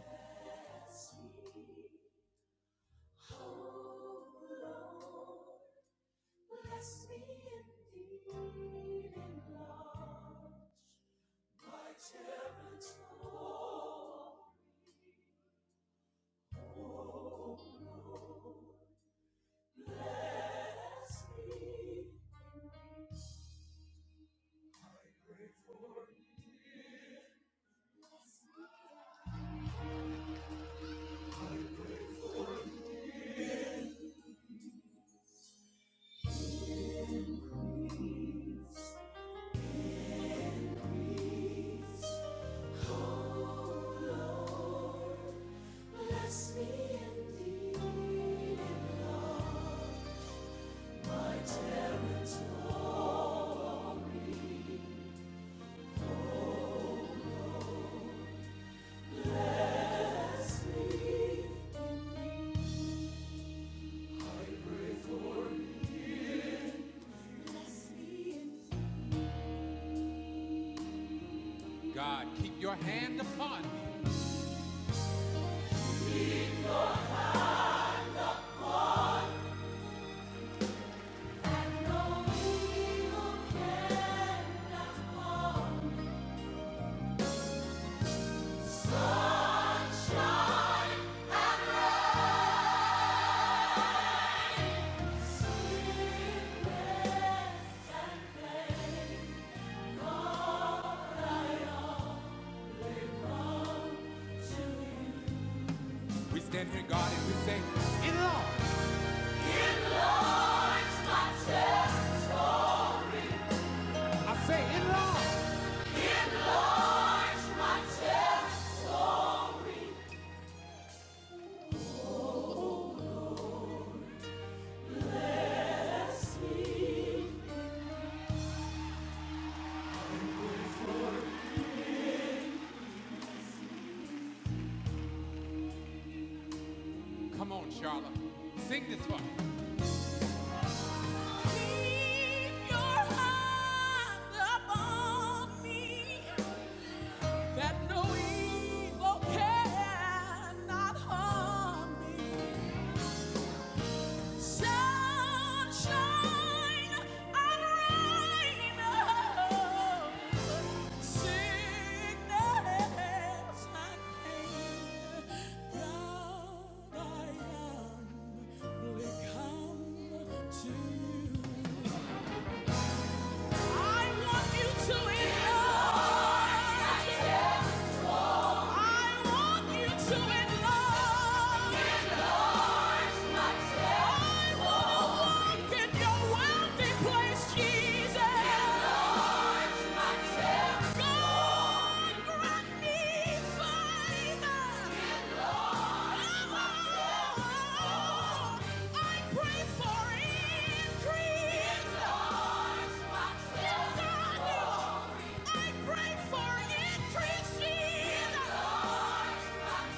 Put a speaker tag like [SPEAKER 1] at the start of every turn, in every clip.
[SPEAKER 1] Bless me, oh Lord, bless me indeed in love, my territory. Bless me indeed. indeed. God, keep your hand upon me. That no evil can. We stand here, God, and we say, In love. I say, In love. Come on, Charlotte. Sing this one. that no evil cannot harm me. Sunshine and rain, sickness and pain. God, I am humbly come to you. I want you to endure. I pray for increase, Jesus.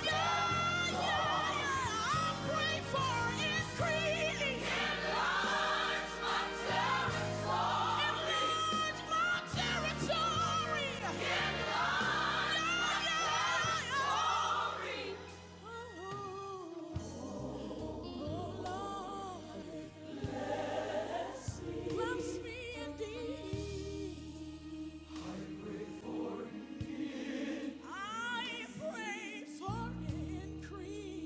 [SPEAKER 1] Yeah, yeah, yeah. I pray for increase. Enlarge my territory. Enlarge my territory. Oh, Lord, bless me indeed. I pray for increase.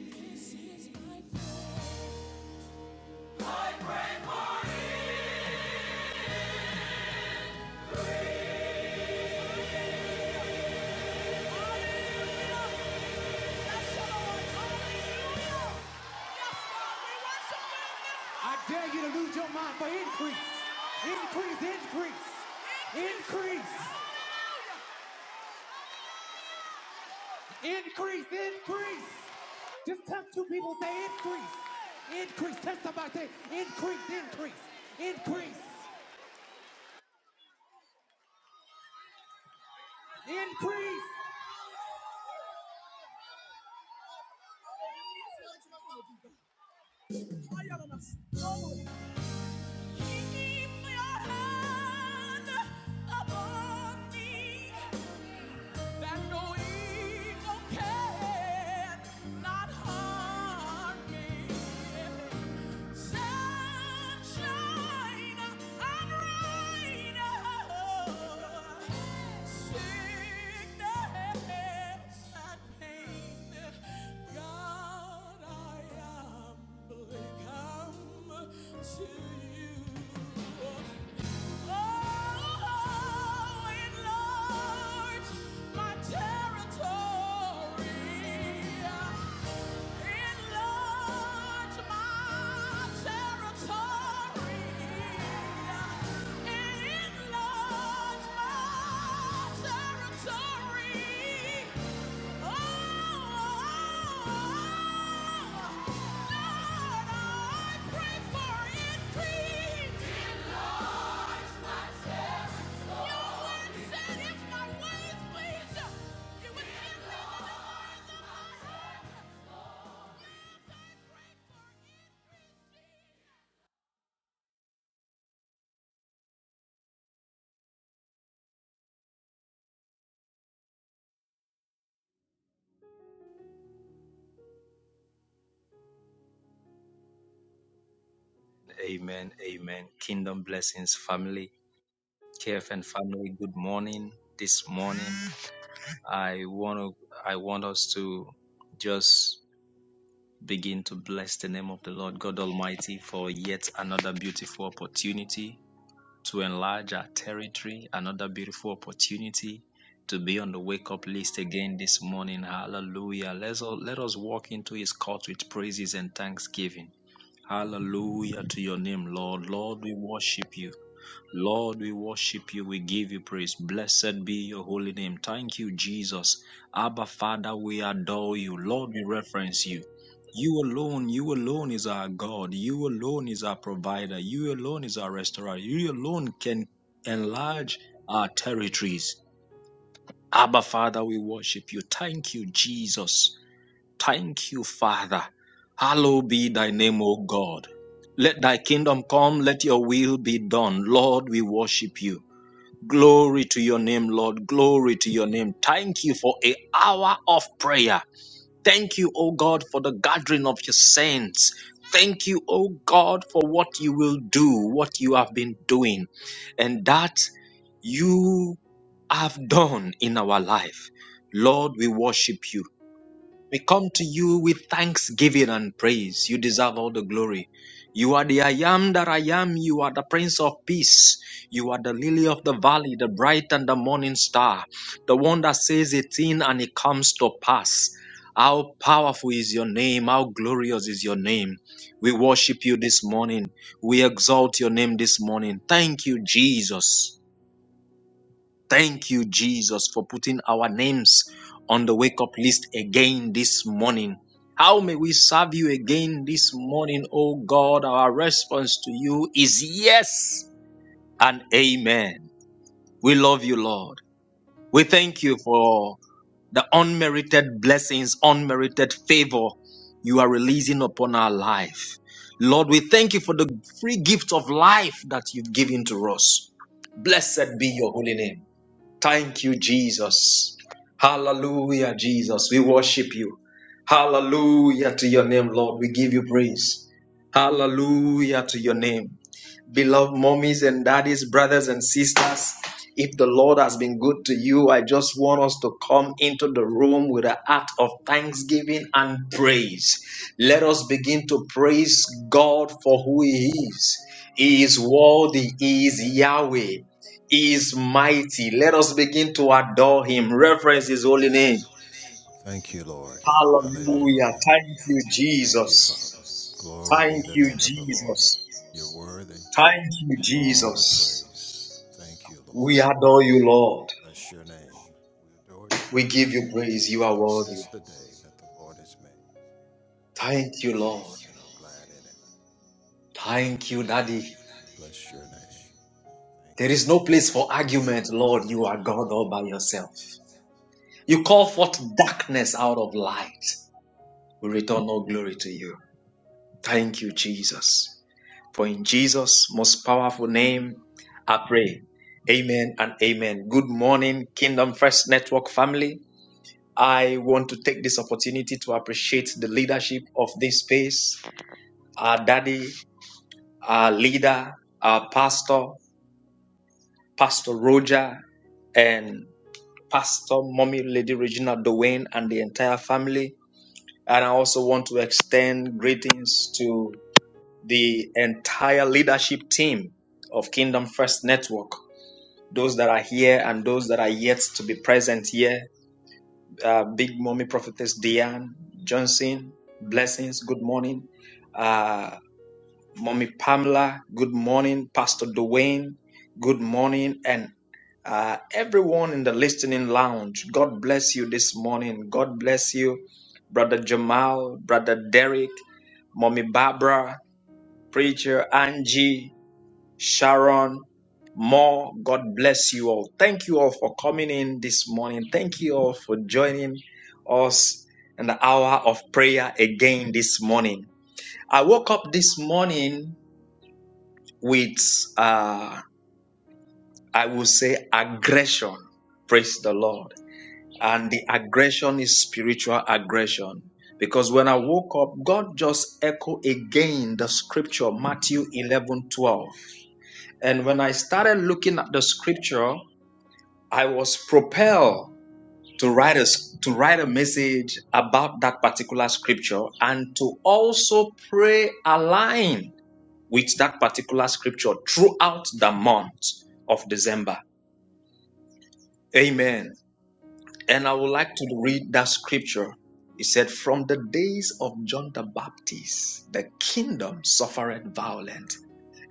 [SPEAKER 1] This is my prayer. I dare you to lose your mind for increase. Increase, increase. Increase. Increase, increase. Just touch two people, say increase. Increase. Tell somebody, say increase, increase. Increase. Increase. Keep your hand upon me that no evil can not harm me. Sunshine and rain, sickness and pain. God, I humbly come to you. Oh, oh, oh. Lord, I pray for increase. Enlarge my territory. Said if my ways please you, you would give me the desires of my heart. Pray for increase.
[SPEAKER 2] Amen. Amen. Kingdom blessings, family, KFN family. Good morning. This morning, I want to, I want us to just begin to bless the name of the Lord God Almighty for yet another beautiful opportunity to enlarge our territory, another beautiful opportunity to be on the wake up list again this morning. Hallelujah. Let's all, let us walk into his court with praises and thanksgiving. Hallelujah to your name, Lord. Lord, we worship you. Lord, we worship you. We give you praise. Blessed be your holy name. Thank you, Jesus. Abba, Father, we adore you. Lord, we reference you. You alone, you alone is our God. You alone is our provider. You alone is our restorer. You alone can enlarge our territories. Abba, Father, we worship you. Thank you, Jesus. Thank you, Father. Hallowed be thy name, O God. Let thy kingdom come. Let your will be done. Lord, we worship you. Glory to your name, Lord. Glory to your name. Thank you for a hour of prayer. Thank you, O God, for the gathering of your saints. Thank you, O God, for what you will do, what you have been doing, and that you have done in our life. Lord, we worship you. We come to you with thanksgiving and praise. You deserve all the glory. You are the I am that I am. You are the Prince of Peace. You are the lily of the valley, the bright and the morning star, the one that says a thing and it comes to pass. How powerful is your name? How glorious is your name? We worship you this morning. We exalt your name this morning. Thank you, Jesus. Thank you, Jesus, for putting our names on the wake up list again this morning. How may we serve you again this morning, oh God? Our response to you is yes and amen. We love you, Lord. We thank you for the unmerited blessings, unmerited favor you are releasing upon our life. Lord, we thank you for the free gift of life that you've given to us. Blessed be your holy name. Thank you, Jesus. Hallelujah, Jesus. We worship you. Hallelujah to your name, Lord. We give you praise. Hallelujah to your name beloved mommies and daddies, brothers and sisters. If the Lord has been good to you, I just want us to come into the room with an act of thanksgiving and praise. Let us begin to praise God for who He is. He is worthy, He is Yahweh, He is mighty. Let us begin to adore Him, reverence His holy name. Hallelujah. Thank you, Jesus. Thank you, Jesus. Thank you, Jesus. We adore you, Lord. We give you praise. You are worthy. Thank you, Lord. Thank you, Daddy. There is no place for argument, Lord. You are God all by yourself. You call forth darkness out of light. We return all glory to you. Thank you, Jesus. For in Jesus' most powerful name, I pray. Amen and amen. Good morning, Kingdom First Network family. I want to take this opportunity to appreciate the leadership of this space, our daddy our leader, our pastor, Pastor Roger, and Pastor Mommy Lady Regina Dwayne and the entire family. And I also want to extend greetings to the entire leadership team of Kingdom First Network. Those that are here and those that are yet to be present here. Uh, Big Mommy Prophetess Diane Johnson, blessings, good morning. Uh, Mommy Pamela, good morning. Pastor Dwayne, good morning. And uh, everyone in the listening lounge, God bless you this morning. God bless you. Brother Jamal, Brother Derek, Mommy Barbara, Preacher Angie, Sharon, more. God bless you all. Thank you all for coming in this morning. Thank you all for joining us in the hour of prayer again this morning. I woke up this morning with, uh, I will say, aggression. Praise the Lord. And the aggression is spiritual aggression. Because when I woke up, God just echoed again the scripture, Matthew 11 12. And when I started looking at the scripture, I was propelled to write a to write a message about that particular scripture and to also pray align with that particular scripture throughout the month of December. Amen. And I would like to read that scripture. It said, From the days of John the Baptist, the kingdom suffered violence,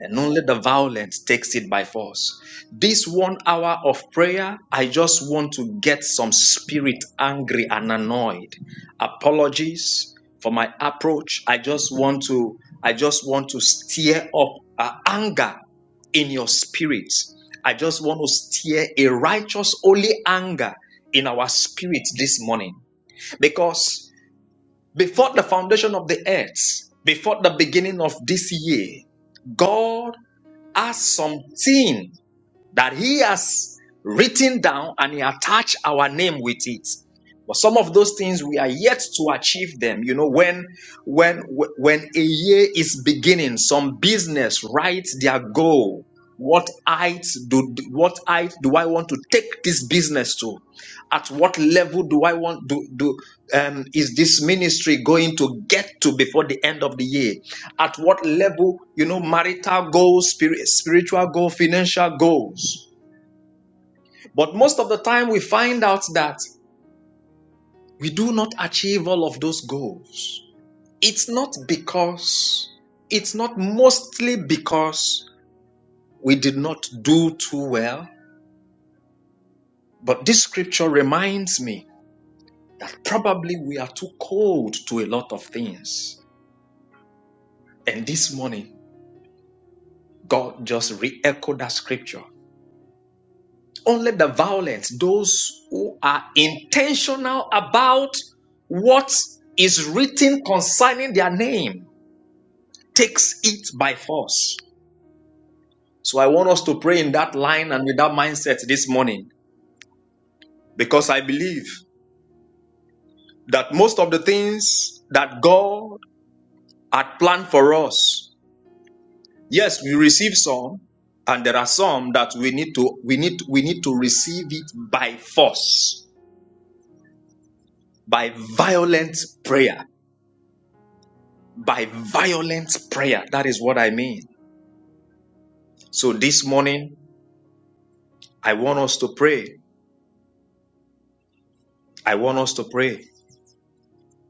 [SPEAKER 2] and only the violent takes it by force. This one hour of prayer, I just want to get some spirit angry and annoyed. Apologies for my approach. I just want to, I just want to stir up uh, anger in your spirit. I just want to stir a righteous holy anger in our spirit this morning. Because before the foundation of the earth, before the beginning of this year, God are something that he has written down and he attached our name with it but some of those things we are yet to achieve them you know when when when a year is beginning some business writes their goal what height do what height do i want to take this business to at what level do i want do do um, is this ministry going to get to before the end of the year at what level, you know, marital goals, spirit, spiritual goals, financial goals. But most of the time we find out that we do not achieve all of those goals. It's not because, it's not mostly because we did not do too well, but this scripture reminds me probably we are too cold to a lot of things. And this morning, God just re echoed that scripture Only the violent, those who are intentional about what is written concerning their name, takes it by force. So I want us to pray in that line and with that mindset this morning because I believe that most of the things that God had planned for us, yes, we receive some, and there are some that we need to we need we need to receive it by force by violent prayer by violent prayer. That is what I mean. So this morning, I want us to pray. I want us to pray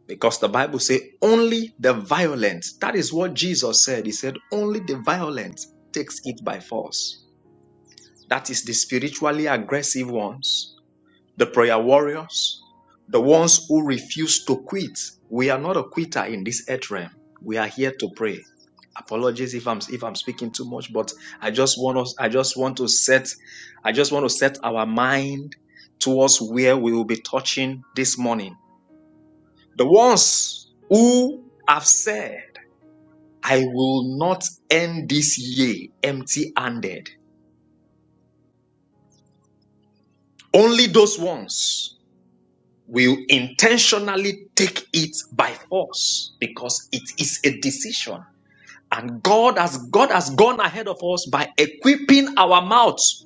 [SPEAKER 2] because the Bible says only the violent. That is what Jesus said. He said only the violent takes it by force. That is the spiritually aggressive ones. the prayer warriors, the ones who refuse to quit. We are not a quitter in this earth realm. We are here to pray. Apologies if I'm if I'm speaking too much, but I just want us I just want to set I just want to set our mind towards where we will be touching this morning. The ones who have said, I will not end this year empty handed. Only those ones. will intentionally take it by force because it is a decision. And God has God has gone ahead of us by equipping our mouths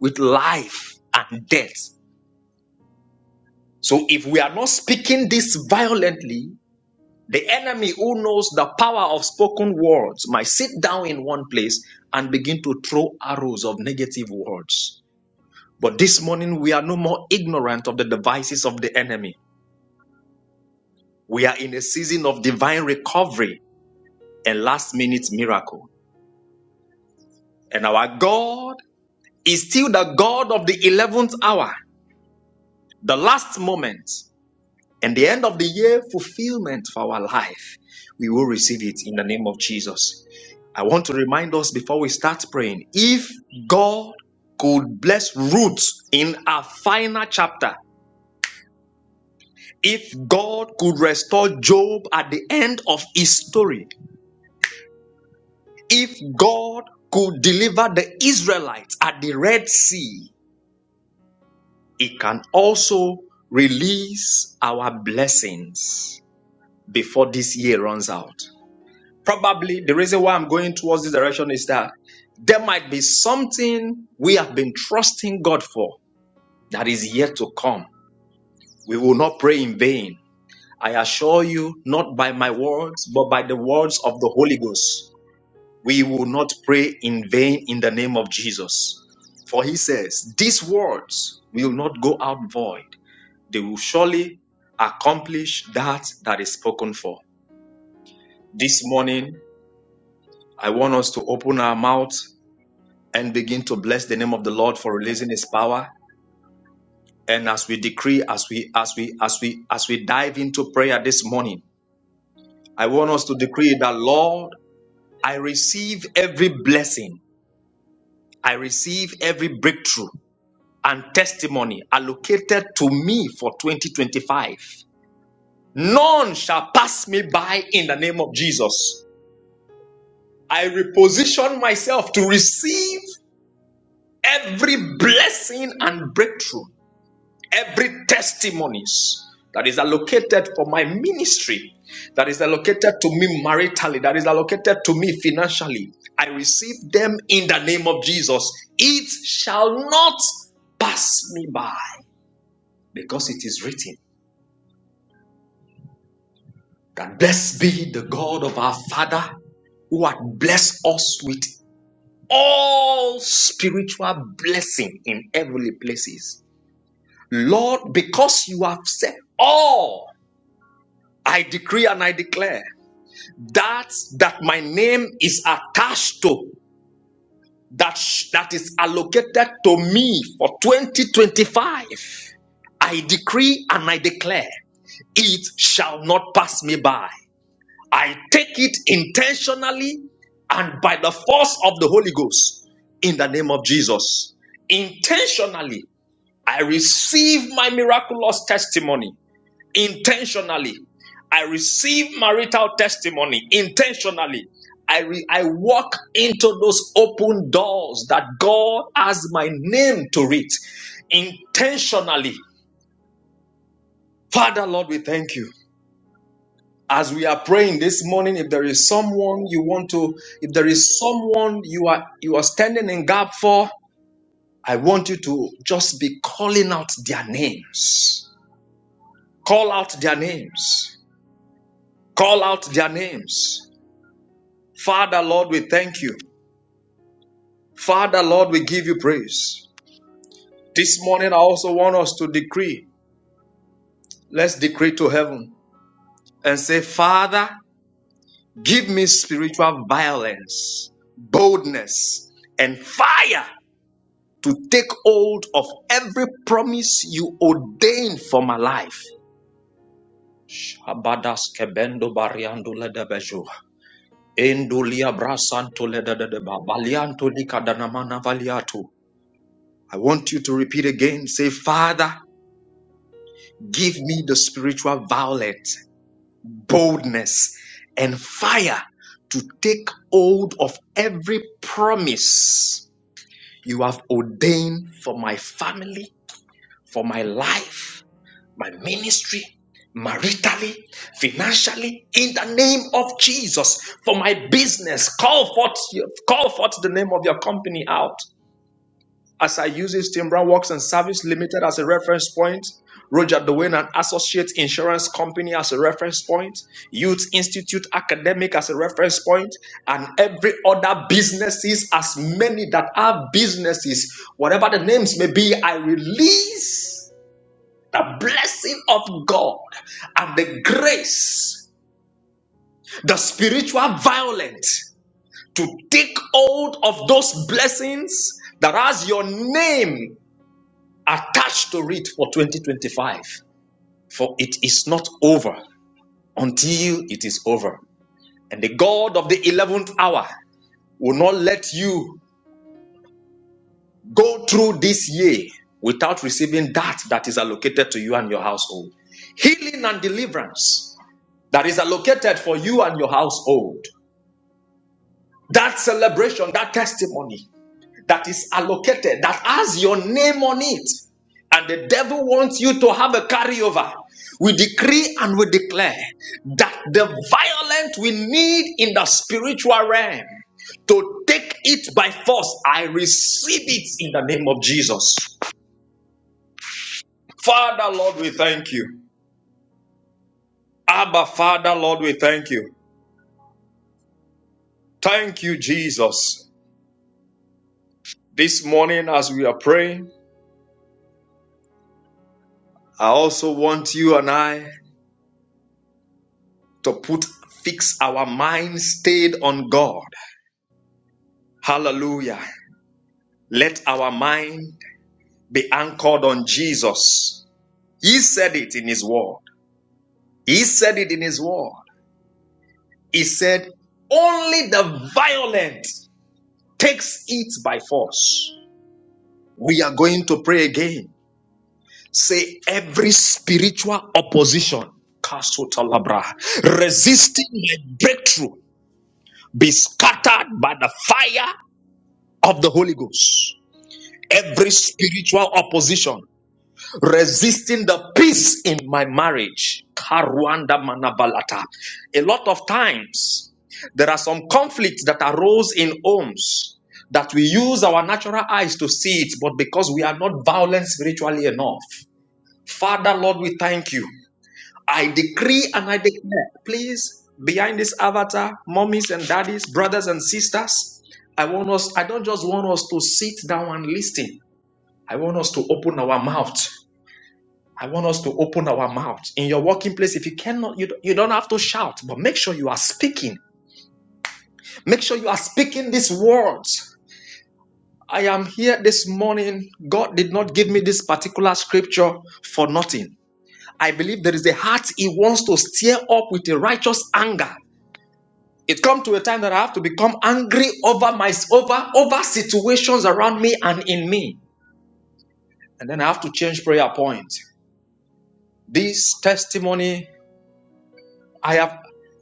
[SPEAKER 2] with life and death. So if we are not speaking this violently, the enemy who knows the power of spoken words might sit down in one place and begin to throw arrows of negative words. But this morning we are no more ignorant of the devices of the enemy. We are in a season of divine recovery a last minute miracle. And our God is still the God of the 11th hour, the last moment, and the end of the year fulfillment for our life. We will receive it in the name of Jesus. I want to remind us before we start praying if God could bless Ruth in our final chapter, if God could restore Job at the end of his story, if God could deliver the Israelites at the Red Sea, it can also release our blessings before this year runs out. Probably the reason why I'm going towards this direction is that there might be something we have been trusting God for that is yet to come. We will not pray in vain. I assure you, not by my words, but by the words of the Holy Ghost. We will not pray in vain in the name of Jesus. For he says, These words will not go out void they will surely accomplish that that is spoken for. This morning, I want us to open our mouth and begin to bless the name of the Lord for releasing his power. And as we decree, as we as we as we as we dive into prayer this morning, I want us to decree that Lord, I receive every blessing, I receive every breakthrough and testimony allocated to me for 2025. None shall pass me by in the name of Jesus. I reposition myself to receive every blessing and breakthrough, every testimonies that is allocated for my ministry, that is allocated to me maritally, that is allocated to me financially. I receive them in the name of Jesus. It shall not pass me by because it is written that blessed be the God of our Father who had blessed us with all spiritual blessing in heavenly places. Lord, because you have said all, I decree and I declare that that my name is attached to that that is allocated to me for 2025. I decree and I declare it shall not pass me by. I take it intentionally and by the force of the Holy Ghost in the name of Jesus. Intentionally, I receive my miraculous testimony. Intentionally, I receive marital testimony. Intentionally, I, re- I walk into those open doors that God has my name to read. Intentionally, Father, Lord, we thank you. as we are praying this morning if there is someone you want to if there is someone you are you are standing in gap for i want you to just be calling out their names call out their names call out their names father lord we thank you father lord we give you praise this morning i also want us to decree let's decree to heaven and say father give me spiritual violence boldness and fire to take hold of every promise you ordain for my life. I want you to repeat again. Say, Father, give me the spiritual violence, boldness, and fire to take hold of every promise you have ordained for my family, for my life, my ministry, maritally, financially, in the name of Jesus, for my business. Call forth, your- call forth the name of your company out. As I uses Timbra Works and Service Limited as a reference point, Roger Dwayne and Associates Insurance Company as a reference point, Youth Institute Academic as a reference point, and every other businesses, as many that are businesses, whatever the names may be, I release the blessing of God and the grace, the spiritual violence to take hold of those blessings that has your name attached to it for 2025. For it is not over until it is over. And the God of the 11th hour will not let you go through this year without receiving that that is allocated to you and your household. Healing and deliverance that is allocated for you and your household. That celebration, that testimony that is allocated, that has your name on it. And the devil wants you to have a carryover. We decree and we declare that the violent we need in the spiritual realm to take it by force. I receive it in the name of Jesus. Father, Lord, we thank you. Abba, Father, Lord, we thank you. Thank you, Jesus. This morning, as we are praying, I also want you and I to put fix our mind stayed on God. Hallelujah. Let our mind be anchored on Jesus. He said it in his word. He said it in his word. He said, only the violent takes it by force. We are going to pray again. Say every spiritual opposition, Kasutalabra, resisting my breakthrough, be scattered by the fire of the Holy Ghost. Every spiritual opposition resisting the peace in my marriage. Karwanda manabalata. A lot of times there are some conflicts that arose in homes that we use our natural eyes to see it, but because we are not violent spiritually enough. Father, Lord, we thank you. I decree and I declare, please, behind this avatar, mommies and daddies, brothers and sisters, I want us, I don't just want us to sit down and listen. I want us to open our mouth. I want us to open our mouth in your working place. If you cannot, you, don't- you don't have to shout, but make sure you are speaking. Make sure you are speaking these words. I am here this morning. God did not give me this particular scripture for nothing. I believe there is a heart He wants to stir up with a righteous anger. It come to a time that I have to become angry over my over over situations around me and in me, and then I have to change prayer point. This testimony I have,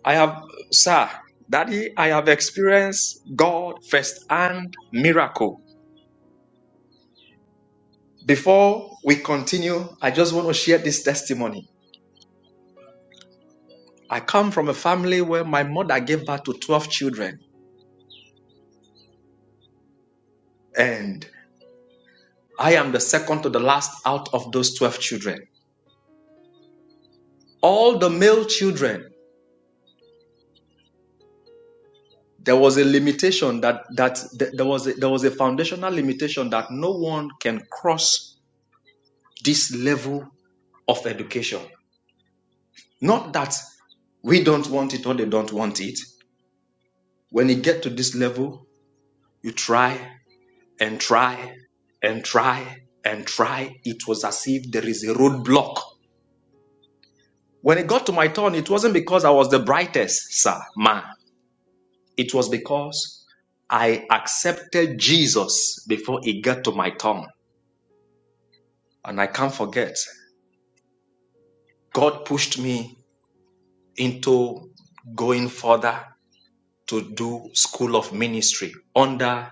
[SPEAKER 2] I have, sir, daddy, I have experienced God first hand miracle. Before we continue, I just want to share this testimony. I come from a family where my mother gave birth to twelve children, and I am the second to the last out of those twelve children. All the male children there was a limitation that that th- there was a, there was a foundational limitation that no one can cross this level of education not that we don't want it or they don't want it when you get to this level you try and try and try and try it was as if there is a roadblock when it got to my turn it wasn't because i was the brightest sir man it was because i accepted jesus before it got to my turn And I can't forget, God pushed me into going further to do school of ministry under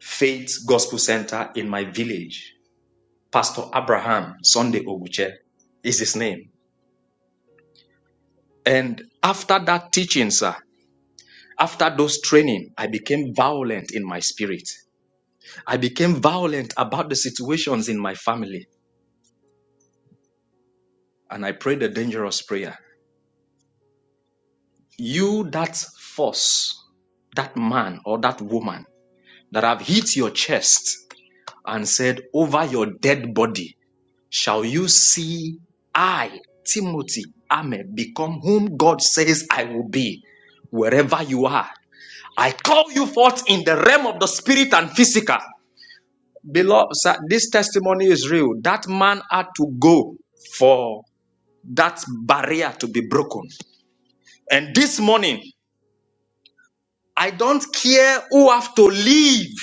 [SPEAKER 2] Faith Gospel Center in my village. Pastor Abraham Sunday Oguche is his name. And after that teaching, sir, after those training, I became violent in my spirit. I became violent about the situations in my family. And I prayed a dangerous prayer. You, that force, that man or that woman that have hit your chest and said, Over your dead body shall you see I, Timothy, Ame, become whom God says I will be, wherever you are. I call you forth in the realm of the spirit and physical. Beloved, sir, this testimony is real. That man had to go for that barrier to be broken. And this morning, I don't care who have to leave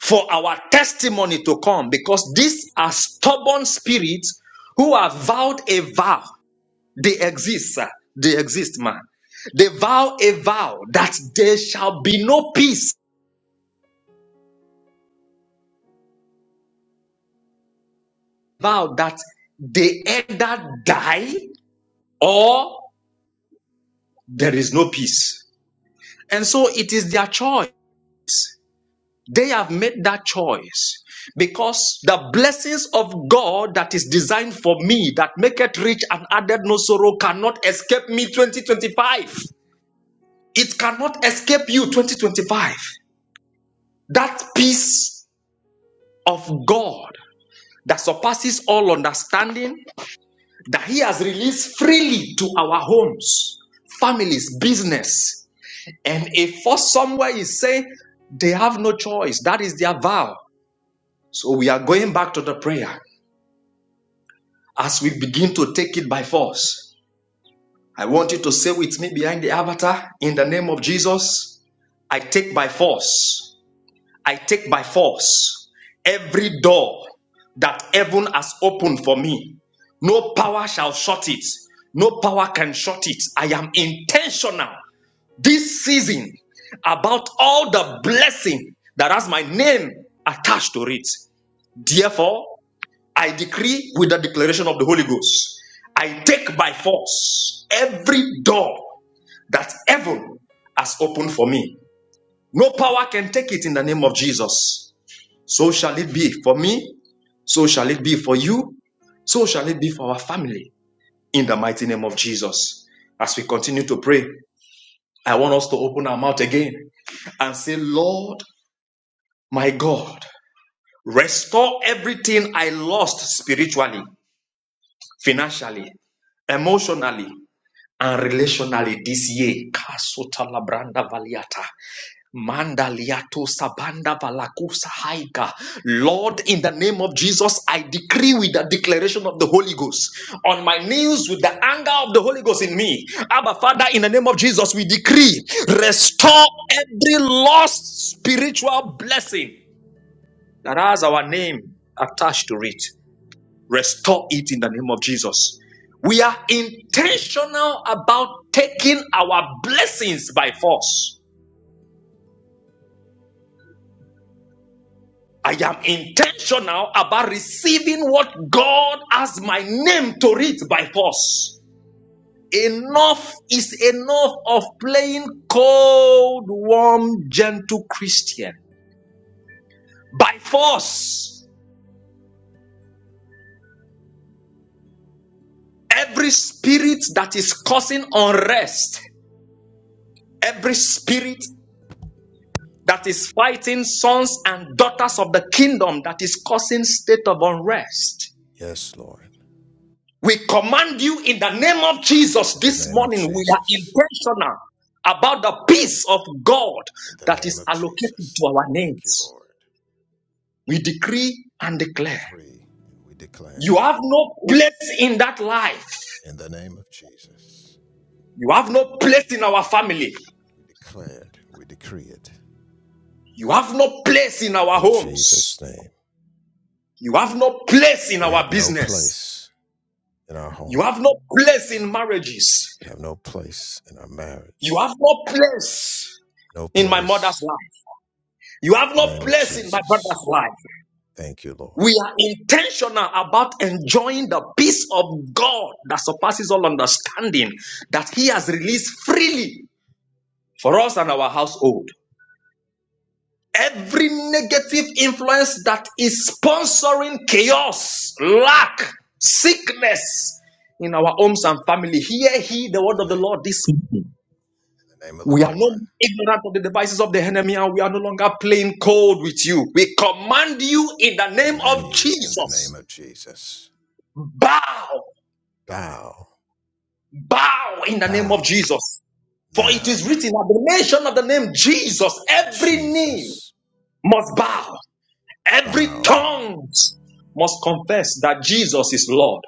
[SPEAKER 2] for our testimony to come because these are stubborn spirits who have vowed a vow. They exist, sir. They exist, man. They vow a vow that there shall be no peace. Vow that they either die or there is no peace. And so it is their choice. They have made that choice because the blessings of God that is designed for me, that make it rich and added no sorrow, cannot escape me 2025. It cannot escape you 2025. That peace of God that surpasses all understanding, that He has released freely to our homes, families, business. And if for somewhere is saying they have no choice, that is their vow. So we are going back to the prayer. as we begin to take it by force. I want you to say with me behind the avatar, in the name of Jesus, I take by force. I take by force every door that heaven has opened for me. No power shall shut it. No power can shut it. I am intentional this season about all the blessing that has my name attached to it. Therefore, I decree with the declaration of the Holy Ghost. I take by force every door that heaven has opened for me. No power can take it in the name of Jesus. So shall it be for me. So shall it be for you. So shall it be for our family in the mighty name of Jesus. As we continue to pray, I want us to open our mouth again and say, Lord, my God, restore everything I lost spiritually, financially, emotionally, and relationally this year. Kasuta labranda valiata. Manda liato sabanda valakusa haika. Lord, in the name of Jesus, I decree with the declaration of the Holy Ghost on my knees with the anger of the Holy Ghost in me. Abba, Father, in the name of Jesus, we decree restore every lost spiritual blessing that has our name attached to it. Restore it in the name of Jesus. We are intentional about taking our blessings by force. I am intentional about receiving what God has my name to read by force. Enough is enough of playing cold, warm, gentle Christian. By force, every spirit that is causing unrest, every spirit that is fighting sons and daughters of the kingdom that is causing state of unrest. We command you in the name of Jesus this morning. We are intentional about the peace of God that is allocated to our names. We decree and declare you have no place in that life. You have no place in our family. You have no place in our homes. You have no place in our business. You have no place in marriages. You have no place in my mother's life. You have no place in my brother's life. We are intentional about enjoying the peace of God that surpasses all understanding that He has released freely for us and our household. Every negative influence that is sponsoring chaos, lack, sickness in our homes and family, hear He the word of the Lord this morning. We are no more ignorant of the devices of the enemy, and we are no longer playing cold with you. We command you in the name of Jesus. Bow, bow in the name of Jesus. For it is written at the mention of the name Jesus, every knee must bow, every tongue must confess that Jesus is Lord.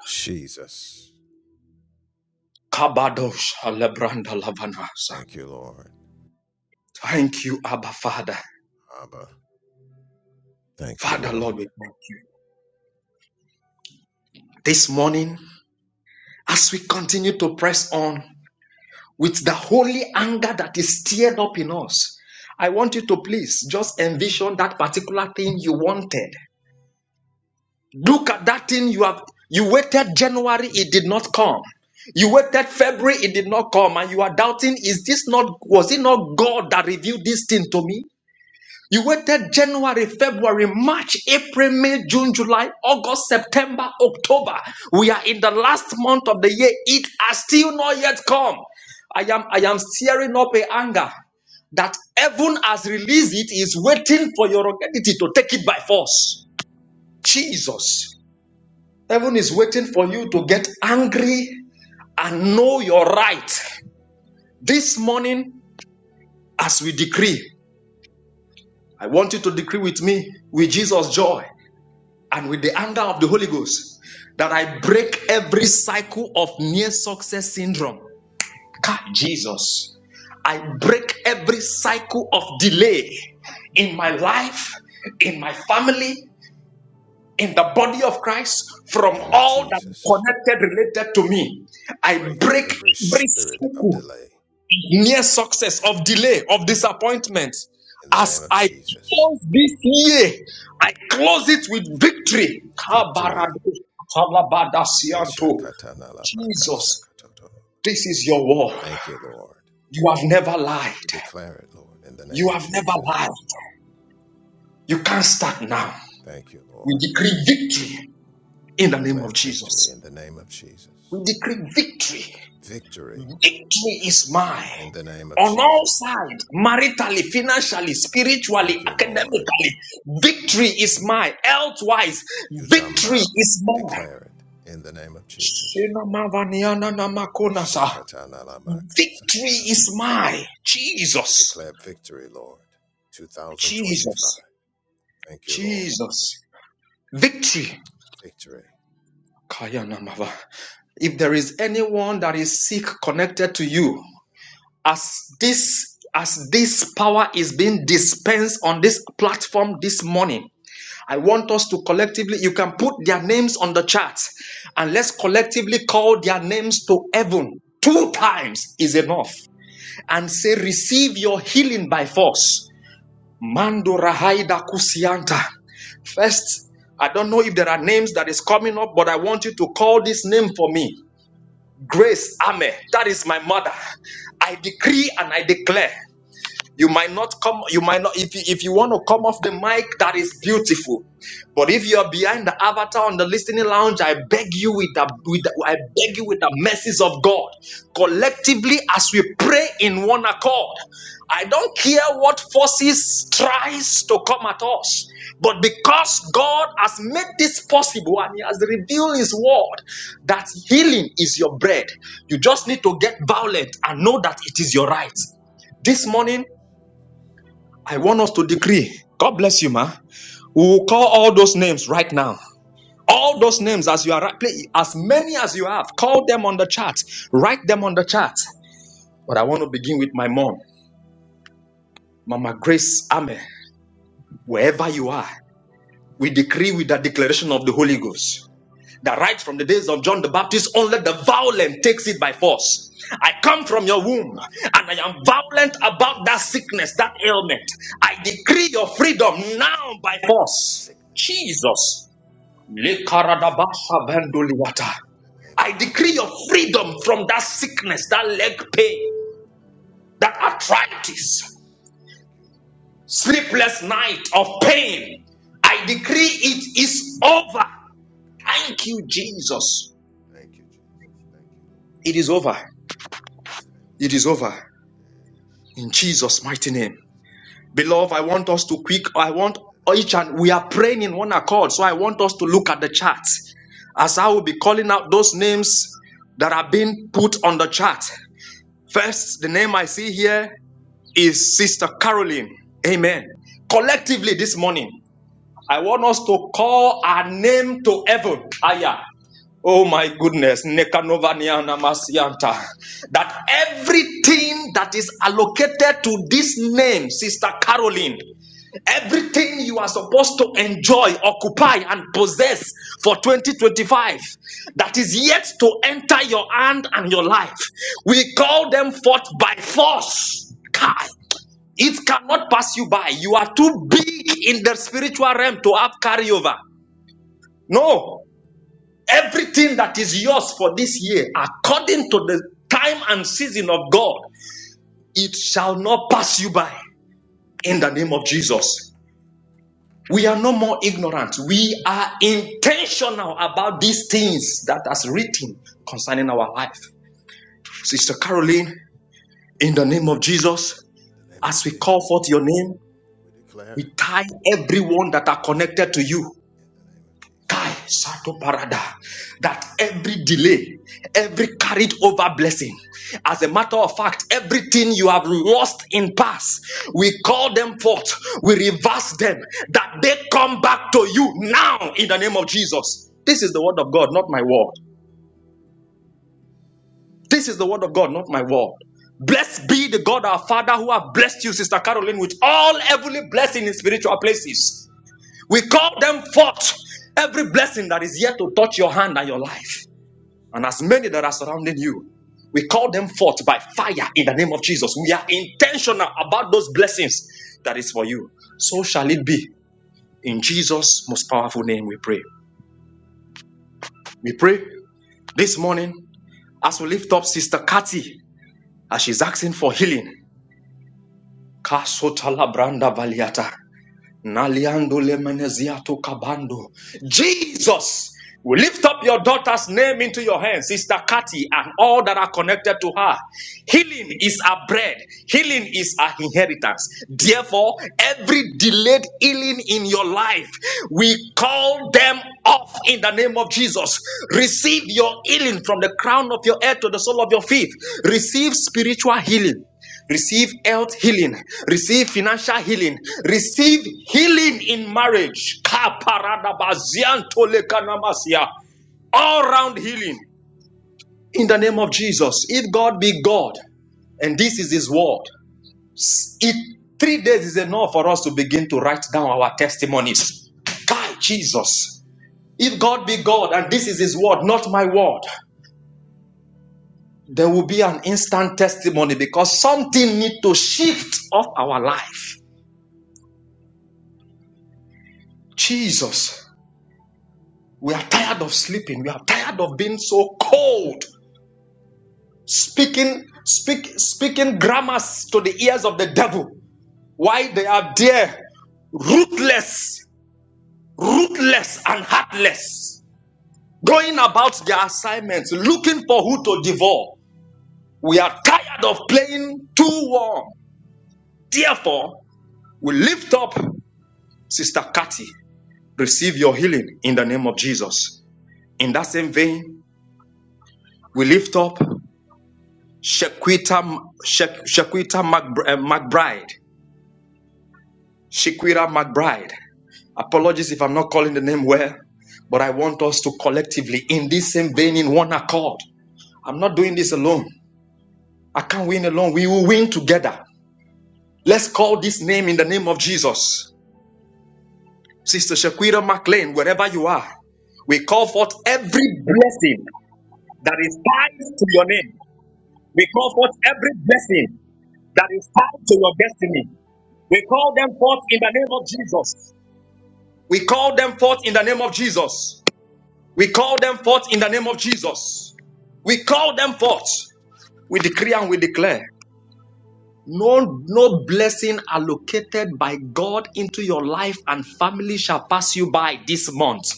[SPEAKER 2] Kabadosh alebranda lavanasa. Thank you, Abba Father. Father, Lord, we thank you. This morning, as we continue to press on, with the holy anger that is stirred up in us. I want you to please just envision that particular thing you wanted. Look at that thing you have you waited January, it did not come. You waited February, it did not come, and you are doubting, is this not was it not God that revealed this thing to me? You waited January, February, March, April, May, June, July, August, September, October. We are in the last month of the year. It has still not yet come. I am I am stirring up a anger that heaven has released it, is waiting for your identity to take it by force. Jesus. Heaven is waiting for you to get angry and know your right. This morning, as we decree, I want you to decree with me with Jesus' joy. and with the anger of the Holy Ghost that I break every cycle of near success syndrome. God, Jesus. I break every cycle of delay in my life, in my family, in the body of Christ, from all that connected, related to me. I break every cycle near success, of delay, of disappointment. As I close this year, I close it with victory. Jesus, this is your war. You have never lied. You have never lied. You can't start now. We decree victory in the name of Jesus. We decree victory Victory is mine. On all sides, maritally, financially, spiritually, academically, victory is mine. Elsewise, victory is mine. Shinamavaniananamakonasa. Victory is mine. Jesus, Jesus, Jesus. Victory. Kayanamava. If there is anyone that is sick connected to you, as this as this power is being dispensed on this platform this morning i want us to collectively you can put their names on the chart and let's collectively call their names to heaven two times is enough and say receive your healing by force mando rahaida kusianta first i don't know if there are names that is coming up but i want you to call this name for me grace ame that is my mother I decree and I declare. You might not come, you might not, if you, if you want to come off the mic, that is beautiful. But if you are behind the avatar on the listening lounge, I beg you with the, with the I beg you with the mercies of God. Collectively, as we pray in one accord, I don't care what forces tries to come at us. But because God has made this possible and He has revealed His word that healing is your bread, you just need to get violent and know that it is your right. This morning, I want us to decree. God bless you, ma. We will call all those names right now. All those names as you are right, as many as you have, call them on the chat. Write them on the chat. But I want to begin with my mom, Mama Grace Ame. Wherever you are, we decree with the declaration of the Holy Ghost. that right from the days of John the Baptist, only the violent takes it by force. I come from your womb and I am violent about that sickness, that ailment. I decree your freedom now by force. Jesus. Lekaradabasha venduliwata. I decree your freedom from that sickness, that leg pain, that arthritis, sleepless night of pain. I decree it is over. Thank you, Jesus. It is over. It is over. in Jesus' mighty name. Beloved, I want us to quick, I want each and we are praying in one accord. So I want us to look at the chart as I will be calling out those names that are being put on the chart. First, the name I see here is Sister Caroline. Amen. Collectively this morning, I want us to call our name to heaven. Aya. Oh my goodness, Nekanovaniana Masianta. That everything that is allocated to this name, Sister Caroline, everything you are supposed to enjoy, occupy, and possess for 2025 that is yet to enter your hand and your life, we call them forth by force. Kai. It cannot pass you by. You are too big in the spiritual realm to have carryover. No. Everything that is yours for this year, according to the time and season of God, it shall not pass you by in the name of Jesus. We are no more ignorant. We are intentional about these things that is written concerning our life. Sister Caroline, in the name of Jesus, as we call forth your name, we tie everyone that are connected to you. Kai Sato Parada, that every delay, every carried over blessing, as a matter of fact, everything you have lost in past, we call them forth, we reverse them, that they come back to you now in the name of Jesus. This is the word of God, not my word. This is the word of God, not my word. Blessed be the God our Father who have blessed you, Sister Caroline, with all heavenly blessing in spiritual places. We call them forth every blessing that is yet to touch your hand and your life. and as many that are surrounding you. We call them forth by fire in the name of Jesus. We are intentional about those blessings that is for you. So shall it be. In Jesus' most powerful name, we pray. We pray this morning as we lift up Sister Kathy as she's asking for healing. Kasotala branda valiata. Naliando lemeneziato kabando. Jesus, we lift up your daughter's name into your hands, Sister Kathy, and all that are connected to her. Healing is our bread, healing is our inheritance. Therefore, every delayed healing in your life, we call them off in the name of Jesus. Receive your healing from the crown of your head to the sole of your feet. Receive spiritual healing receive health healing, receive financial healing, receive healing in marriage. Kaparadabaziantolekanamasya. All round healing in the name of Jesus. If God be God, and this is His word, it three days is enough for us to begin to write down our testimonies. By Jesus, if God be God, and this is His word, not my word. There will be an instant testimony because something need to shift off our life. Jesus. We are tired of sleeping. We are tired of being so cold. Speaking, speak, speaking grammars to the ears of the devil. Why they are there, ruthless, ruthless and heartless, going about their assignments, looking for who to devour. We are tired of playing too warm. Therefore, we lift up Sister Cathy. Receive your healing in the name of Jesus. In that same vein, we lift up Shaquita, Shaq- Shaquita McB- uh, McBride. Shaquita McBride. Apologies if I'm not calling the name well, but I want us to collectively, in this same vein, in one accord. I'm not doing this alone. I can't win alone. We will win together. Let's call this name in the name of Jesus. Sister Shaquita McLean, wherever you are, we call forth every blessing that is tied to your name. We call forth every blessing that is tied to your destiny. We call them forth in the name of Jesus. We call them forth in the name of Jesus. We call them forth in the name of Jesus. We call them forth. We decree and we declare. No, no blessing allocated by God into your life and family shall pass you by this month.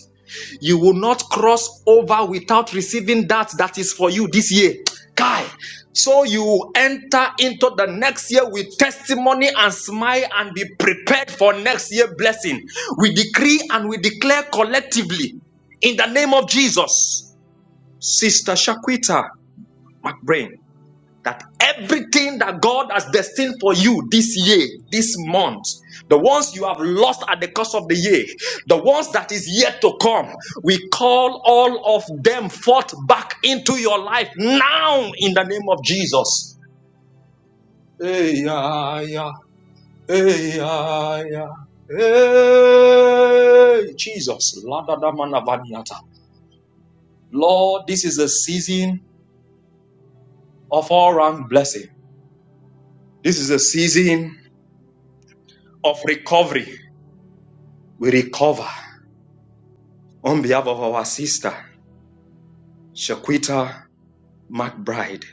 [SPEAKER 2] You will not cross over without receiving that that is for you this year. Kai. So you enter into the next year with testimony and smile and be prepared for next year blessing. We decree and we declare collectively in the name of Jesus. Sister Shaquita McBrain, that everything that God has destined for you this year, this month, the ones you have lost at the course of the year, the ones that is yet to come, we call all of them forth back into your life now in the name of Jesus. Hey, yeah, yeah. Hey, yeah, yeah. Hey, Jesus. Ladadamanavaniata. Lord, this is a season of all round blessing. This is a season of recovery. We recover on behalf of our sister, Shaquita McBride.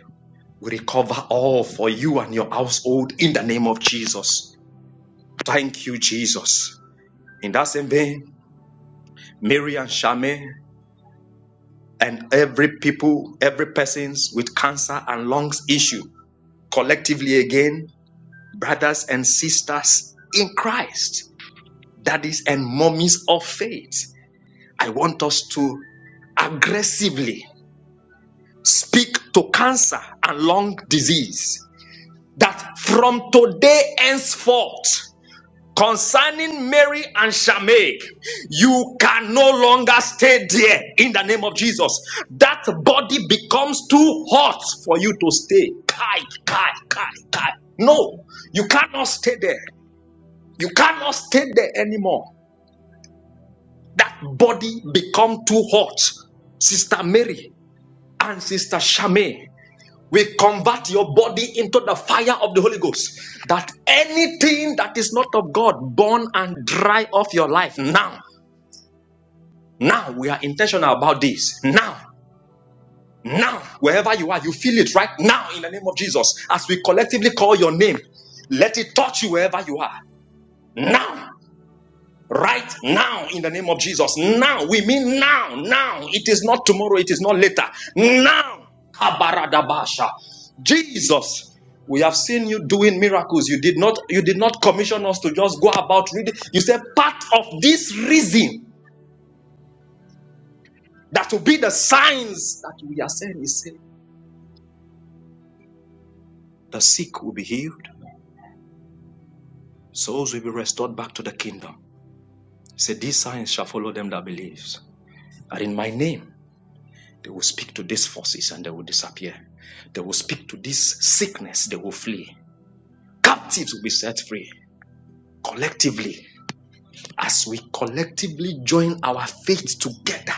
[SPEAKER 2] We recover all for you and your household in the name of Jesus. Thank you, Jesus. In that same vein, Mary and Shame and every people, every persons with cancer and lungs issue, collectively again, brothers and sisters in Christ, daddies and mummies of faith. I want us to aggressively speak to cancer and lung disease that from today henceforth, concerning Mary and Shameg, you can no longer stay there in the name of Jesus. That body becomes too hot for you to stay. Kai, kai, kai, kai. No, you cannot stay there. You cannot stay there anymore. That body become too hot. Sister Mary and Sister Shame. We convert your body into the fire of the Holy Ghost. That anything that is not of God, burn and dry off your life now. Now we are intentional about this. Now, now, wherever you are, you feel it right now in the name of Jesus. As we collectively call your name, let it touch you wherever you are. Now. Right now, in the name of Jesus. Now, we mean now, now. It is not tomorrow, it is not later. Now, Kabaradabasha. Jesus, we have seen you doing miracles. You did not, you did not commission us to just go about reading. You said part of this reason that will be the signs that we are saying is saying the sick will be healed, souls will be restored back to the kingdom. He Said these signs shall follow them that believes. And in my name. They will speak to these forces and they will disappear. They will speak to this sickness, they will flee. Captives will be set free collectively. As we collectively join our faith together,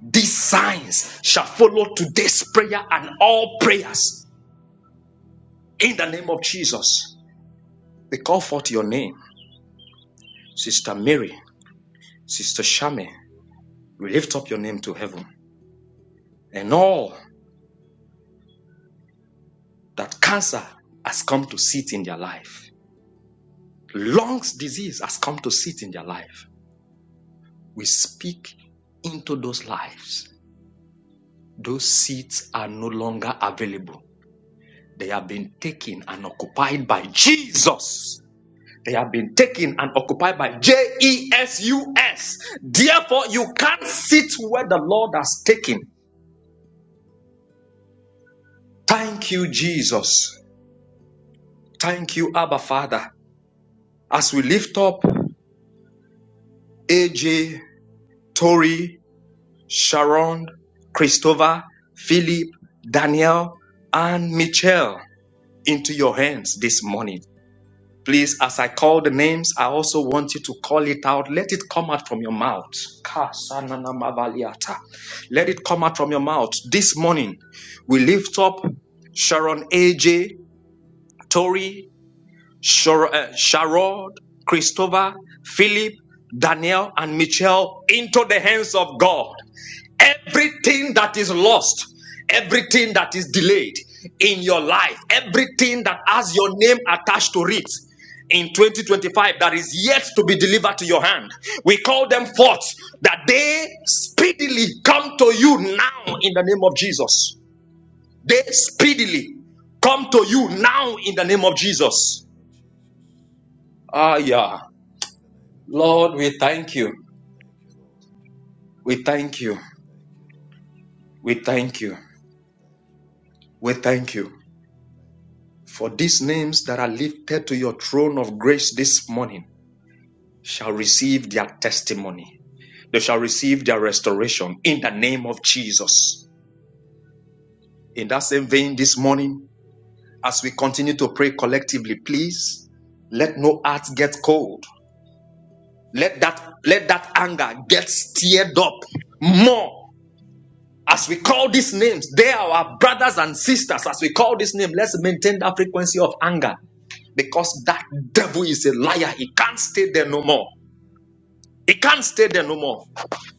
[SPEAKER 2] these signs shall follow today's prayer and all prayers in the name of Jesus. We call forth your name, Sister Mary, Sister Shame. We lift up your name to heaven and all that cancer has come to sit in their life. Lungs disease has come to sit in their life. we speak into those lives. Those seats are no longer available. They have been taken and occupied by Jesus. They have been taken and occupied by J E S U S. Therefore, you can't sit where the Lord has taken. Thank you, Jesus. Thank you, Abba Father. As we lift up AJ, Tori, Sharon, Christopher, Philip, Daniel, and Michelle, into your hands this morning. Please, as I call the names, I also want you to call it out. Let it come out from your mouth. Kasananamavaliata. Let it come out from your mouth. This morning, we lift up Sharon AJ, Tori, Shar- uh, Sharod, Christopher, Philip, Daniel, and Michelle into the hands of God everything that is lost, everything that is delayed in your life, everything that has your name attached to it in 2025 that is yet to be delivered to your hand. We call them forth that they speedily come to you now in the name of Jesus. They speedily come to you now in the name of Jesus. Ah, yeah. Lord, we thank you. We thank you. We thank you. We thank you. For these names that are lifted to your throne of grace this morning shall receive their testimony. They shall receive their restoration in the name of Jesus. In that same vein, this morning, as we continue to pray collectively, please let no heart get cold. Let that, let that anger get stirred up more as we call these names. They are our brothers and sisters. As we call this name, let's maintain that frequency of anger. because that devil is a liar. He can't stay there no more. He can't stay there no more.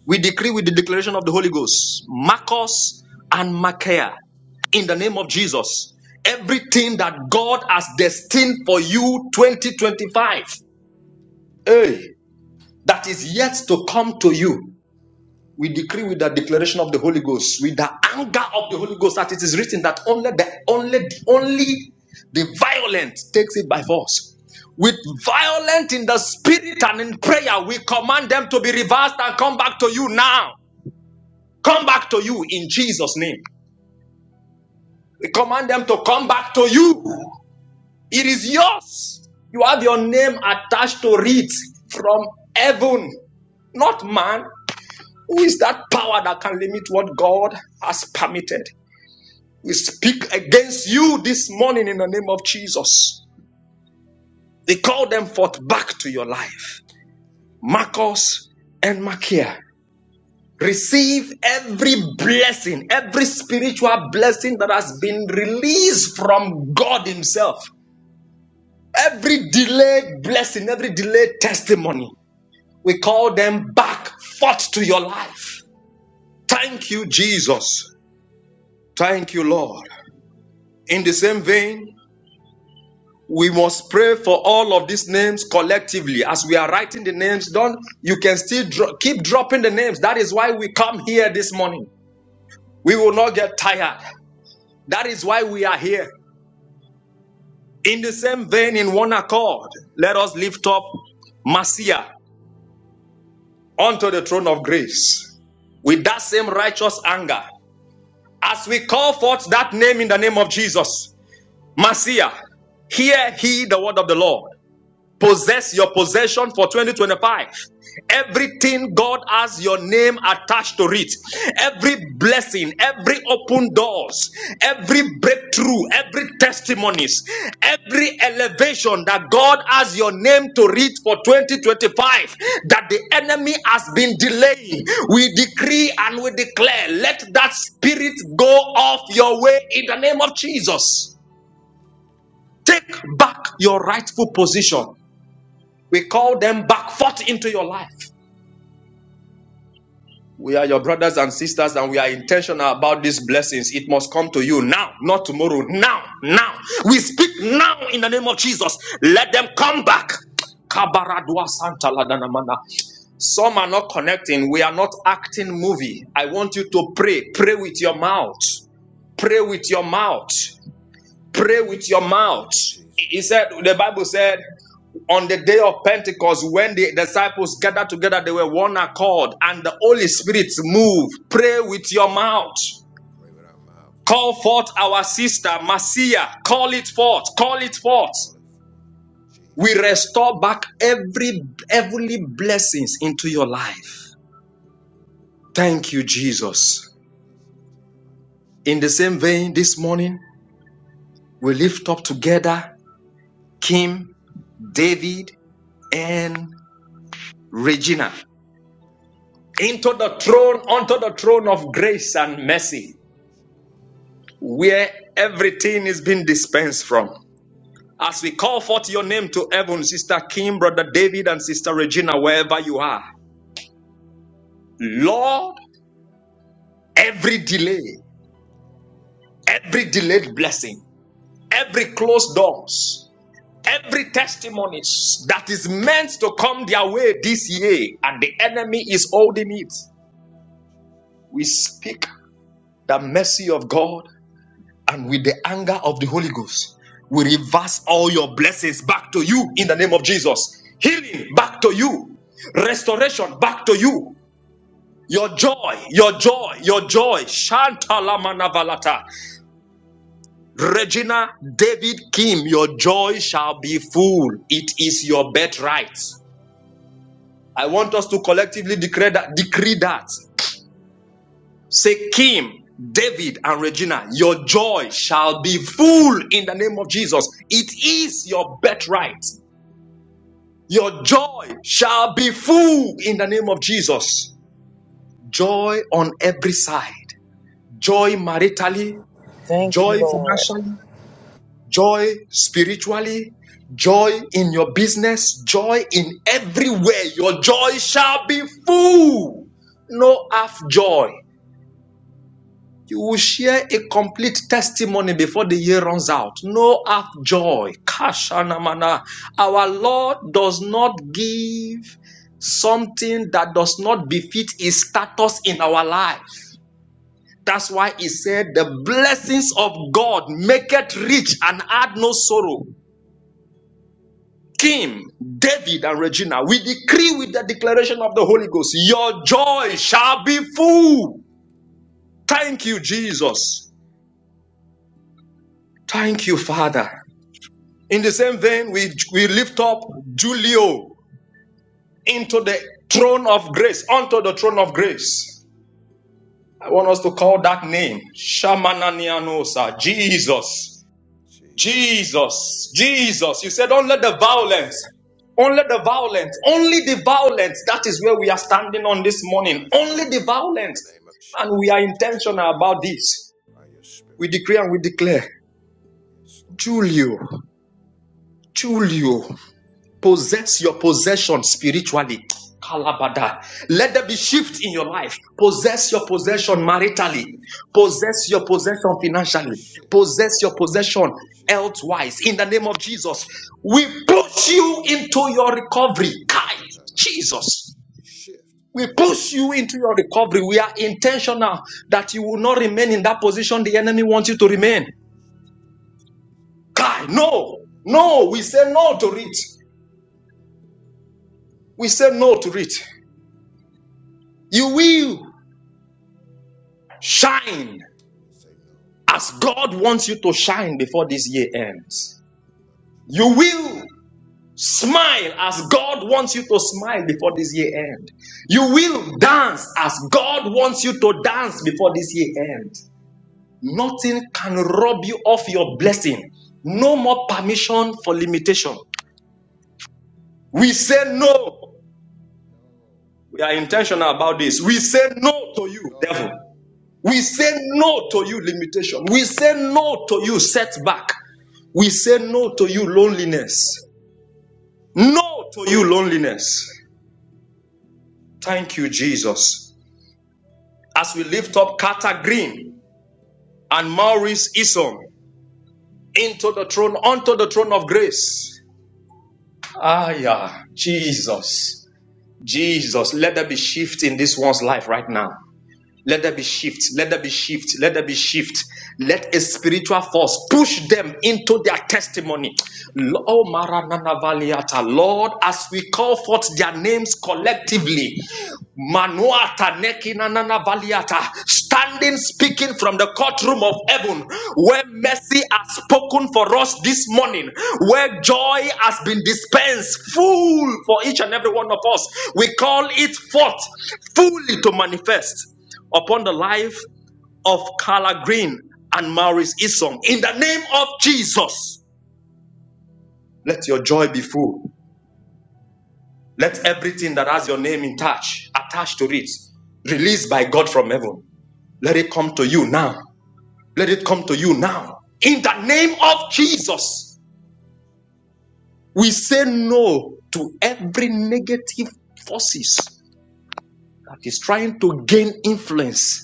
[SPEAKER 2] We decree with the declaration of the Holy Ghost, Marcos and Micaiah, in the name of Jesus, everything that God has destined for you 2025, hey, that is yet to come to you. We decree with the declaration of the Holy Ghost, with the anger of the Holy Ghost, that it is written that only the only only the violent takes it by force. With violent in the spirit and in prayer, we command them to be reversed and come back to you now. Come back to you in Jesus' name. We command them to come back to you. It is yours. You have your name attached to it from heaven, not man. Who is that power that can limit what God has permitted? We speak against you this morning in the name of Jesus. We call them forth back to your life. Marcos and Makia, receive every blessing, every spiritual blessing that has been released from God Himself. Every delayed blessing, every delayed testimony, we call them back forth to your life. Thank you, Jesus. Thank you, Lord. In the same vein, we must pray for all of these names collectively as we are writing the names down you can still dro- keep dropping the names that is why we come here this morning we will not get tired that is why we are here in the same vein in one accord let us lift up marcia unto the throne of grace with that same righteous anger as we call forth that name in the name of jesus marcia hear he the word of the lord Possess your possession for 2025. Everything God has your name attached to it. Every blessing, every open doors, every breakthrough, every testimonies, every elevation that God has your name to read for 2025 that the enemy has been delaying. We decree and we declare, let that spirit go off your way in the name of Jesus. Take back your rightful position. We call them back forth into your life. We are your brothers and sisters, and we are intentional about these blessings. It must come to you now, not tomorrow. Now, now. We speak now in the name of Jesus. Let them come back. Some are not connecting. We are not acting movie. I want you to pray. Pray with your mouth. Pray with your mouth. Pray with your mouth. He said, the Bible said, on the day of Pentecost, when the disciples gathered together, they were one accord, and the Holy Spirit moved. Pray with your mouth. Call forth our sister, Marcia. Call it forth. Call it forth. We restore back every heavenly blessings into your life. Thank you, Jesus. In the same vein, this morning, we lift up together Kim, David, and Regina. into the throne, onto the throne of grace and mercy, where everything is being dispensed from. As we call forth your name to heaven, Sister Kim, Brother David, and Sister Regina, wherever you are, Lord, every delay, every delayed blessing, every closed doors, every testimonies that is meant to come their way this year, and the enemy is holding it, we speak the mercy of God and with the anger of the Holy Ghost, we reverse all your blessings back to you in the name of Jesus. Healing back to you, restoration back to you. Your joy, your joy, your joy. Shantala manavalata. Regina David Kim, your joy shall be full. It is your birthright. I want us to collectively declare that, decree that. Sekim, David, and Regina, your joy shall be full in the name of Jesus. It is your birthright. Your joy shall be full in the name of Jesus. Joy on every side. Joy maritally,
[SPEAKER 3] Thank
[SPEAKER 2] joy
[SPEAKER 3] you, Lord.
[SPEAKER 2] financially, joy spiritually, joy in your business, joy in everywhere. Your joy shall be full. No half joy. You will share a complete testimony before the year runs out. No half joy. Kashanamana. Our Lord does not give something that does not befit his status in our life. That's why he said, The blessings of God make it rich and add no sorrow. Kim, David, and Regina, we decree with the declaration of the Holy Ghost, your joy shall be full. Thank you, Jesus. Thank you, Father. In the same vein, we, we lift up Julio into the throne of grace, onto the throne of grace. I want us to call that name Shamananianosa, Jesus, Jesus, Jesus. You said, only the violence, only the violence, only the violence. That is where we are standing on this morning. Only the violence. And we are intentional about this. We decree and we declare, Julio, Julio. Possess your possession spiritually. Kalabada. Let there be shift in your life. Possess your possession maritally. Possess your possession financially. Possess your possession elsewise. In the name of Jesus, we push you into your recovery. Kai, Jesus. We push you into your recovery. We are intentional that you will not remain in that position the enemy wants you to remain. Kai, no, no, we say no to it. We say no to it. You will. Shine as God wants you to shine before this year ends. You will smile as God wants you to smile before this year ends. You will dance as God wants you to dance before this year ends. Nothing can rob you of your blessing. No more permission for limitation. We say no. We are intentional about this. We say no to you, devil. We say no to you, limitation. We say no to you, setback. We say no to you, loneliness. No to you, loneliness. Thank you, Jesus. As we lift up Carter Green and Maurice Eason into the throne, onto the throne of grace. Ah, yeah, Jesus. Jesus, let there be shift in this one's life right now. Let there be shift. Let there be shift. Let there be shift. Let a spiritual force push them into their testimony. Lo- oh, Maranana Valiata. Lord, as we call forth their names collectively, Manuata Nekinanana Valiata, standing speaking from the courtroom of heaven, where mercy has spoken for us this morning, where joy has been dispensed full for each and every one of us. We call it forth fully to manifest upon the life of Carla Green and Maurice Isom. In the name of Jesus, let your joy be full. Let everything that has your name in touch, attached to it, released by God from heaven, let it come to you now. Let it come to you now. In the name of Jesus, we say no to every negative forces that is trying to gain influence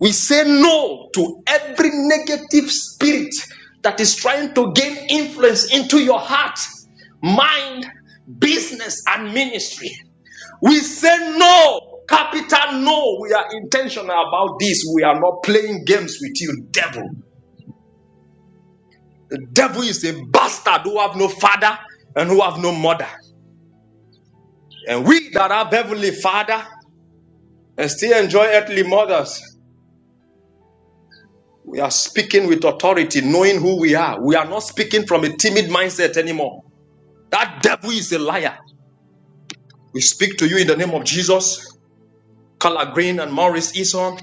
[SPEAKER 2] We say no to every negative spirit that is trying to gain influence into your heart, mind, business, and ministry. We say no, capital no. We are intentional about this. We are not playing games with you, devil. The devil is a bastard who have no father and who have no mother. And we that have heavenly father and still enjoy earthly mothers. We are speaking with authority, knowing who we are. We are not speaking from a timid mindset anymore. That devil is a liar. We speak to you in the name of Jesus. Color Green and Maurice Eason,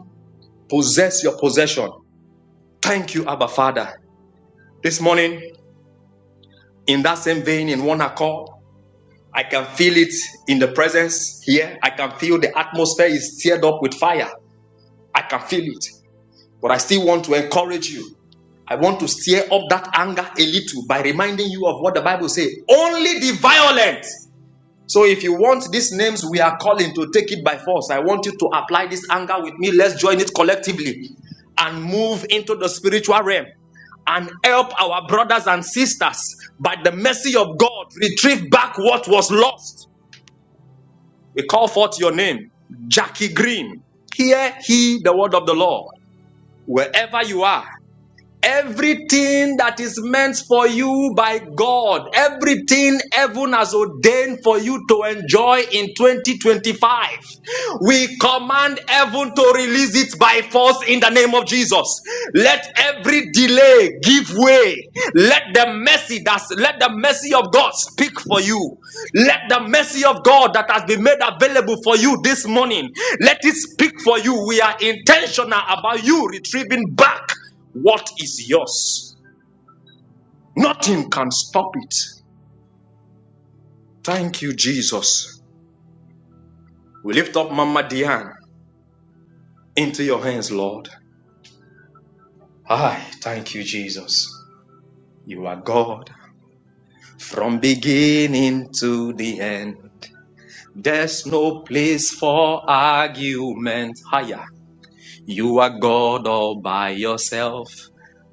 [SPEAKER 2] possess your possession. Thank you, Abba Father. This morning, in that same vein, in one accord, I can feel it in the presence here. I can feel the atmosphere is stirred up with fire. I can feel it. But I still want to encourage you. I want to stir up that anger a little by reminding you of what the Bible says. Only the violent. So if you want these names we are calling to take it by force, I want you to apply this anger with me. Let's join it collectively and move into the spiritual realm and help our brothers and sisters by the mercy of God retrieve back what was lost. We call forth your name, Jackie Green. Hear he the word of the Lord. Wherever you are, Everything that is meant for you by God, everything heaven has ordained for you to enjoy in 2025, we command heaven to release it by force in the name of Jesus. Let every delay give way. Let the mercy that's let the mercy of God speak for you. Let the mercy of God that has been made available for you this morning, let it speak for you. We are intentional about you retrieving back. What is yours? Nothing can stop it. Thank you, Jesus. We lift up Mama Diane into your hands, Lord. I thank you, Jesus. You are God from beginning to the end. There's no place for argument higher. You are God all by yourself.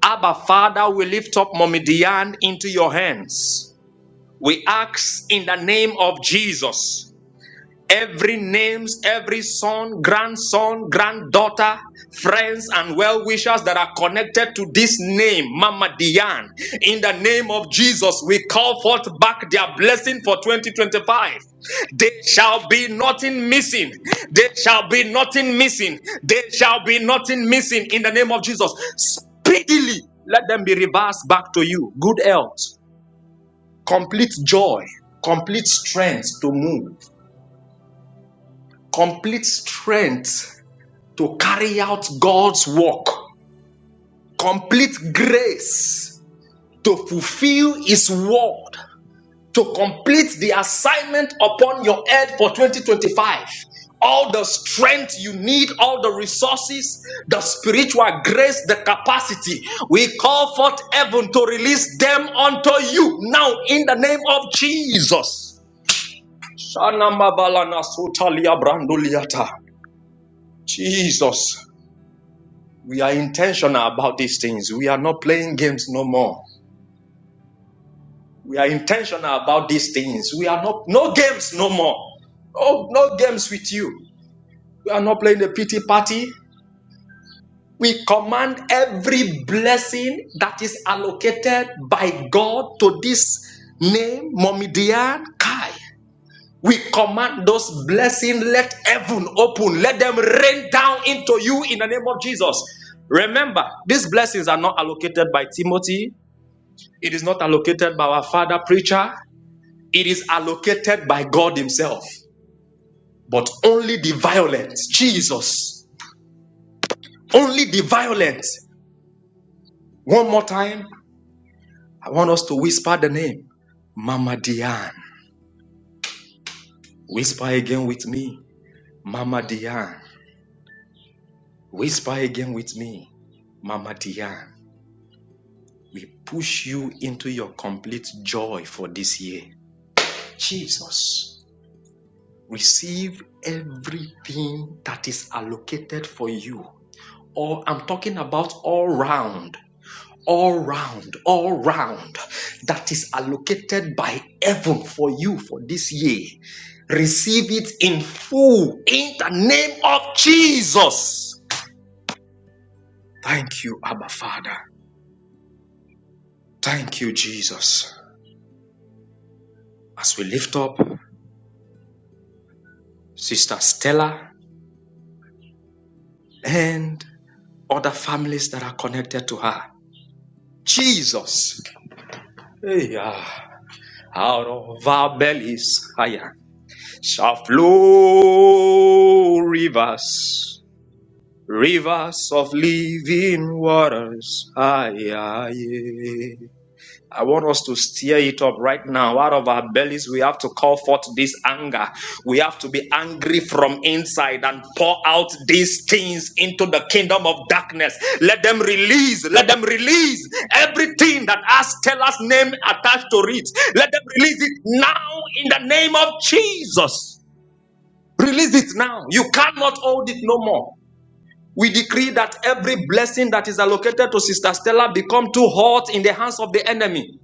[SPEAKER 2] Abba, Father, we lift up Mommy Diane into your hands. We ask in the name of Jesus every names, every son, grandson, granddaughter, friends, and well wishers that are connected to this name, Mama Diane. In the name of Jesus, we call forth back their blessing for 2025. There shall be nothing missing. There shall be nothing missing. There shall be nothing missing in the name of Jesus. Speedily, let them be reversed back to you. Good health, complete joy, complete strength to move complete strength to carry out God's work, complete grace to fulfill His word, to complete the assignment upon your head for 2025. All the strength you need, all the resources, the spiritual grace, the capacity. We call forth heaven to release them unto you now in the name of Jesus. Shana mabalana sotalia branduliata. Jesus. We are intentional about these things. We are not playing games no more. We are intentional about these things. We are not, no games no more. Oh, no games with you. We are not playing the pity party. We command every blessing that is allocated by God to this name, Momidian Kai. We command those blessings. Let heaven open. Let them rain down into you in the name of Jesus. Remember, these blessings are not allocated by Timothy. It is not allocated by our father preacher. It is allocated by God Himself. But only the violent, Jesus, only the violent. One more time, I want us to whisper the name Mama Diane. Whisper again with me, Mama Diane. Whisper again with me, Mama Diane. We push you into your complete joy for this year. Jesus, receive everything that is allocated for you Or I'm talking about all round, all round, all round that is allocated by heaven for you for this year. Receive it in full in the name of Jesus. Thank you, Abba Father. Thank you, Jesus. As we lift up Sister Stella and other families that are connected to her. Jesus. Hey, ah, out of our bellies. higher. shall flow rivers, rivers of living waters. Aye, aye, aye. I want us to stir it up right now. Out of our bellies, we have to call forth this anger. We have to be angry from inside and pour out these things into the kingdom of darkness. Let them release, let them release everything that has Stella's name attached to it. Let them release it now in the name of Jesus. Release it now. You cannot hold it no more. We decree that every blessing that is allocated to Sister Stella become too hot in the hands of the enemy.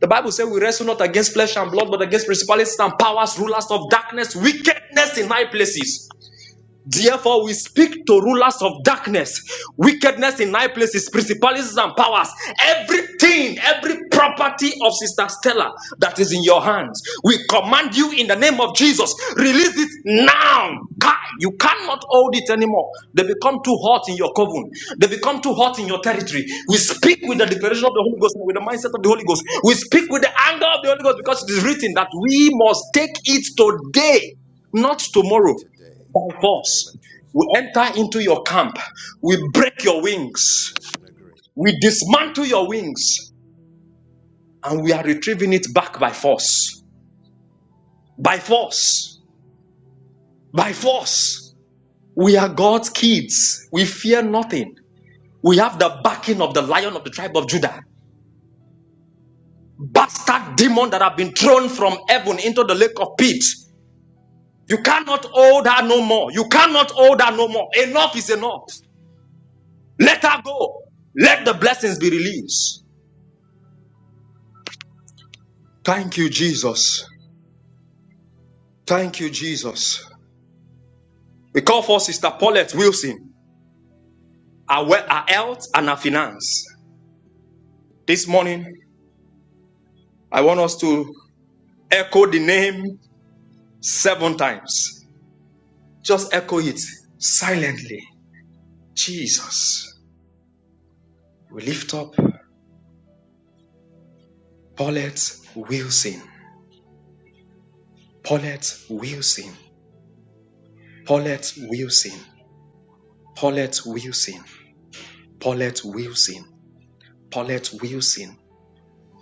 [SPEAKER 2] The Bible says we wrestle not against flesh and blood, but against principalities and powers, rulers of darkness, wickedness in high places. Therefore, we speak to rulers of darkness, wickedness in high places, principalities and powers, everything, every property of Sister Stella that is in your hands. We command you in the name of Jesus, release it now. Kai, You cannot hold it anymore. They become too hot in your coven, they become too hot in your territory. We speak with the declaration of the Holy Ghost, with the mindset of the Holy Ghost. We speak with the anger of the Holy Ghost because it is written that we must take it today, not tomorrow by force. We enter into your camp. We break your wings. We dismantle your wings. And we are retrieving it back by force. By force. By force. We are God's kids. We fear nothing. We have the backing of the lion of the tribe of Judah. Bastard demon that have been thrown from heaven into the lake of pit. You cannot hold her no more. You cannot hold her no more. Enough is enough. Let her go. Let the blessings be released. Thank you, Jesus. Thank you, Jesus. We call for Sister Paulette Wilson, our, we- our health and our finance. This morning, I want us to echo the name seven times. Just echo it silently. Jesus. We lift up Paulette Wilson. Paulette Wilson. Paulette Wilson. Paulette Wilson. Paulette Wilson. Paulette Wilson.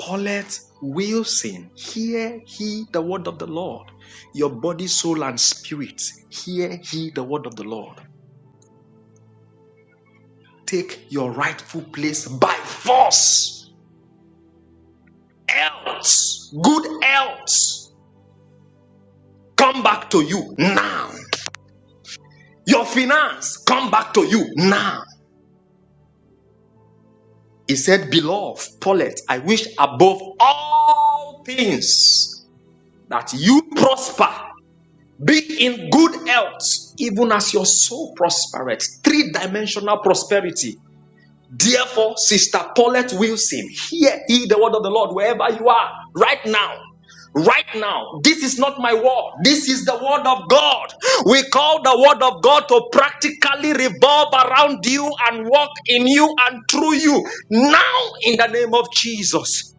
[SPEAKER 2] Paulette Wilson, hear he the word of the Lord. Your body, soul, and spirit, hear he the word of the Lord. Take your rightful place by force. Else, good else, come back to you now. Your finance, come back to you now. He said, Beloved, Paulette, I wish above all things that you prosper Be in good health, even as your soul prospereth. Three dimensional prosperity. Therefore, Sister Paulette Wilson, hear ye the word of the Lord wherever you are right now. Right now, this is not my word. This is the word of God. We call the word of God to practically revolve around you and walk in you and through you. Now, in the name of Jesus.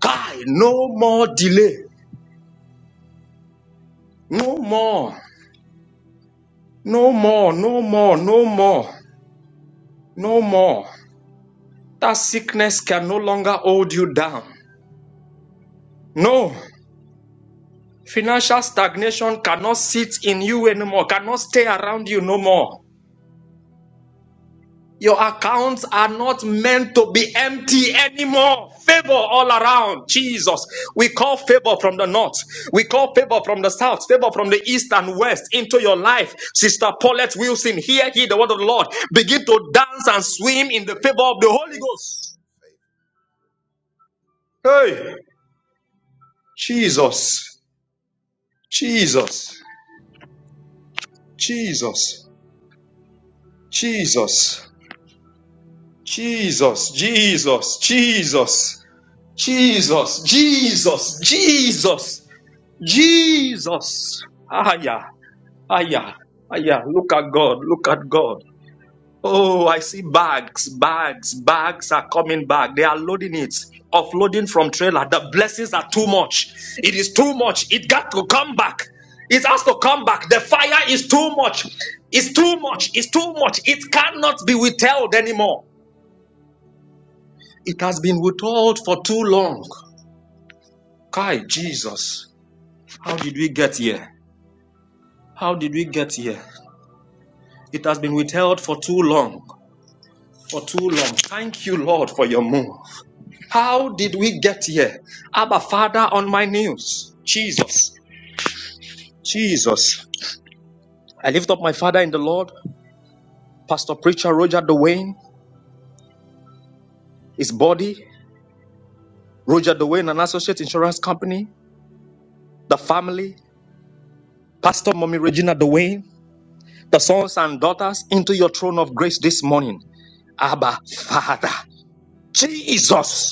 [SPEAKER 2] Guy, no more delay. No more. No more. No more. No more. No more. That sickness can no longer hold you down. No. Financial stagnation cannot sit in you anymore, cannot stay around you no more. Your accounts are not meant to be empty anymore. Favor all around. Jesus. We call favor from the north. We call favor from the south. Favor from the east and west into your life. Sister Paulette Wilson, hear ye the word of the Lord. Begin to dance and swim in the favor of the Holy Ghost. Hey, Jesus. Jesus, Jesus, Jesus, Jesus, Jesus, Jesus, Jesus, Jesus, Jesus, Jesus. Aya, aya, aya. Look at God. Look at God. Oh, I see bags, bags, bags are coming back. They are loading it, offloading from trailer. The blessings are too much. It is too much. It got to come back. It has to come back. The fire is too much. It's too much. It's too much. It cannot be withheld anymore. It has been withheld for too long. Kai, Jesus, how did we get here? How did we get here? It has been withheld for too long. For too long. Thank you, Lord, for your move. How did we get here? Abba, Father, on my knees. Jesus, Jesus. I lift up my father in the Lord, Pastor Preacher Roger Dwayne, his body, Roger Dwayne, and associate insurance company, the family, Pastor Mommy Regina Dwayne, the sons and daughters into your throne of grace this morning. Abba, Father, Jesus.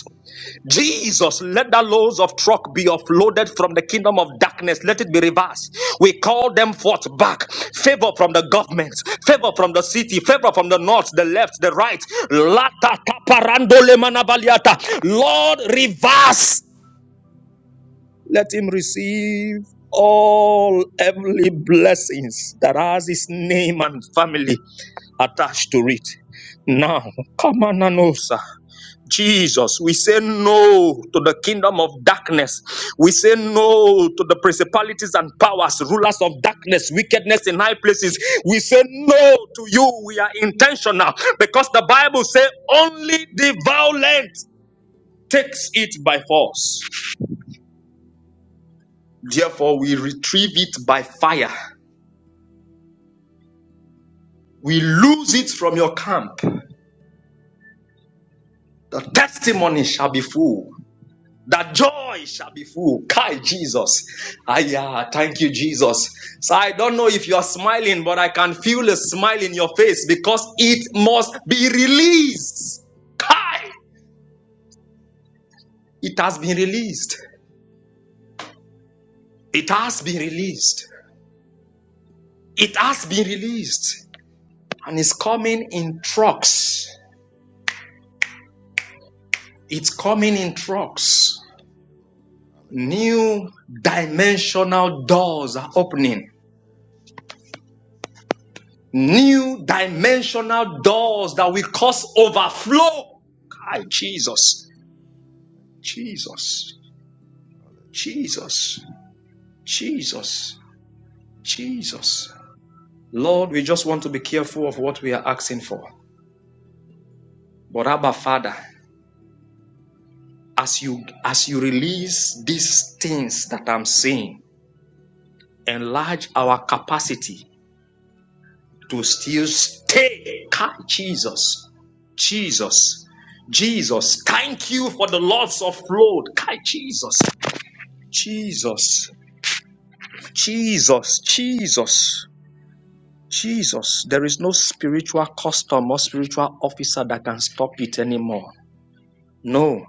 [SPEAKER 2] Jesus, let the loads of truck be offloaded from the kingdom of darkness. Let it be reversed. We call them forth back. Favor from the government, favor from the city, favor from the north, the left, the right. Lata taparando lemanabaliata. Lord, reverse. Let him receive all heavenly blessings that has his name and family attached to it. Now, come on, Anosa. Jesus, we say no to the kingdom of darkness. We say no to the principalities and powers, rulers of darkness, wickedness in high places. We say no to you. We are intentional because the Bible says only the violent takes it by force. Therefore, we retrieve it by fire. We lose it from your camp. The testimony shall be full. that joy shall be full. Kai Jesus. Aya, thank you, Jesus. So I don't know if you are smiling, but I can feel a smile in your face because it must be released. Kai, it has been released. It has been released. It has been released. And it's coming in trucks. It's coming in trucks. New dimensional doors are opening New dimensional doors that will cause overflow. Hi, Jesus, Jesus, Jesus, Jesus, Jesus. Lord, we just want to be careful of what we are asking for. But Abba Father, as you as you release these things that I'm saying, enlarge our capacity to still stay. Hi, Jesus, Jesus, Jesus. Thank you for the lots of flood. Kai Jesus. Jesus, Jesus, Jesus, Jesus. There is no spiritual custom or spiritual officer that can stop it anymore. No,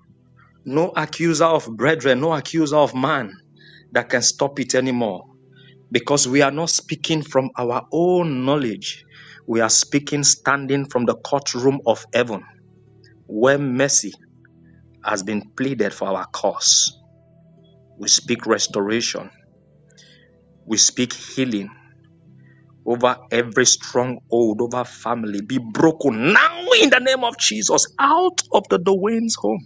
[SPEAKER 2] no accuser of brethren, no accuser of man that can stop it anymore because we are not speaking from our own knowledge. We are speaking standing from the courtroom of heaven where mercy has been pleaded for our cause. We speak restoration. We speak healing over every stronghold, over family, be broken now in the name of Jesus, out of the Dwayne's home.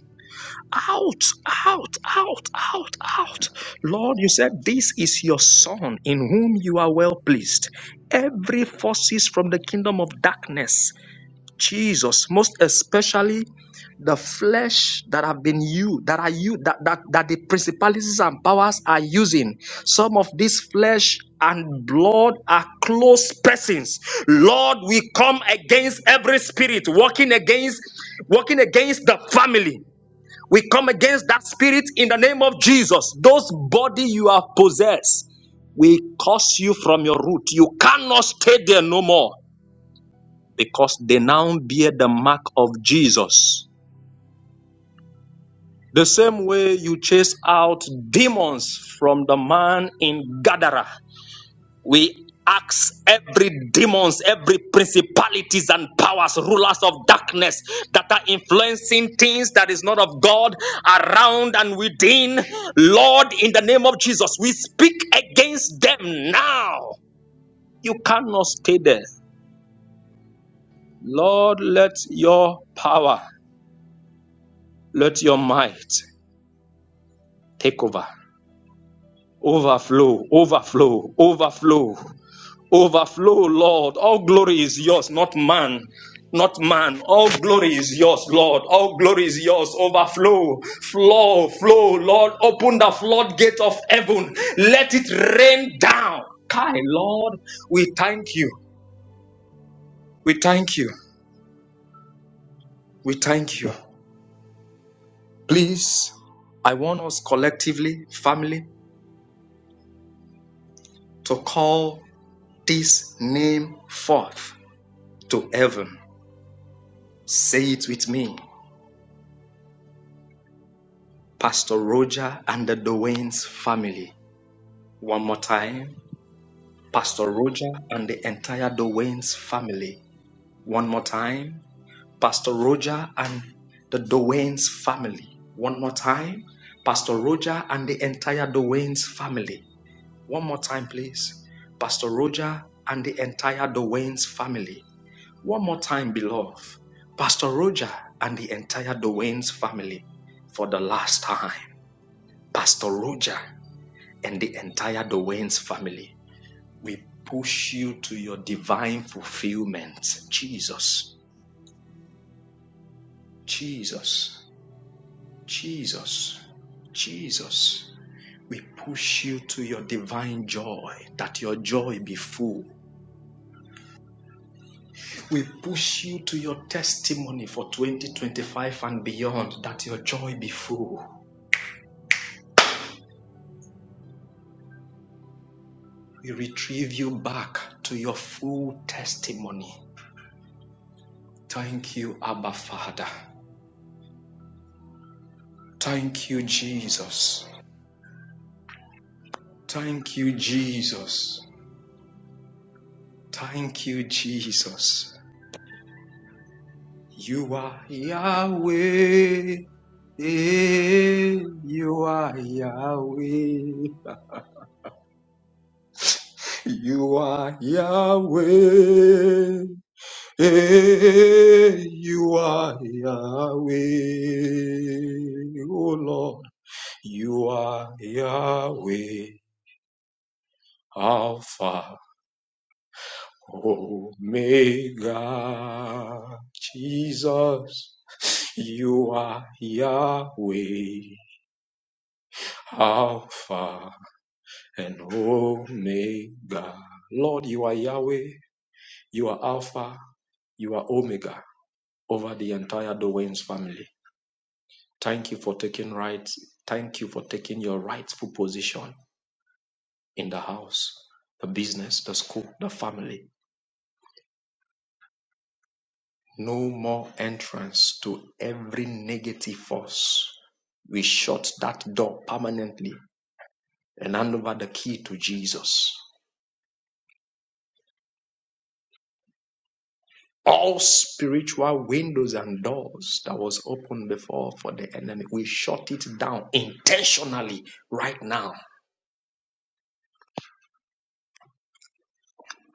[SPEAKER 2] Out, out, out, out, out. Lord, you said, This is your son in whom you are well pleased. Every forces from the kingdom of darkness Jesus, most especially the flesh that have been you that are you that, that that the principalities and powers are using some of this flesh and blood are close persons lord we come against every spirit walking against walking against the family we come against that spirit in the name of jesus those body you have possessed we curse you from your root you cannot stay there no more because they now bear the mark of Jesus. The same way you chase out demons from the man in Gadara, we ask every demons, every principalities and powers, rulers of darkness that are influencing things that is not of God around and within. Lord, in the name of Jesus, we speak against them now. You cannot stay there. Lord, let your power, let your might Take over. Overflow, overflow, overflow, overflow, Lord. All glory is yours, not man. Not man. All glory is yours, Lord. All glory is yours. Overflow, flow, flow, Lord. Open the floodgate of heaven. Let it rain down. Kai, Lord, we thank you. We thank you. We thank you. Please, I want us collectively, family, to call this name forth to heaven. Say it with me. Pastor Roger and the Dwayne's family. One more time. Pastor Roger and the entire Dwayne's family. One more time. Pastor Roger and the Dwayne's family. One more time. Pastor Roger and the entire Dwayne's family. One more time, please. Pastor Roger and the entire Dwayne's family. One more time, beloved. Pastor Roger and the entire Dwayne's family for the last time. Pastor Roger, and the entire Doane's family. We push you to your divine fulfillment. Jesus, Jesus, Jesus, Jesus. We push you to your divine joy, that your joy be full. We push you to your testimony for 2025 and beyond, that your joy be full. We retrieve you back to your full testimony. Thank you, Abba Father. Thank you, Jesus. Thank you, Jesus. Thank you, Jesus. You are Yahweh. Eh, You are Yahweh. You are Yahweh. Eh, You are Yahweh. Oh Lord, you are Yahweh. Alpha Omega Jesus, you are Yahweh, Alpha and Omega. Lord, you are Yahweh, you are Alpha, you are Omega over the entire Dowains family. Thank you for taking right. Thank you for taking your rightful position in the house, the business, the school, the family. No more entrance to every negative force. We shut that door permanently and hand over the key to Jesus. All spiritual windows and doors that was open before for the enemy, we shut it down intentionally right now.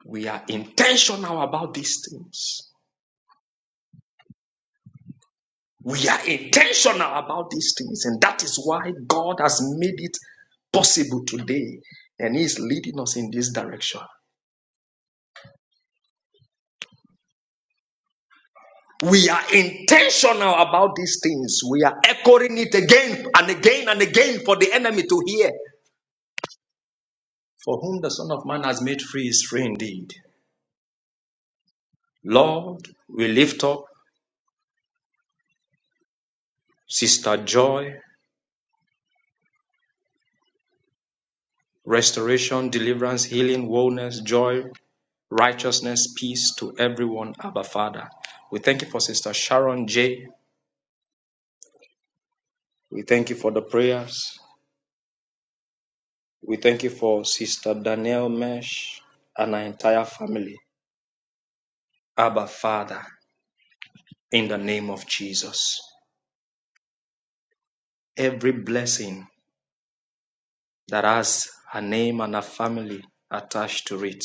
[SPEAKER 2] We are intentional about these things. We are intentional about these things, and that is why God has made it possible today, and He is leading us in this direction. we are intentional about these things. We are echoing it again and again and again for the enemy to hear. For whom the Son of Man has made free is free indeed. Lord, we lift up Sister Joy, restoration, deliverance, healing, wholeness, joy, righteousness, peace to everyone, Abba Father. We thank you for Sister Sharon J. We thank you for the prayers. We thank you for Sister Danielle Mesh and our entire family. Abba Father. in the name of Jesus. Every blessing that has a name and a family attached to it,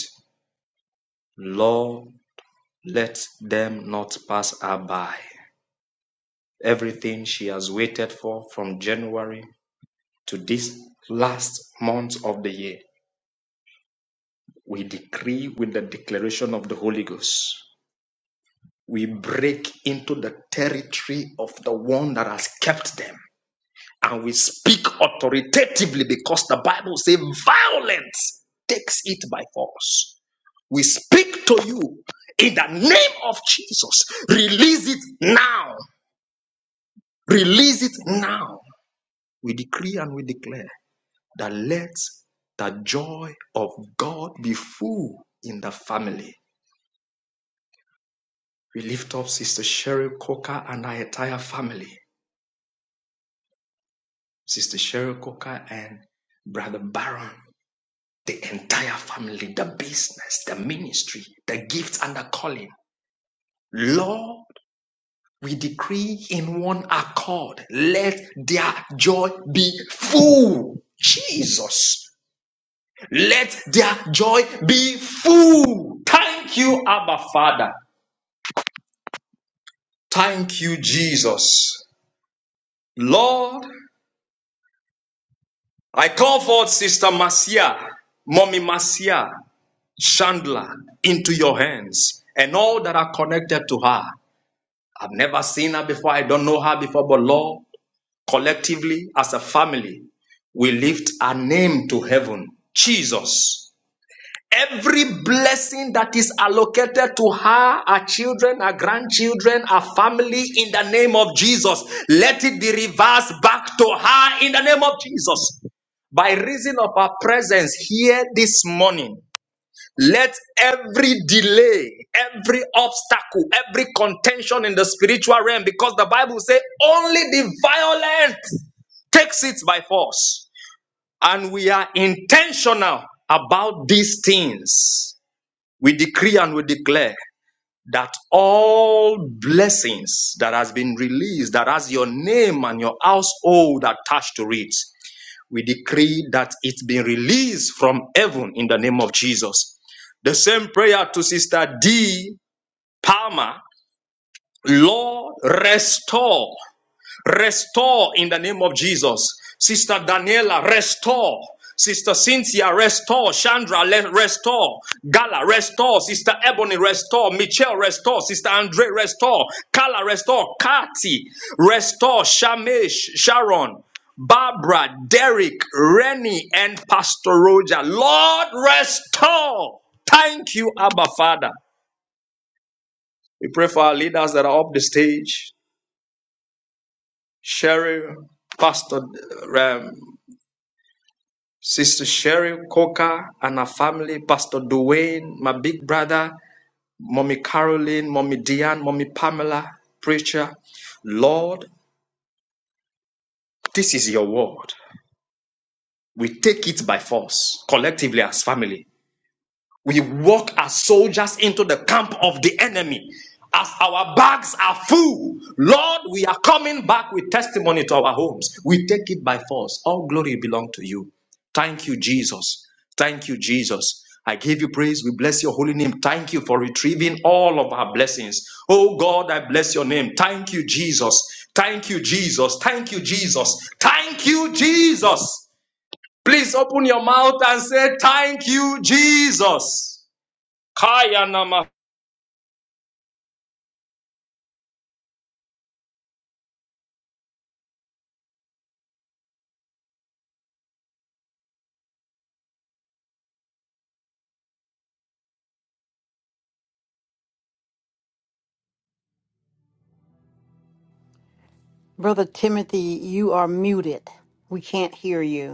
[SPEAKER 2] Lord, let them not pass her by. Everything she has waited for from January to this last month of the year, we decree with the declaration of the Holy Ghost. We break into the territory of the one that has kept them and we speak authoritatively because the Bible says violence takes it by force. We speak to you in the name of Jesus. Release it now. Release it now. We decree and we declare that let the joy of God be full in the family. We lift up Sister Cheryl Coker and her entire family. Sister Cheryl Coker and Brother Baron. the entire family, the business, the ministry, the gifts and the calling. Lord, we decree in one accord, let their joy be full. Jesus, let their joy be full. Thank you, Abba Father. Thank you, Jesus. Lord, I call forth Sister Marcia, Mommy Marcia, Chandler into your hands and all that are connected to her. I've never seen her before. I don't know her before. But Lord, collectively, as a family, we lift our name to heaven. Jesus. Every blessing that is allocated to her, her children, her grandchildren, her family, in the name of Jesus, let it be reversed back to her in the name of Jesus. By reason of her presence here this morning, let every delay, every obstacle, every contention in the spiritual realm, because the Bible says only the violent takes it by force. And we are intentional about these things. We decree and we declare that all blessings that has been released, that has your name and your household attached to it, we decree that it's been released from heaven in the name of Jesus. The same prayer to Sister D. Palmer. Lord, restore. Restore in the name of Jesus. Sister Daniela, restore. Sister Cynthia, restore. Chandra, restore. Gala, restore. Sister Ebony, restore. Michelle, restore. Sister Andre, restore. Kala, restore. Kati, restore. Shamesh, Sharon, Barbara, Derek, Rennie, and Pastor Roger. Lord, restore. Thank you, Abba Father. We pray for our leaders that are up the stage. Sherry, Pastor um, Sister Cheryl Coker and her family, Pastor Duane, my big brother, Mommy Caroline, Mommy Diane, Mommy Pamela, preacher. Lord, this is your word. We take it by force, collectively as family. We walk as soldiers into the camp of the enemy. As our bags are full, Lord, we are coming back with testimony to our homes. We take it by force. All glory belong to you. Thank you, Jesus. Thank you, Jesus. I give you praise. We bless your holy name. Thank you for retrieving all of our blessings. Oh God, I bless your name. Thank you, Jesus. Thank you, Jesus. Thank you, Jesus. Thank you, Jesus. Please open your mouth and say, Thank you, Jesus. Kaya nama.
[SPEAKER 4] Brother Timothy, you are muted. We can't hear you.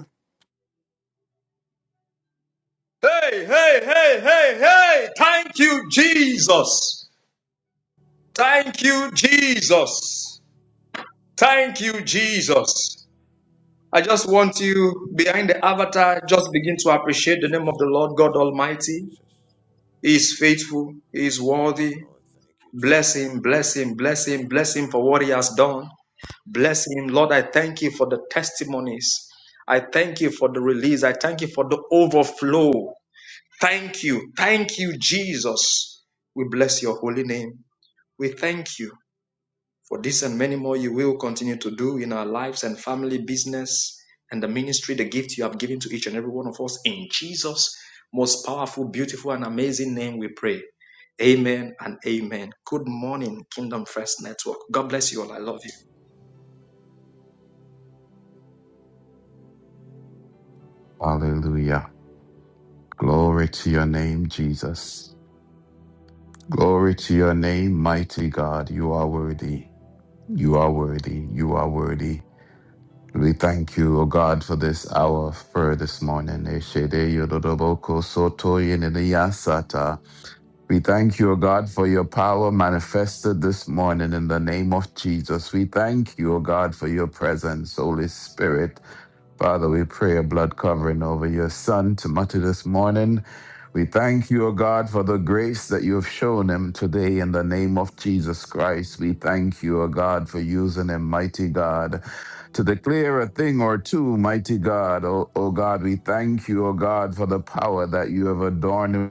[SPEAKER 2] Hey, hey, hey, hey, hey. Thank you, Jesus. Thank you, Jesus. Thank you, Jesus. I just want you behind the avatar, just begin to appreciate the name of the Lord God Almighty. He is faithful, He is worthy. Bless Him, bless Him, bless Him, bless Him for what He has done. Bless Him, Lord. I thank you for the testimonies. I thank you for the release. I thank you for the overflow. Thank you. Thank you, Jesus. We bless your holy name. We thank you for this and many more you will continue to do in our lives and family, business, and the ministry, the gift you have given to each and every one of us. In Jesus' most powerful, beautiful, and amazing name, we pray. Amen and amen. Good morning, Kingdom First Network. God bless you all. I love you.
[SPEAKER 5] Hallelujah. Glory to your name, Jesus. Glory to your name, mighty God. You are worthy. You are worthy. You are worthy. We thank you, O God, for this hour of prayer this morning. Eshede yododoboko soto yeneneyasata. We thank you, O God, for your power manifested this morning in the name of Jesus. We thank you, O God, for your presence, Holy Spirit. Father, we pray a blood covering over your son, Timothy, this morning. We thank you, O God, for the grace that you have shown him today in the name of Jesus Christ. We thank you, O God, for using him, mighty God, to declare a thing or two, mighty God. O, o God, we thank you, O God, for the power that you have adorned him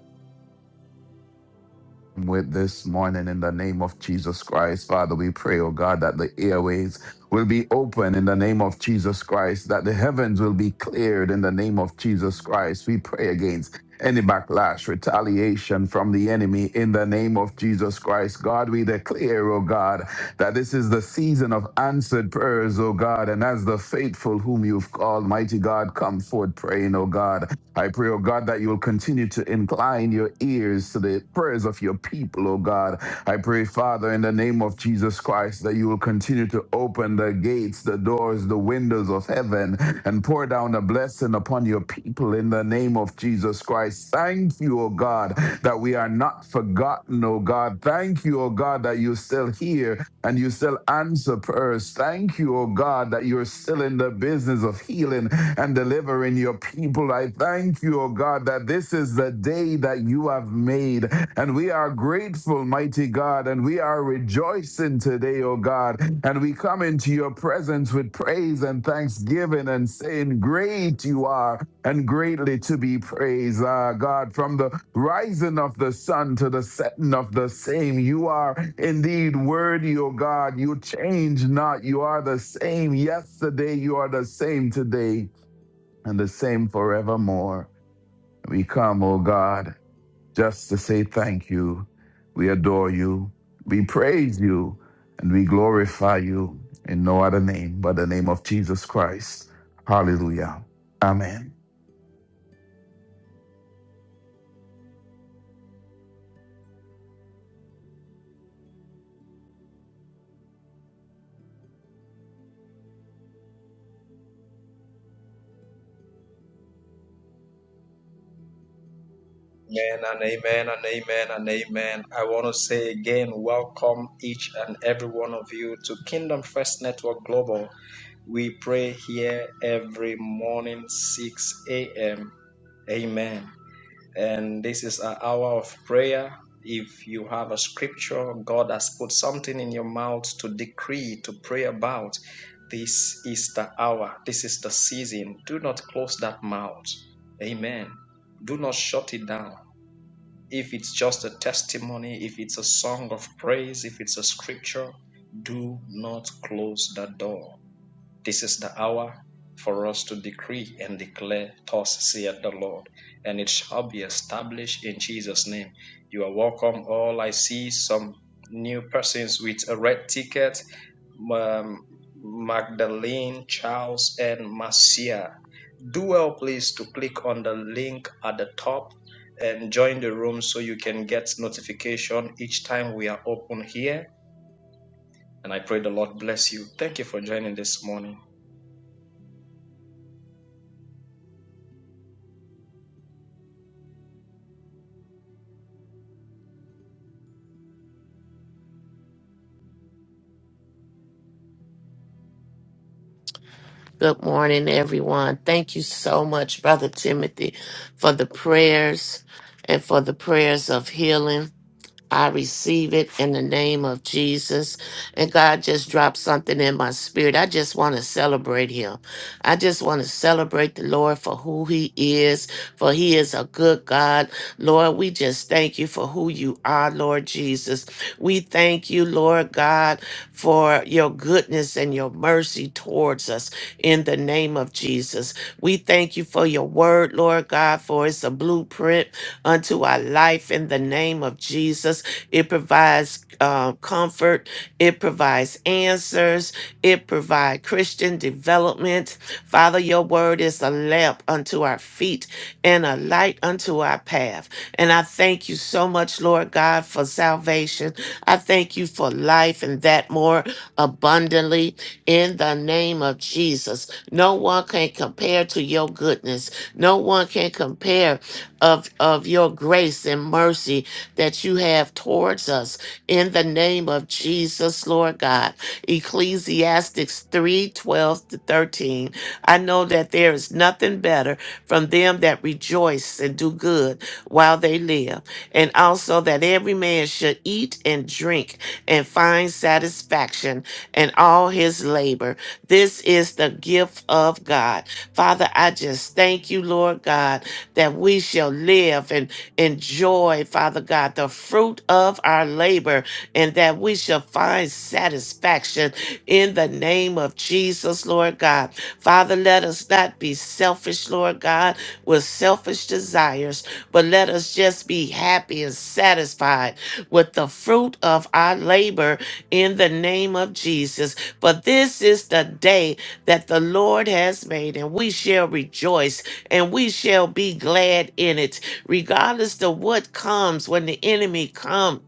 [SPEAKER 5] with this morning in the name of Jesus Christ. Father, we pray, oh God, that the airways will be open in the name of Jesus Christ, that the heavens will be cleared in the name of Jesus Christ. We pray against any backlash, retaliation from the enemy in the name of Jesus Christ. God, we declare, oh God, that this is the season of answered prayers, oh God, and as the faithful whom you've called, mighty God, come forth praying, oh God. I pray, oh God, that you will continue to incline your ears to the prayers of your people, oh God. I pray, Father, in the name of Jesus Christ, that you will continue to open the gates gates, the doors, the windows of heaven, and pour down a blessing upon your people in the name of Jesus Christ. Thank you, O God, that we are not forgotten, O God. Thank you, O God, that you still hear and you still answer prayers. Thank you, O God, that you're still in the business of healing and delivering your people. I thank you, O God, that this is the day that you have made, and. We are grateful, mighty God, and we are rejoicing today, O God. And we come into your presence with praise and thanksgiving and saying, Great you are and greatly to be praised, Ah, God. From the rising of the sun to the setting of the same, you are indeed worthy, O God. You change not. You are the same yesterday, you are the same today, and the same forevermore. We come, O God just to say thank you. We adore you. We praise you and we glorify you in no other name but the name of Jesus Christ. Hallelujah. Amen.
[SPEAKER 2] Amen and amen and amen and amen. I want to say again, welcome each and every one of you to Kingdom First Network Global. We pray here every morning, 6 a.m. Amen. And this is our hour of prayer. If you have a scripture, God has put something in your mouth to decree, to pray about, this is the hour, this is the season. Do not close that mouth. Amen. Do not shut it down. If it's just a testimony, if it's a song of praise, if it's a scripture, do not close the door this is the hour for us to decree and declare, Thus saith the Lord, and it shall be established in Jesus' name. You are welcome. All I see some new persons with a red ticket um, Magdalene, Charles, and Marcia. Do well, please, to click on the link at the top and join the room so you can get notification each time we are open here. And I pray the Lord bless you. Thank you for joining this morning.
[SPEAKER 6] Good morning, everyone. Thank you so much, Brother Timothy, for the prayers and for the prayers of healing. I receive it in the name of Jesus. And God just dropped something in my spirit. I just want to celebrate him. I just want to celebrate the Lord for who he is, for he is a good God. Lord, we just thank you for who you are, Lord Jesus. We thank you, Lord God, for your goodness and your mercy towards us in the name of Jesus. We thank you for your word, Lord God, for it's a blueprint unto our life in the name of Jesus. It provides uh, comfort. It provides answers. It provides Christian development. Father, your word is a lamp unto our feet and a light unto our path. And I thank you so much, Lord God, for salvation. I thank you for life and that more abundantly in the name of Jesus. No one can compare to your goodness. No one can compare of, of your grace and mercy that you have towards us in the name of Jesus, Lord God. Ecclesiastes 3, 12 to 13. I know that there is nothing better from them that rejoice and do good while they live, and also that every man should eat and drink and find satisfaction in all his labor. This is the gift of God. Father, I just thank you, Lord God, that we shall live and enjoy, Father God, the fruit of our labor and that we shall find satisfaction in the name of Jesus, Lord God. Father, let us not be selfish, Lord God, with selfish desires, but let us just be happy and satisfied with the fruit of our labor in the name of Jesus. For this is the day that the Lord has made, and we shall rejoice and we shall be glad in it regardless of what comes when the enemy comes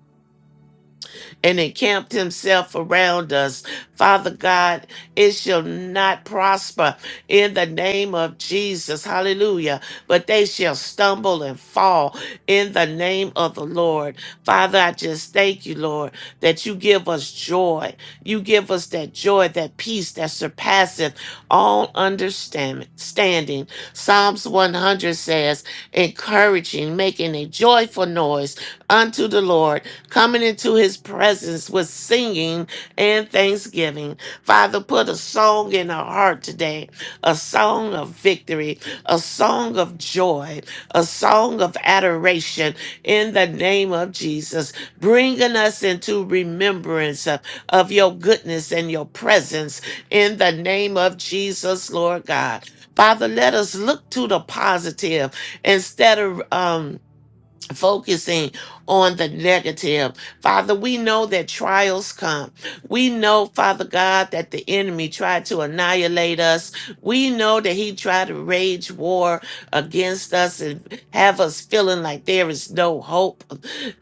[SPEAKER 6] and encamped himself around us. Father God, it shall not prosper in the name of Jesus. Hallelujah. But they shall stumble and fall in the name of the Lord. Father, I just thank you, Lord, that you give us joy. You give us that joy, that peace that surpasseth all understanding. Standing. Psalms 100 says, encouraging, making a joyful noise unto the Lord coming into his presence with singing and thanksgiving. Father, put a song in our heart today, a song of victory, a song of joy, a song of adoration in the name of Jesus, bringing us into remembrance of, of your goodness and your presence in the name of Jesus, Lord God. Father, let us look to the positive instead of um focusing on the negative. Father, we know that trials come. We know, Father God, that the enemy tried to annihilate us. We know that he tried to rage war against us and have us feeling like there is no hope.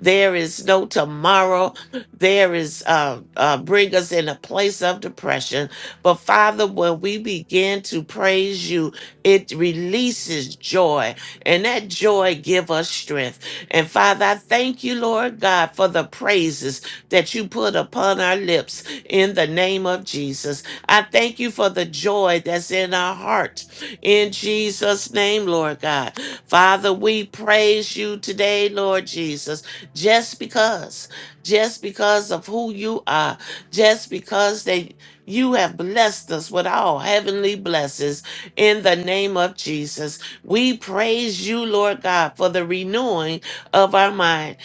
[SPEAKER 6] There is no tomorrow. There is uh, uh bring us in a place of depression. But Father, when we begin to praise you, it releases joy and that joy give us strength. And Father, I thank you, Lord God, for the praises that you put upon our lips in the name of Jesus. I thank you for the joy that's in our heart in Jesus' name, Lord God. Father, we praise you today, Lord Jesus, just because, just because of who you are, just because they you have blessed us with all heavenly blessings in the name of Jesus. We praise you, Lord God, for the renewing of our mind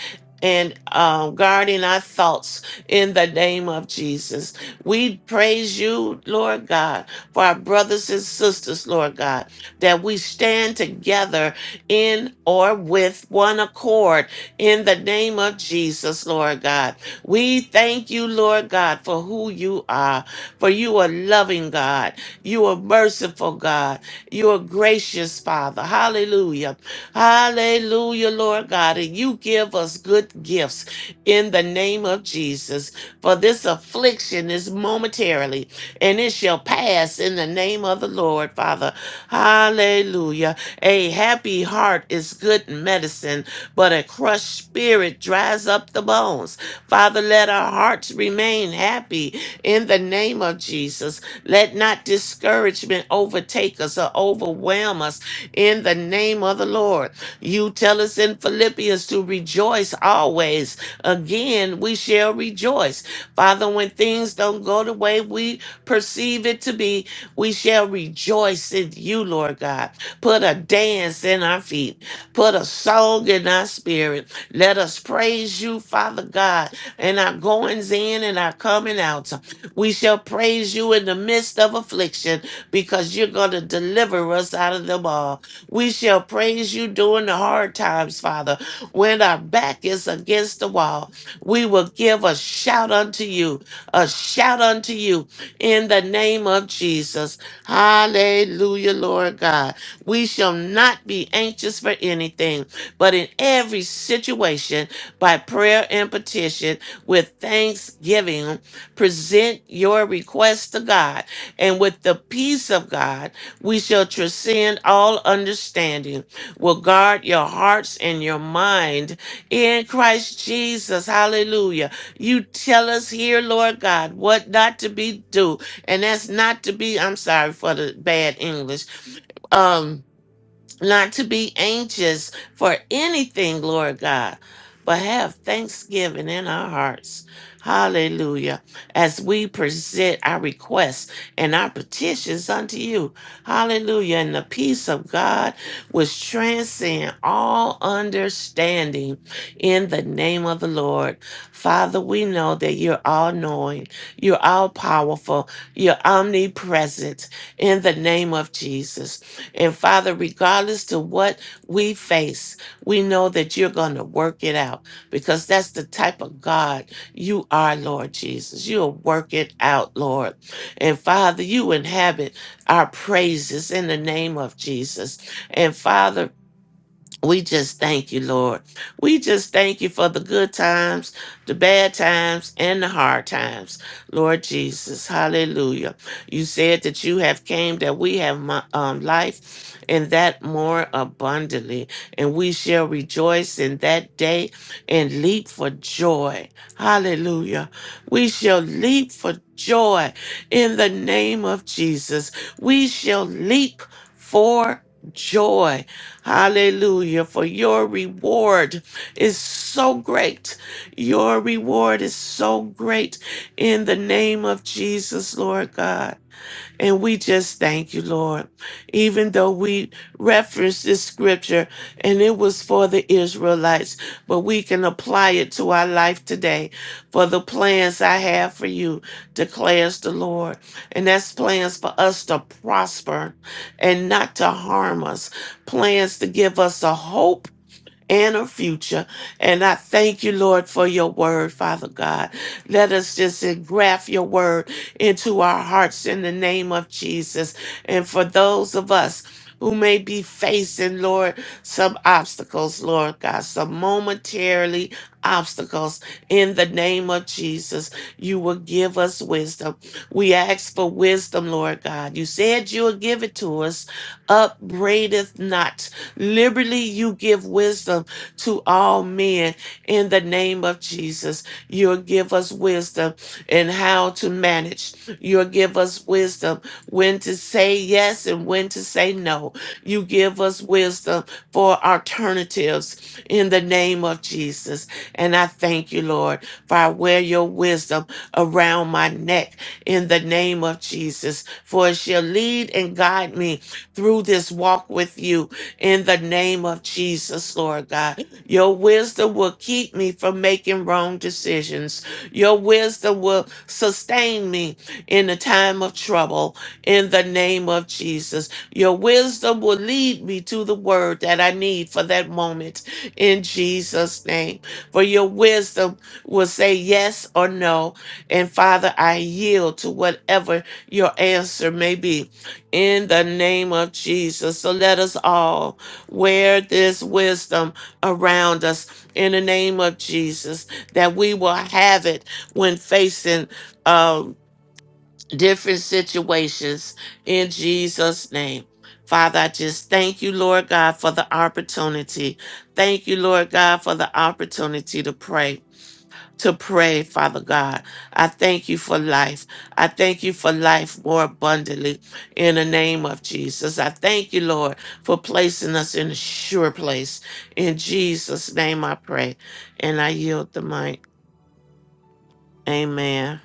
[SPEAKER 6] and um, guarding our thoughts in the name of Jesus. We praise you, Lord God, for our brothers and sisters, Lord God, that we stand together in or with one accord in the name of Jesus, Lord God. We thank you, Lord God, for who you are, for you are loving God, you are merciful God, you are gracious Father. Hallelujah. Hallelujah, Lord God. And you give us good gifts in the name of Jesus. For this affliction is momentarily and it shall pass in the name of the Lord, Father. Hallelujah. A happy heart is good medicine, but a crushed spirit dries up the bones. Father, let our hearts remain happy in the name of Jesus. Let not discouragement overtake us or overwhelm us in the name of the Lord. You tell us in Philippians to rejoice always. Again, we shall rejoice. Father, when things don't go the way we perceive it to be, we shall rejoice in you, Lord God. Put a dance in our feet, put a song in our spirit. Let us praise you, Father God, in our goings in and our coming out. We shall praise you in the midst of affliction because you're going to deliver us out of them all. We shall praise you during the hard times, Father. When our back is against the wall, we will give a shout unto you, a shout unto you in the name of Jesus. Hallelujah, Lord God. We shall not be anxious for anything, but in every situation, by prayer and petition, with thanksgiving, present your request to God, and with the peace of God we shall transcend all understanding, will guard your hearts and your mind in Christ Jesus. Hallelujah. You tell us here, Lord God, what not to be do. And that's not to be, I'm sorry for the bad English. Um not to be anxious for anything, Lord God, but have thanksgiving in our hearts. Hallelujah. As we present our requests and our petitions unto you. Hallelujah. And the peace of God which transcend all understanding in the name of the Lord. Father, we know that you're all knowing, you're all powerful, you're omnipresent in the name of Jesus. And Father, regardless to what we face, we know that you're going to work it out because that's the type of God you are, Lord Jesus. You'll work it out, Lord. And Father, you inhabit our praises in the name of Jesus. And Father, we just thank you, Lord. We just thank you for the good times, the bad times, and the hard times. Lord Jesus, hallelujah. You said that you have came that we have mo- um, life and that more abundantly. And we shall rejoice in that day and leap for joy. Hallelujah. We shall leap for joy in the name of Jesus. We shall leap for joy Hallelujah. For your reward is so great. Your reward is so great in the name of Jesus, Lord God. And we just thank you, Lord. Even though we referenced this scripture and it was for the Israelites, but we can apply it to our life today. For the plans I have for you, declares the Lord. And that's plans for us to prosper and not to harm us, plans to give us a hope and a future. And I thank you, Lord, for your word, Father God. Let us just engraft your word into our hearts in the name of Jesus. And for those of us who may be facing, Lord, some obstacles, Lord God, some momentarily obstacles in the name of Jesus. You will give us wisdom. We ask for wisdom, Lord God. You said you will give it to us. Upbraideth not Liberally, you give wisdom to all men in the name of Jesus. You'll give us wisdom in how to manage. You'll give us wisdom when to say yes and when to say no. You give us wisdom for alternatives in the name of Jesus. And I thank you, Lord, for I wear your wisdom around my neck in the name of Jesus, for it shall lead and guide me through this walk with you in the name of Jesus, Lord God. Your wisdom will keep me from making wrong decisions. Your wisdom will sustain me in the time of trouble in the name of Jesus. Your wisdom will lead me to the word that I need for that moment in Jesus' name. For your wisdom will say yes or no. And Father, I yield to whatever your answer may be in the name of Jesus. So let us all wear this wisdom around us in the name of Jesus, that we will have it when facing uh, different situations in Jesus' name. Father, I just thank you, Lord God, for the opportunity. Thank you, Lord God, for the opportunity to pray to pray, Father God. I thank you for life. I thank you for life more abundantly in the name of Jesus. I thank you, Lord, for placing us in a sure place. In Jesus' name I pray. And I yield the mic. Amen.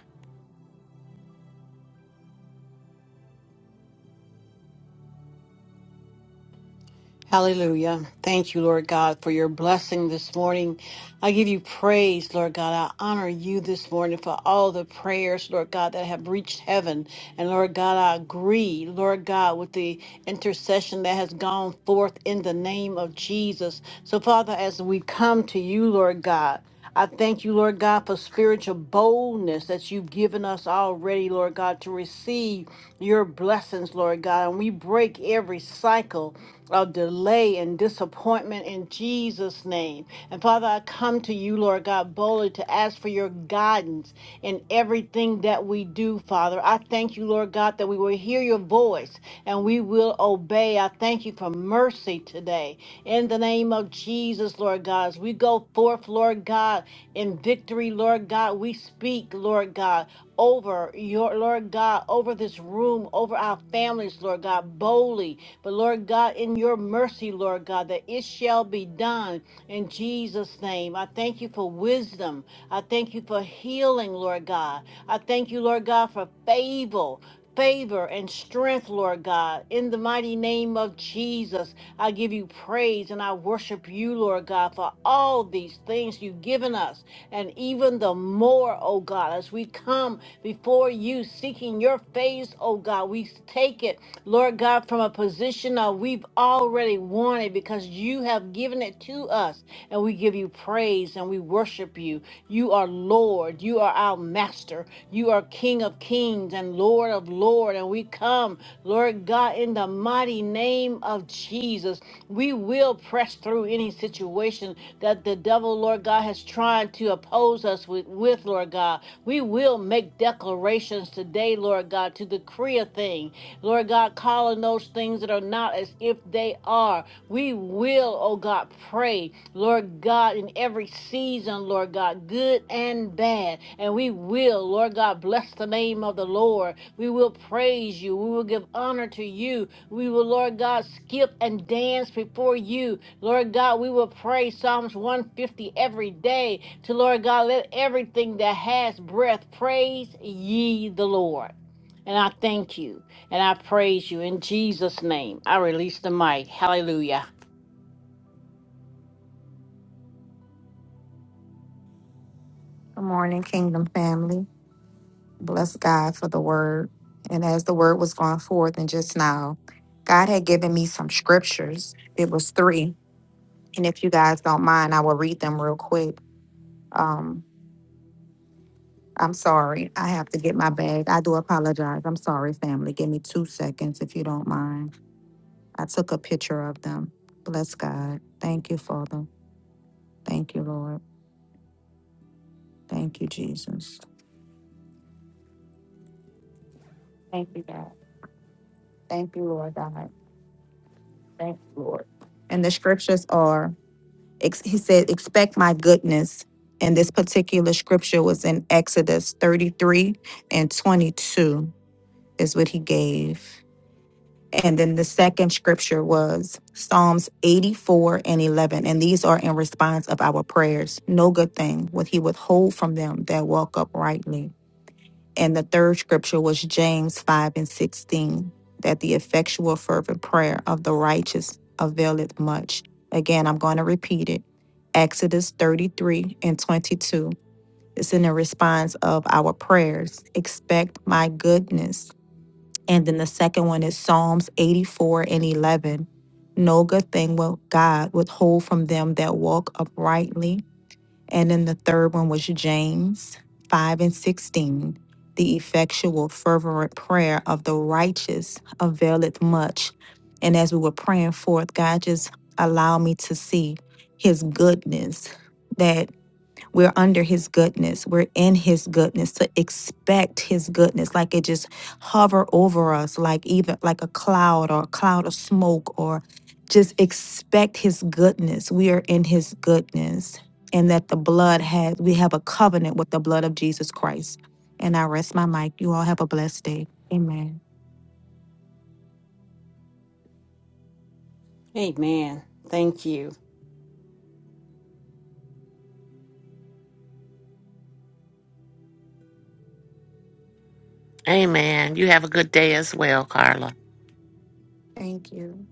[SPEAKER 4] Hallelujah. Thank you, Lord God, for your blessing this morning. I give you praise, Lord God. I honor you this morning for all the prayers, Lord God, that have reached heaven. And Lord God, I agree, Lord God, with the intercession that has gone forth in the name of Jesus. So, Father, as we come to you, Lord God, I thank you, Lord God, for spiritual boldness that you've given us already, Lord God, to receive your blessings, Lord God. And we break every cycle of delay and disappointment in Jesus' name. And Father, I come to you, Lord God, boldly to ask for your guidance in everything that we do, Father. I thank you, Lord God, that we will hear your voice and we will obey. I thank you for mercy today. In the name of Jesus, Lord God, as we go forth, Lord God, in victory, Lord God, we speak, Lord God, over your, Lord God, over this room, over our families, Lord God, boldly mercy. But Lord God, in your mercy, Lord God, that it shall be done in Jesus' name. I thank you for wisdom. I thank you for healing, Lord God. I thank you, Lord God, for favor. Favor and strength, Lord God, in the mighty name of Jesus. I give you praise and I worship you, Lord God, for all these things you've given us, and even the more, oh God, as we come before you seeking your face, oh God, we take it it, Lord God, from a position of we've already won it because you have given it to us. And we give you praise and we worship you. You are Lord. You are our master. You are King of kings and Lord of lords. And we come, Lord God, in the mighty name of Jesus. We will press through any situation that the devil, Lord God, has tried to oppose us with, with Lord God. We will make declarations today, Lord God, to decree be a thing. Lord God, calling those things that are not as if they are. We will, oh God, pray, Lord God, in every season, Lord God, good and bad. And we will, Lord God, bless the name of the Lord. We will praise you. We will give honor to you. We will, Lord God, skip and dance before you. Lord God, we will pray Psalms 150 every day to Lord God, let everything that has breath praise ye the Lord. And I thank you and I praise you in Jesus' name. I release the mic. Hallelujah.
[SPEAKER 7] Good morning, Kingdom family. Bless God for the word. And as the word was going forth, and just now, God had given me some scriptures. It was three. And if you guys don't mind, I will read them real quick. Um, I'm sorry. I have to get my bag. I do apologize. I'm sorry, family. Give me two seconds if you don't mind. I took a picture of them. Bless God. Thank you, Father. Thank you, Lord. Thank you, Jesus. Thank you, God. Thank you, Lord God. Thank you, Lord. And the scriptures are ex- he said, expect my goodness. And this particular scripture was in Exodus 33 and 22 is what he gave. And then the second scripture was Psalms 84 and 11. And these are in response of our prayers. No good thing would he withhold from them that walk uprightly. And the third scripture was James 5 and 16, that the effectual, fervent prayer of the righteous availeth much. Again, I'm going to repeat it. Exodus 33 and 22. It's in the response of our prayers. Expect my goodness. And then the second one is Psalms 84 and 11. No good thing will God withhold from them that walk uprightly. And then the third one was James 5 and 16. The effectual, fervent prayer of the righteous availeth much. And as we were praying forth, God just allowed me to see his goodness that. We're under his goodness. We're in his goodness to expect his goodness. Like it just hover over us, like even like a cloud or a cloud of smoke or just expect his goodness. We are in his goodness. And that the blood has, we have a covenant with the blood of Jesus Christ. And I rest my mic. You all have a blessed day. Amen.
[SPEAKER 4] Amen. Thank you.
[SPEAKER 6] Amen. You have a good day as well, Carla.
[SPEAKER 7] Thank you.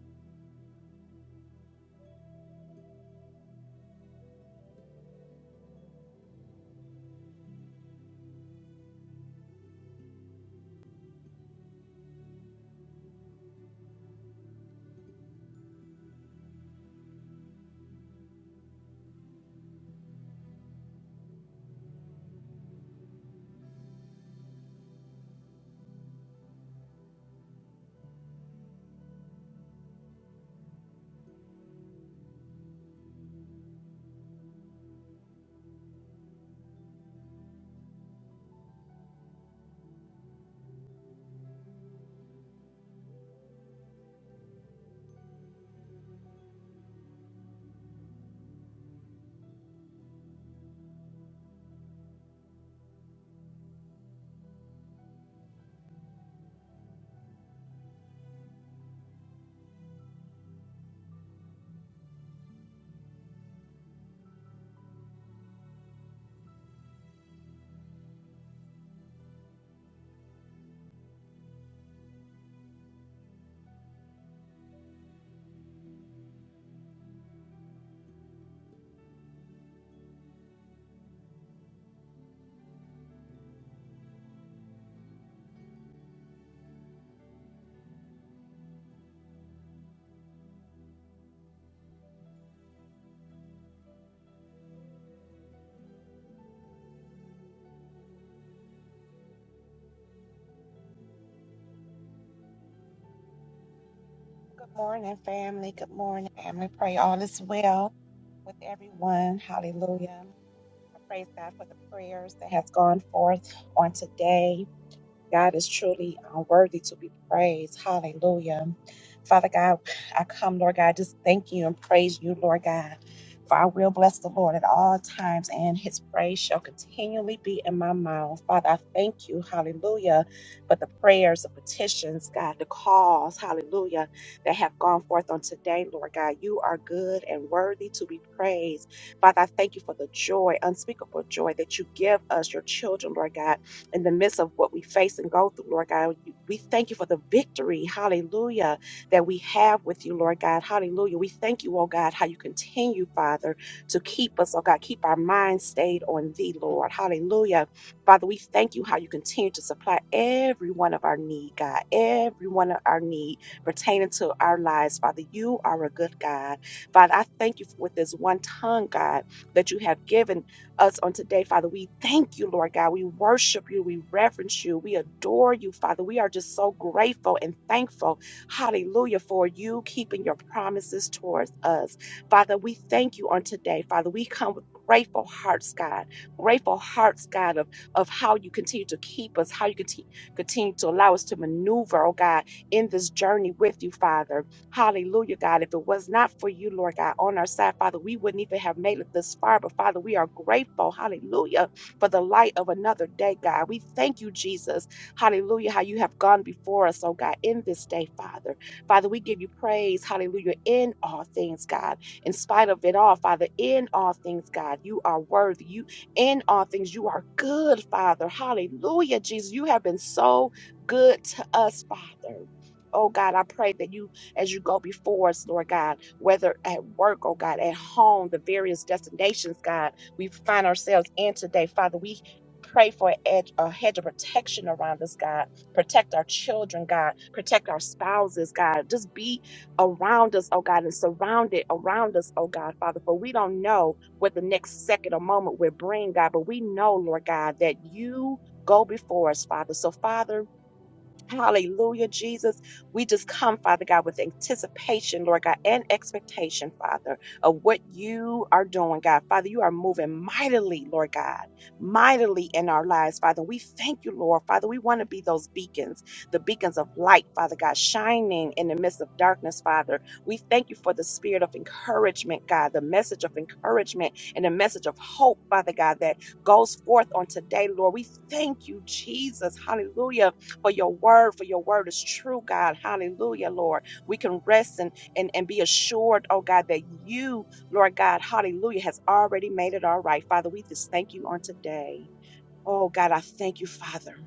[SPEAKER 8] Good morning, family. Good morning, family. Pray all is well with everyone. Hallelujah. I praise God for the prayers that has gone forth on today. God is truly uh, worthy to be praised. Hallelujah. Father God, I come, Lord God, just thank you and praise you, Lord God. For I will bless the Lord at all times, and his praise shall continually be in my mouth. Father, I thank you, hallelujah, for the prayers, the petitions, God, the calls, hallelujah, that have gone forth on today, Lord God. You are good and worthy to be praised. Father, I thank you for the joy, unspeakable joy that you give us, your children, Lord God in the midst of what we face and go through, Lord God. We thank you for the victory, hallelujah, that we have with you, Lord God, hallelujah. We thank you, oh God, how you continue, Father, to keep us, oh God, keep our minds stayed on thee, Lord, hallelujah. Father, we thank you how you continue to supply every one of our need, God, every one of our need pertaining to our lives, Father. You are a good God. Father, I thank you with this one tongue, God, that you have given us on today, Father. We thank you, Lord God. We worship you. We reverence you. We adore you, Father. We are just so grateful and thankful, hallelujah, for you keeping your promises towards us. Father, we thank you on today, Father. We come with grateful hearts, God. Grateful hearts, God, of, of how you continue to keep us, how you conti- continue to allow us to maneuver, oh God, in this journey with you, Father. Hallelujah, God. If it was not for you, Lord God, on our side, Father, we wouldn't even have made it this far. But Father, we are grateful, hallelujah, for the light of another day, God. We thank you, Jesus. Hallelujah, how you have gone before us, oh God, in this day, Father. Father, we give you praise, hallelujah, in all things, God. In spite of it all, Father, in all things, God, you are worthy. You in all things, you are good, Father. Hallelujah, Jesus. You have been so good to us, Father. Oh God, I pray that you as you go before us, Lord God, whether at work, oh God, at home, the various destinations, God, we find ourselves in today. Father, we pray for a edge, a hedge of protection around us, God. Protect our children, God. Protect our spouses, God. Just be around us, oh God, and surround it around us, oh God, Father. For we don't know what the next second or moment will bring, God, but we know, Lord God, that you go before us, Father. So, Father, Hallelujah, Jesus. We just come, Father God, with anticipation, Lord God, and expectation, Father, of what you are doing, God. Father, you are moving mightily, Lord God, mightily in our lives, Father. We thank you, Lord. Father, we want to be those beacons, the beacons of light, Father God, shining in the midst of darkness, Father. We thank you for the spirit of encouragement, God, the message of encouragement and the message of hope, Father God, that goes forth on today, Lord. We thank you, Jesus. Hallelujah for your word, for your word is true, God. Hallelujah, Lord. We can rest and, and, and be assured, oh God, that you, Lord God, hallelujah, has already made it all right. Father, we just thank you on today. Oh God, I thank you, Father.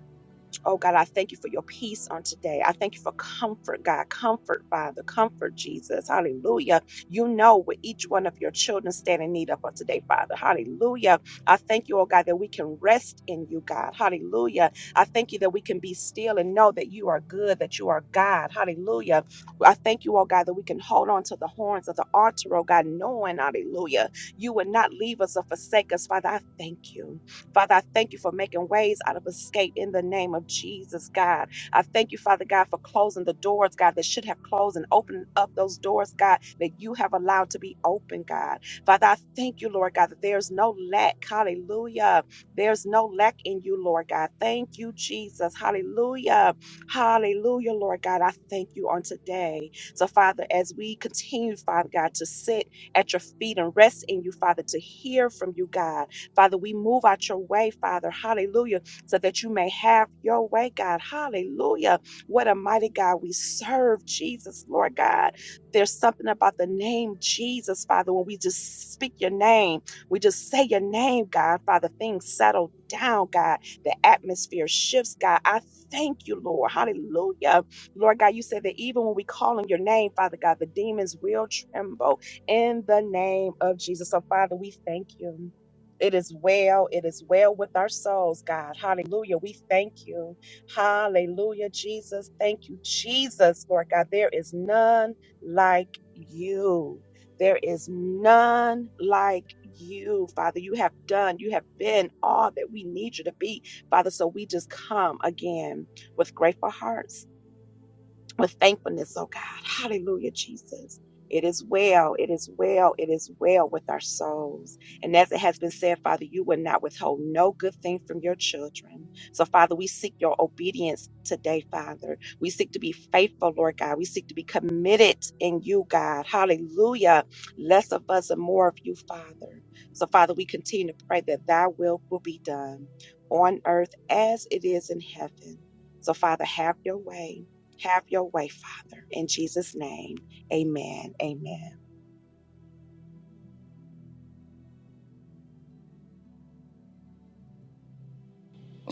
[SPEAKER 8] Oh God, I thank you for your peace on today. I thank you for comfort, God. Comfort, Father. Comfort, Jesus. Hallelujah. You know what each one of your children stand in need of on today, Father. Hallelujah. I thank you, oh God, that we can rest in you, God. Hallelujah. I thank you that we can be still and know that you are good, that you are God. Hallelujah. I thank you, oh God, that we can hold on to the horns of the altar, oh God, knowing, hallelujah, you would not leave us or forsake us, Father. I thank you. Father, I thank you for making ways out of escape in the name of Jesus, God. I thank you, Father God, for closing the doors, God, that should have closed and opening up those doors, God, that you have allowed to be open, God. Father, I thank you, Lord God, that there's no lack. Hallelujah. There's no lack in you, Lord God. Thank you, Jesus. Hallelujah. Hallelujah, Lord God. I thank you on today. So, Father, as we continue, Father God, to sit at your feet and rest in you, Father, to hear from you, God. Father, we move out your way, Father. Hallelujah. So that you may have your way, God. Hallelujah. What a mighty God we serve, Jesus, Lord God. There's something about the name Jesus, Father. When we just speak your name, we just say your name, God, Father, things settle down, God. The atmosphere shifts, God. I thank you, Lord. Hallelujah. Lord God, you said that even when we call on your name, Father God, the demons will tremble in the name of Jesus. So, Father, we thank you. It is well. It is well with our souls, God. Hallelujah. We thank you. Hallelujah, Jesus. Thank you, Jesus, Lord God. There is none like you. There is none like you, Father. You have done, you have been all that we need you to be, Father. So we just come again with grateful hearts with thankfulness, oh God. Hallelujah, Jesus. It is well, it is well, it is well with our souls. And as it has been said, Father, you will not withhold no good thing from your children. So, Father, we seek your obedience today, Father. We seek to be faithful, Lord God. We seek to be committed in you, God. Hallelujah. Less of us and more of you, Father. So, Father, we continue to pray that thy will will be done on earth as it is in heaven. So, Father, have your way. Have your way, Father. In Jesus' name, amen. Amen.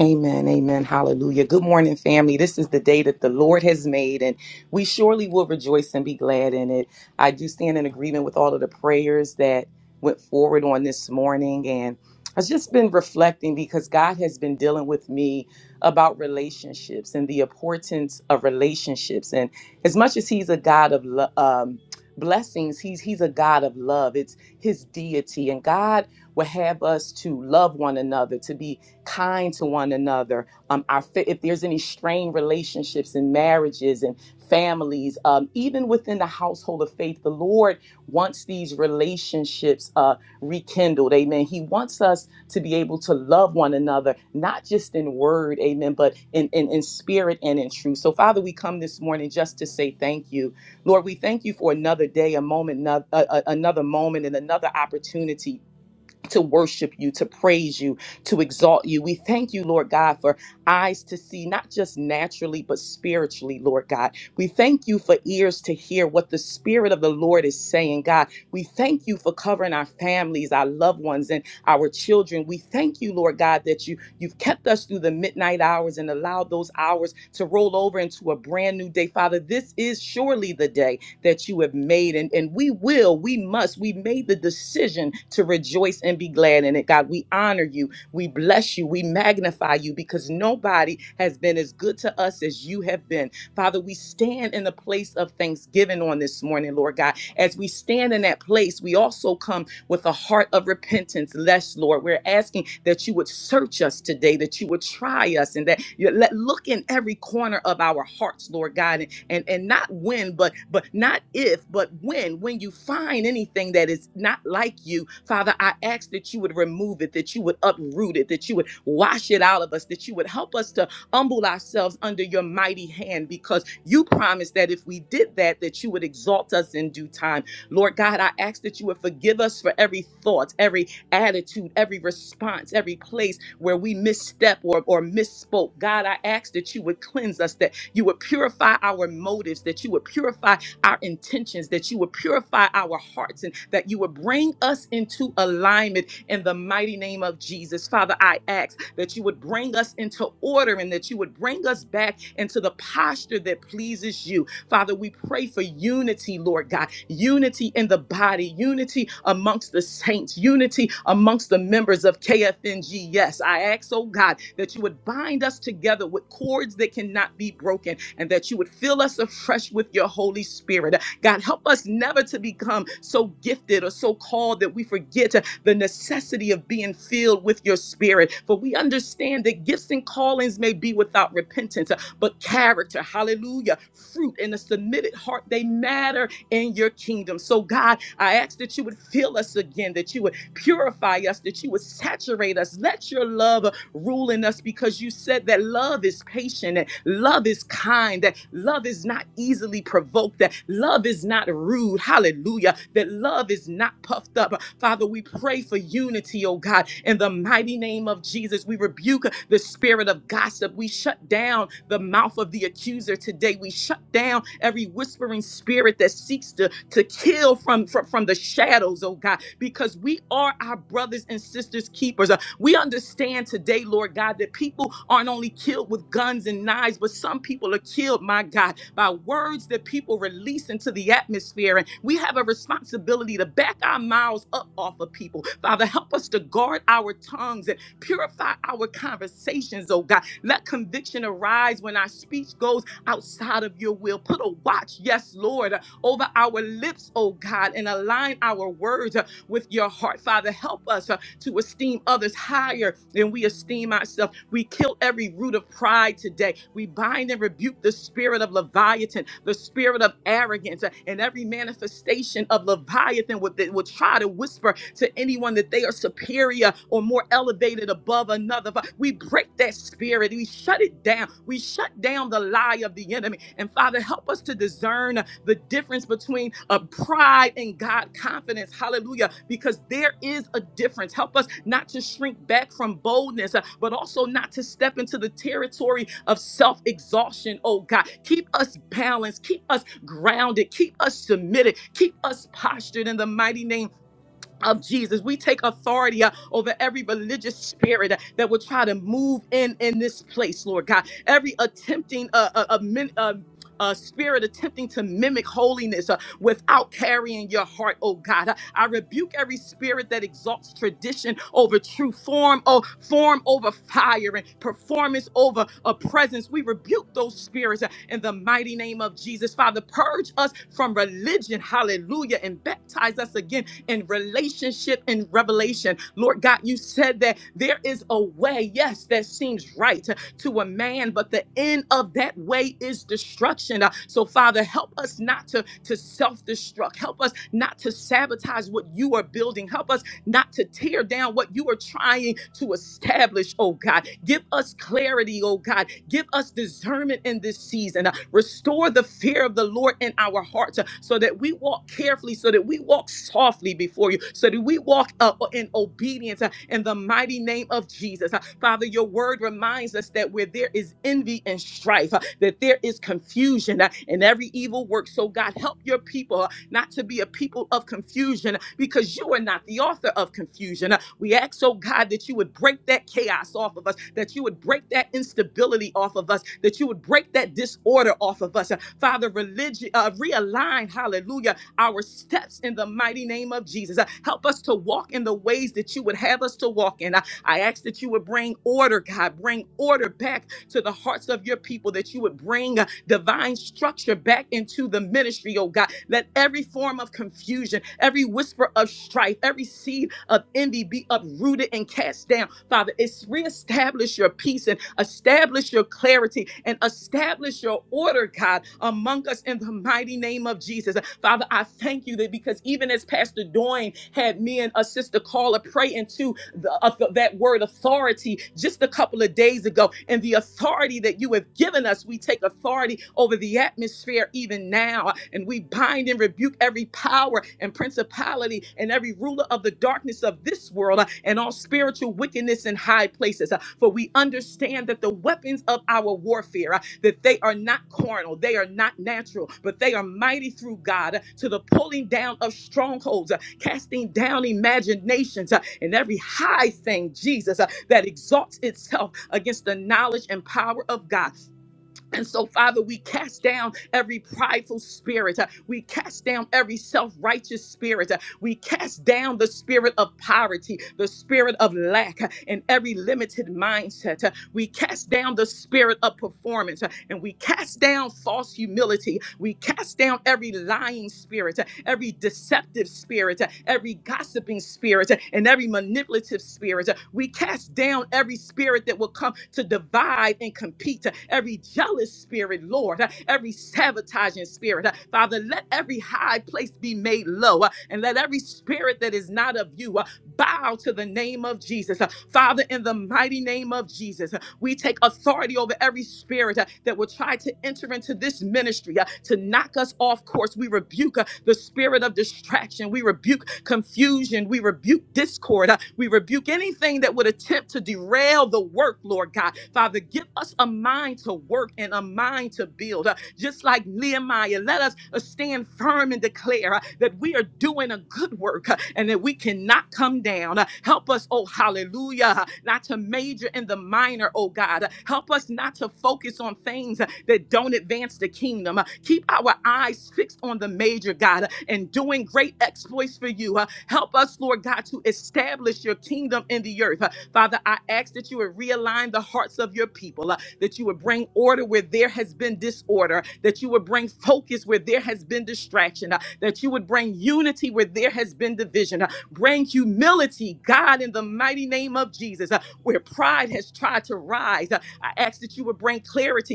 [SPEAKER 9] Amen. Amen. Hallelujah. Good morning, family. This is the day that the Lord has made, and we surely will rejoice and be glad in it. I do stand in agreement with all of the prayers that went forward on this morning. And I've just been reflecting because God has been dealing with me about relationships and the importance of relationships. And as much as He's a God of lo- um, blessings, he's, he's a God of love. It's His deity. And God will have us to love one another, to be kind to one another. Um, our fa- if there's any strained relationships and marriages and families, um, even within the household of faith, the Lord wants these relationships uh, rekindled. Amen. He wants us to be able to love one another, not just in word, amen, but in, in, in spirit and in truth. So, Father, we come this morning just to say thank you. Lord, we thank you for another day, a moment, no- a- a- another moment, and another opportunity to worship you, to praise you, to exalt you. We thank you, Lord God, for eyes to see, not just naturally, but spiritually, Lord God. We thank you for ears to hear what the Spirit of the Lord is saying, God. We thank you for covering our families, our loved ones, and our children. We thank you, Lord God, that you, you've kept us through the midnight hours and allowed those hours to roll over into a brand new day. Father, this is surely the day that you have made. And, and we will, we must, we made the decision to rejoice and be glad in it. God, we honor you. We bless you. We magnify you because nobody has been as good to us as you have been. Father, we stand in the place of thanksgiving on this morning, Lord God. As we stand in that place, we also come with a heart of repentance, less, Lord. We're asking that you would search us today, that you would try us, and that you let look in every corner of our hearts, Lord God, and and not when but but not if but when when you find anything that is not like you father i ask that you would remove it that you would uproot it that you would wash it out of us that you would help us to humble ourselves under your mighty hand because you promised that if we did that that you would exalt us in due time lord god i ask that you would forgive us for every thought every attitude every response every place where we misstep or, or misspoke. God, I ask that you would cleanse us, that you would purify our motives, that you would purify our intentions, that you would purify our hearts, and that you would bring us into alignment in the mighty name of Jesus. Father, I ask that you would bring us into order and that you would bring us back into the posture that pleases you. Father, we pray for unity, Lord God, unity in the body, unity amongst the saints, unity amongst the members of KFNG. Yes, I ask, oh God, that you would bind us together with cords that cannot be broken and that you would fill us afresh with your Holy Spirit. God, help us never to become so gifted or so called that we forget the necessity of being filled with your spirit. For we understand that gifts and callings may be without repentance, but character, hallelujah, fruit and a submitted heart, they matter in your kingdom. So, God, I ask that you would fill us again, that you would purify us, that you would saturate us. Let your love rule in us because you said that love is patient, that love is kind, that love is not easily provoked, that love is not rude. Hallelujah. That love is not puffed up. Father, we pray for unity, oh God. In the mighty name of Jesus, we rebuke the spirit of gossip. We shut down the mouth of the accuser today. We shut down every whispering spirit spirit that seeks to, to kill from, from, from the shadows, oh God, because we are our brothers and sisters keepers. Uh, we understand today, Lord God, that people aren't only killed with guns and knives, but some people are killed, my God, by words that people release into the atmosphere. And we have a responsibility to back our mouths up off of people. Father, help us to guard our tongues and purify our conversations, oh God. Let conviction arise when our speech goes outside of your will. Put a watch, yes, Lord, over our lips, oh God, and align our words uh, with your heart. Father, help us uh, to esteem others higher than we esteem ourselves. We kill every root of pride today. We bind and rebuke the spirit of Leviathan, the spirit of arrogance, uh, and every manifestation of Leviathan would- that would try to whisper to anyone that they are superior or more elevated above another. Fa- We break that spirit. We shut it down. We shut down the lies lie of the enemy. And Father, help us to discern the difference between a pride and God confidence. Hallelujah. Because there is a difference. Help us not to shrink back from boldness, uh, but also not to step into the territory of self exhaustion. Oh God, keep us balanced, keep us grounded, keep us submitted, keep us postured in the mighty name of Jesus. We take authority uh, over every religious spirit uh, that will try to move in in this place, Lord God. Every attempting uh, uh, uh, min- uh, uh, spirit attempting to mimic holiness uh, without carrying your heart, oh God. Uh, I rebuke every spirit that exalts tradition over true form, oh, form over fire and performance over a presence. We rebuke those spirits uh, in the mighty name of Jesus. Father, purge us from religion, hallelujah, and baptize us again and relationship and revelation. Lord God, you said that there is a way, yes, that seems right to a man, but the end of that way is destruction. Uh, So, Father, help us not to, to self destruct. Help us not to sabotage what you are building. Help us not to tear down what you are trying to establish, oh God. Give us clarity, oh God. Give us discernment in this season. Uh, Restore the fear of the Lord in our hearts uh, so that we walk carefully, so that we walk softly before you, so that we walk uh, in obedience uh, in the mighty name of Jesus. Uh, Father, your word reminds us that where there is envy and strife, uh, that there is confusion uh, and every evil work. So, God, help your people. uh, not to be a people of confusion because you are not the author of confusion. We ask, oh God, that you would break that chaos off of us, that you would break that instability off of us, that you would break that disorder off of us. Father, religion, uh, realign, hallelujah, our steps in the mighty name of Jesus. Uh, Help us to walk in the ways that you would have us to walk in. I ask that you would bring order, God, bring order back to the hearts of your people, that you would bring uh, divine structure back into the ministry, oh God. Let every form of confusion, every whisper of strife, every seed of envy be uprooted and cast down. Father, it's reestablish your peace and establish your clarity and establish your order, God, among us in the mighty name of Jesus. Father, I thank you that because even as Pastor Doyne had me and a sister Carla call a pray into the, of the- that word authority just a couple of days ago. And the authority that you have given us, we take authority over the atmosphere even now. And we bind and rebuke every power and principality and every ruler of the darkness of this world uh, and all spiritual wickedness in high places. Uh, For we understand that the weapons of our warfare, uh, that they are not carnal, they are not natural, but they are mighty through God uh, to the pulling down of strongholds. uh, casting down imaginations uh, and every high thing, Jesus, uh, that exalts itself against the knowledge and power of God. And so, Father, we cast down every prideful spirit. uh, We cast down every self righteous spirit. uh, We cast down the spirit of poverty, the spirit of lack, uh, and every limited mindset. uh, we cast down the spirit of performance uh, and we cast down false humility. We cast down every lying spirit, uh, every deceptive spirit, uh, every gossiping spirit, uh, and every manipulative spirit. Uh, We cast down every spirit that will come to divide and compete, uh, every jealous spirit, Lord, uh, every sabotaging spirit. Uh, Father, let every high place be made low uh, and let every spirit that is not of you uh, bow to the name of Jesus. Uh, Father, in the mighty name of Jesus, uh, we take authority over every spirit uh, that will try to enter into this ministry uh, to knock us off course. We rebuke uh, the spirit of distraction. We rebuke confusion. We rebuke discord. uh, We rebuke anything that would attempt to derail the work, Lord God. Father, give us a mind to work and a mind to build. Uh, just like Nehemiah. Let us uh, stand firm and declare uh, that we are doing a good work uh, and that we cannot come down. Uh, Help us, oh hallelujah, uh, not to major in the minor, oh God. Uh, Help us not to focus on things uh, that don't advance the kingdom. Uh, Keep our eyes fixed on the major, God, and doing great exploits for you. Uh, Help us, Lord God, to establish your kingdom in the earth. Uh, Father, I ask that you would realign the hearts of your people, uh, that you would bring order where there has been disorder, that you would bring focus where there has been distraction, uh, that you would bring unity where there has been division, uh, bring humility, God, in the mighty name of Jesus, uh, where pride has tried to rise. Uh, I ask that you would bring clarity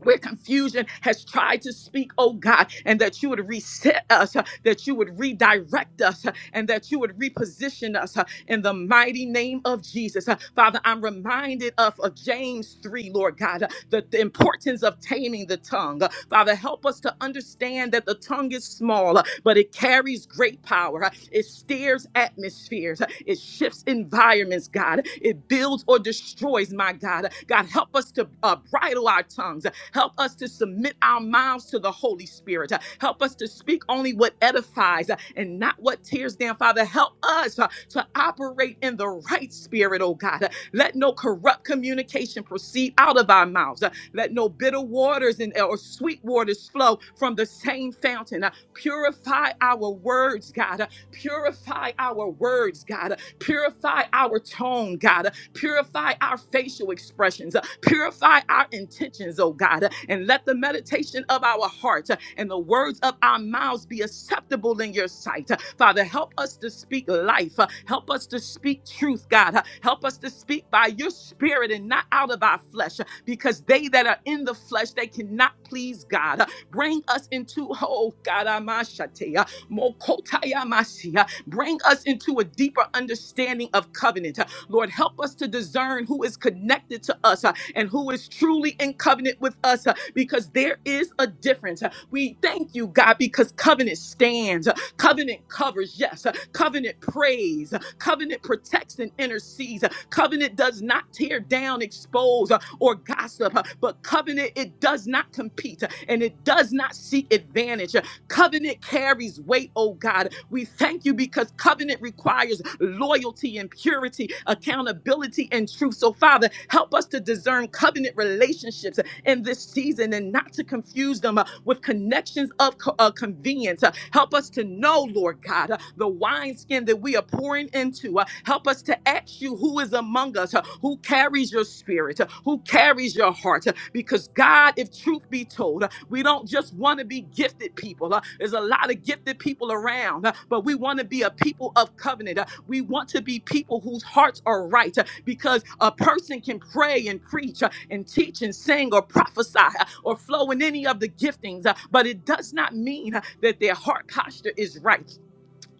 [SPEAKER 9] where confusion has tried to speak, oh God, and that you would reset us, uh, that you would redirect us, uh, and that you would reposition us uh, in the mighty name of Jesus. Uh, Father, I'm reminded of, of James 3, Lord God, uh, the, the importance of taming the tongue. Uh, Father, help us to understand that the tongue is small, uh, but it carries great power. Uh, It steers atmospheres, Uh, it shifts environments, God. It builds or destroys, my God. Uh, God, help us to uh, bridle our tongues Help us to submit our mouths to the Holy Spirit. Uh, Help us to speak only what edifies uh, and not what tears down, Father. Help us uh, to operate in the right spirit, oh God. Uh, Let no corrupt communication proceed out of our mouths. Uh, Let no bitter waters and, or sweet waters flow from the same fountain. Uh, Purify our words, God. Uh, Purify our words, God. Uh, Purify our tone, God. Uh, Purify our facial expressions. Uh, Purify our intentions, oh God. Uh, And let the meditation of our heart uh, and the words of our mouths be acceptable in your sight. Uh, Father, help us to speak life. Uh, Help us to speak truth, God. Uh, Help us to speak by your spirit and not out of our flesh, uh, because they that are in the flesh, they cannot please God. Uh, Bring us into, oh God, Amashate, uh, Mokotayamasi, uh, bring us into a deeper understanding of covenant. Lord, help us to discern who is connected to us uh, and who is truly in covenant with us uh, because there is a difference. Uh, We thank you, God, because covenant stands, uh, covenant covers, yes, uh, covenant prays, uh, covenant protects and intercedes, uh, covenant does not tear down, expose, uh, or gossip, uh, but covenant, it does not compete uh, and it does not seek advantage. uh, Covenant carries weight, oh God. We thank you because covenant requires loyalty and purity, accountability and truth. So, Father, help us to discern covenant relationships in this season and not to confuse them uh, with connections of co- uh, convenience. Uh, help us to know, Lord God, uh, the wineskin that we are pouring into. Uh, help us to ask you who is among us, uh, who carries your spirit, uh, who carries your heart. uh, because, God, if truth be told, uh, we don't just want to be be gifted people. Uh, There's a lot of gifted people around, uh, but we want to be a people of covenant. Uh, We want to be people whose hearts are right uh, because a person can pray and preach uh, and teach and sing or prophesy uh, or flow in any of the giftings, uh, but it does not mean uh, that their heart posture is right.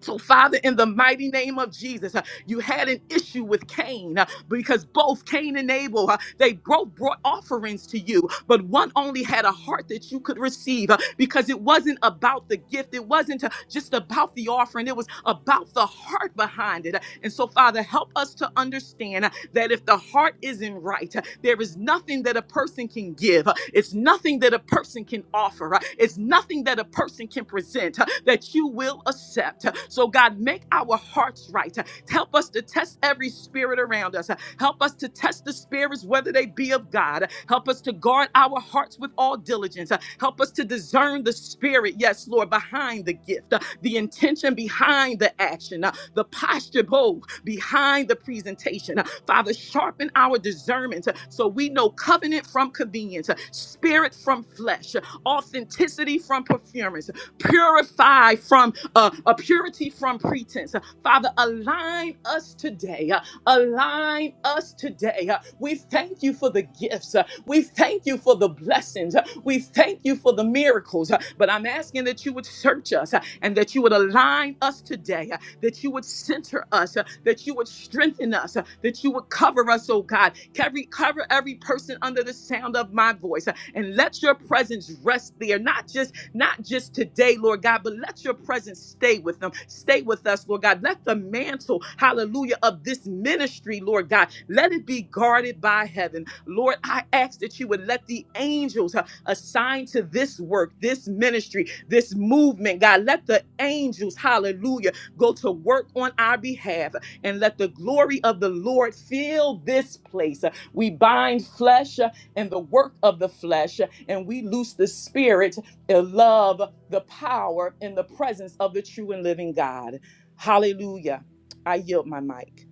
[SPEAKER 9] So, Father, in the mighty name of Jesus, uh, you had an issue with Cain uh, because both Cain and Abel, uh, they both brought offerings to you, but one only had a heart that you could receive uh, because it wasn't about the gift. It wasn't uh, just about the offering. It was about the heart behind it. uh, And so, Father, help us to understand uh, that if the heart isn't right, there is nothing that a person can give. It's nothing that a person can offer. It's nothing that a person can present that you will accept. So, God, make our hearts right. Help us to test every spirit around us. Help us to test the spirits, whether they be of God. Help us to guard our hearts with all diligence. Help us to discern the spirit, yes, Lord, behind the gift, the intention behind the action, the posture bow behind the presentation. Father, sharpen our discernment uh, so we know covenant from convenience, uh, spirit from flesh, uh, authenticity from performance, purify from uh, a purity from pretense. Uh, Father, align us today. uh, Align us today. Uh, We thank you for the gifts. uh, We thank you for the blessings. uh, We thank you for the miracles. uh, But I'm asking that you would search us uh, and that you would align us today that you would center us, uh, that you would strengthen us, uh, that you would cover us, oh God. Every, cover every person under the sound of my voice, uh, and let your presence rest there, not just not just today, Lord God, but let your presence stay with them. Stay with us, Lord God. Let the mantle, hallelujah, of this ministry, Lord God, let it be guarded by heaven. Lord, I ask that you would let the angels uh, assigned to this work, this ministry, this movement, God, let the angels, hallelujah, Go to work on our behalf and let the glory of the Lord fill this place. We bind flesh uh, and the work of the flesh, uh, and we loose the spirit, the love, the power, and the presence of the true and living God. Hallelujah. I yield my mic.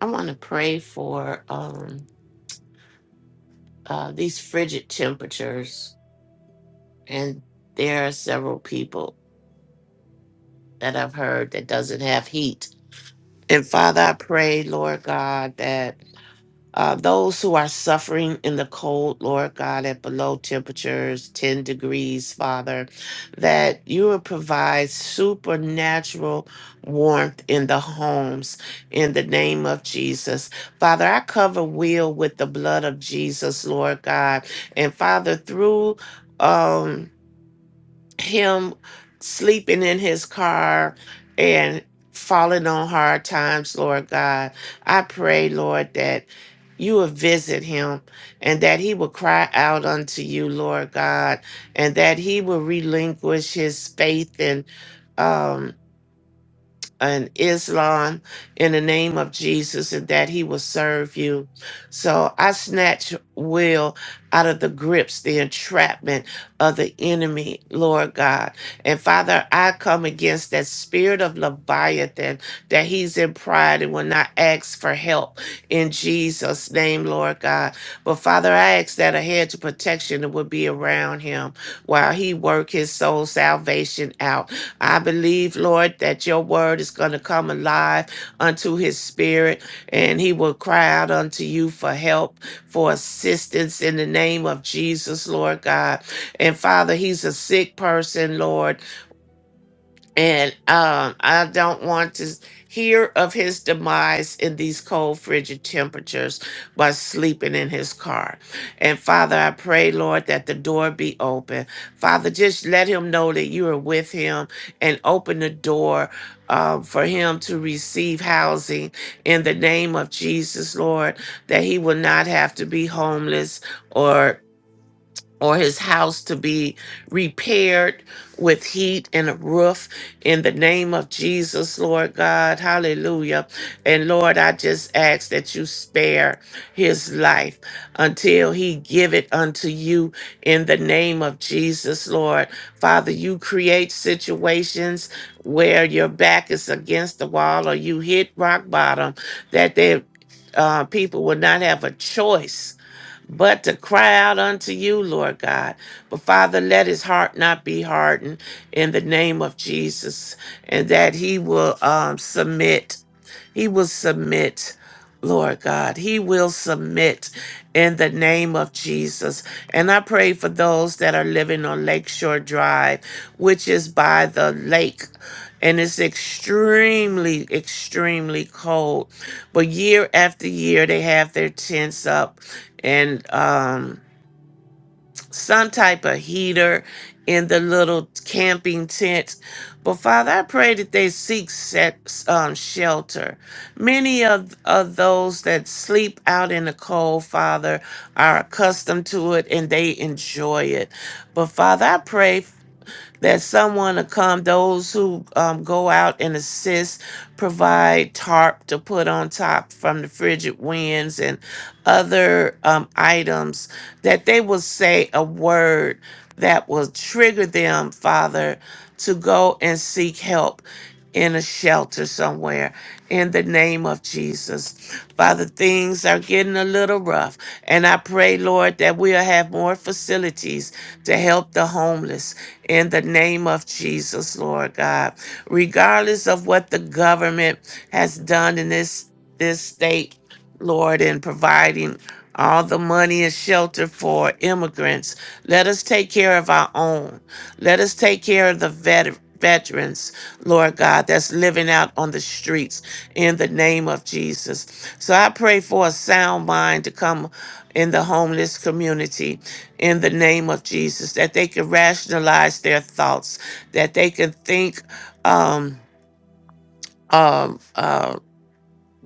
[SPEAKER 6] I want to pray for um uh these frigid temperatures and there are several people that I've heard that doesn't have heat And Father, I pray, Lord God, that uh, those who are suffering in the cold, Lord God, at below temperatures, 10 degrees, Father, that you will provide supernatural warmth in the homes in the name of Jesus. Father, I cover Will with the blood of Jesus, Lord God. And Father, through um him sleeping in his car and falling on hard times, Lord God. I pray, Lord, that you will visit him and that he will cry out unto you, Lord God, and that he will relinquish his faith and um and Islam in the name of Jesus and that he will serve you. So I snatch Will out of the grips, the entrapment of the enemy, Lord God. And Father, I come against that spirit of Leviathan that he's in pride and will not ask for help in Jesus' name, Lord God. But Father, I ask that a hedge of protection would be around him while he work his soul salvation out I believe, Lord, that your word is going to come alive unto his spirit, and he will cry out unto you for help, for assistance in the name of Jesus, Lord God. And Father, he's a sick person, Lord and um, I don't want to hear of his demise in these cold, frigid temperatures by sleeping in his car. And Father, I pray, Lord, that the door be open. Father, just let him know that you are with him and open the door. um, for him to receive housing in the name of Jesus, Lord, that he will not have to be homeless or or his house to be repaired with heat and a roof in the name of Jesus, Lord God. Hallelujah. And Lord, I just ask that you spare his life until he give it unto you in the name of Jesus, Lord. Father, you create situations where your back is against the wall or you hit rock bottom that they, uh, people will not have a choice but to cry out unto you, Lord God. But Father, let his heart not be hardened in the name of Jesus, and that he will um, submit. He will submit. Lord God, he will submit in the name of Jesus. And I pray for those that are living on Lakeshore Drive, which is by the lake. And it's extremely, extremely cold. But year after year, they have their tents up and um, some type of heater in the little camping tent, But Father, I pray that they seek set, um, shelter. Many of, of those that sleep out in the cold, Father, are accustomed to it and they enjoy it. But Father, I pray that someone to come, those who um, go out and assist, provide tarp to put on top from the frigid winds and other um, items, that they will say a word that will trigger them, Father, to go and seek help in a shelter somewhere in the name of Jesus. Father, things are getting a little rough, and I pray, Lord, that we'll have more facilities to help the homeless in the name of Jesus, Lord God. Regardless of what the government has done in this this state, Lord, in providing all the money and shelter for immigrants. Let us take care of our own. Let us take care of the vet- veterans, Lord God, that's living out on the streets in the name of Jesus. So I pray for a sound mind to come in the homeless community in the name of Jesus, that they can rationalize their thoughts, that they can think um, um, uh,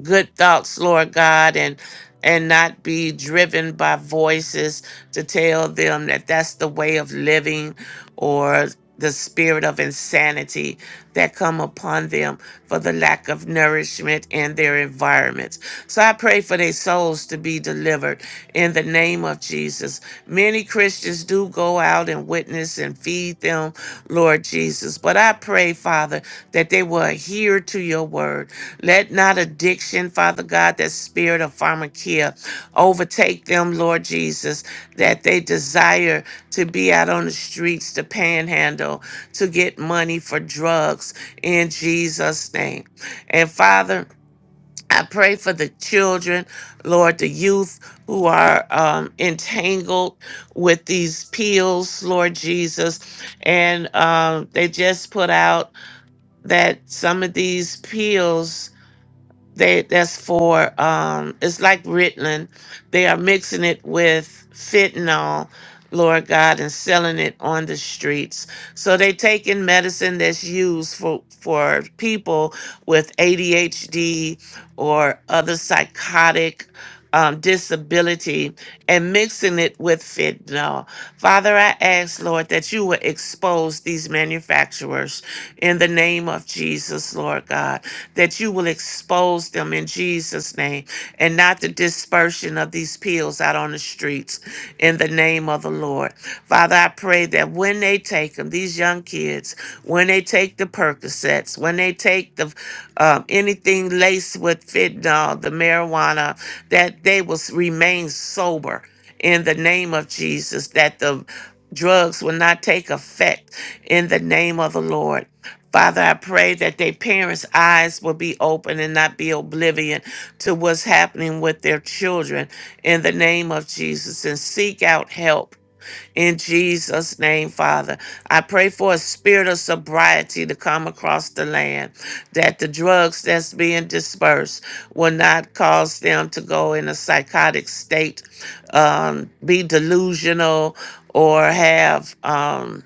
[SPEAKER 6] good thoughts, Lord God, and and not be driven by voices to tell them that that's the way of living or the spirit of insanity that come upon them for the lack of nourishment in their environments. So I pray for their souls to be delivered in the name of Jesus. Many Christians do go out and witness and feed them, Lord Jesus, but I pray, Father, that they will adhere to your word let not addiction, Father God, that spirit of pharmakia overtake them, Lord Jesus, that they desire to be out on the streets to panhandle, to get money for drugs in Jesus' name. And Father, I pray for the children, Lord, the youth who are um, entangled with these pills, Lord Jesus. And um, they just put out that some of these pills they that's for um it's like Ritalin. They are mixing it with fentanyl, Lord God, and selling it on the streets. So they taking medicine that's used for for people with ADHD or other psychotic um, disability and mixing it with fentanyl Father, I ask, Lord, that you would expose these manufacturers in the name of Jesus, Lord God, that you will expose them in Jesus' name and not the dispersion of these pills out on the streets in the name of the Lord. Father, I pray that when they take them, these young kids, when they take the Percocets, when they take the um, anything laced with fentanyl, the marijuana, that they will s- remain sober in the name of Jesus, that the drugs will not take effect in the name of the Lord. Father, I pray that their parents' eyes will be open and not be oblivion to what's happening with their children in the name of Jesus and seek out help in Jesus' name, Father. I pray for a spirit of sobriety to come across the land, that the drugs that's being dispersed will not cause them to go in a psychotic state, um, be delusional, or have. Um,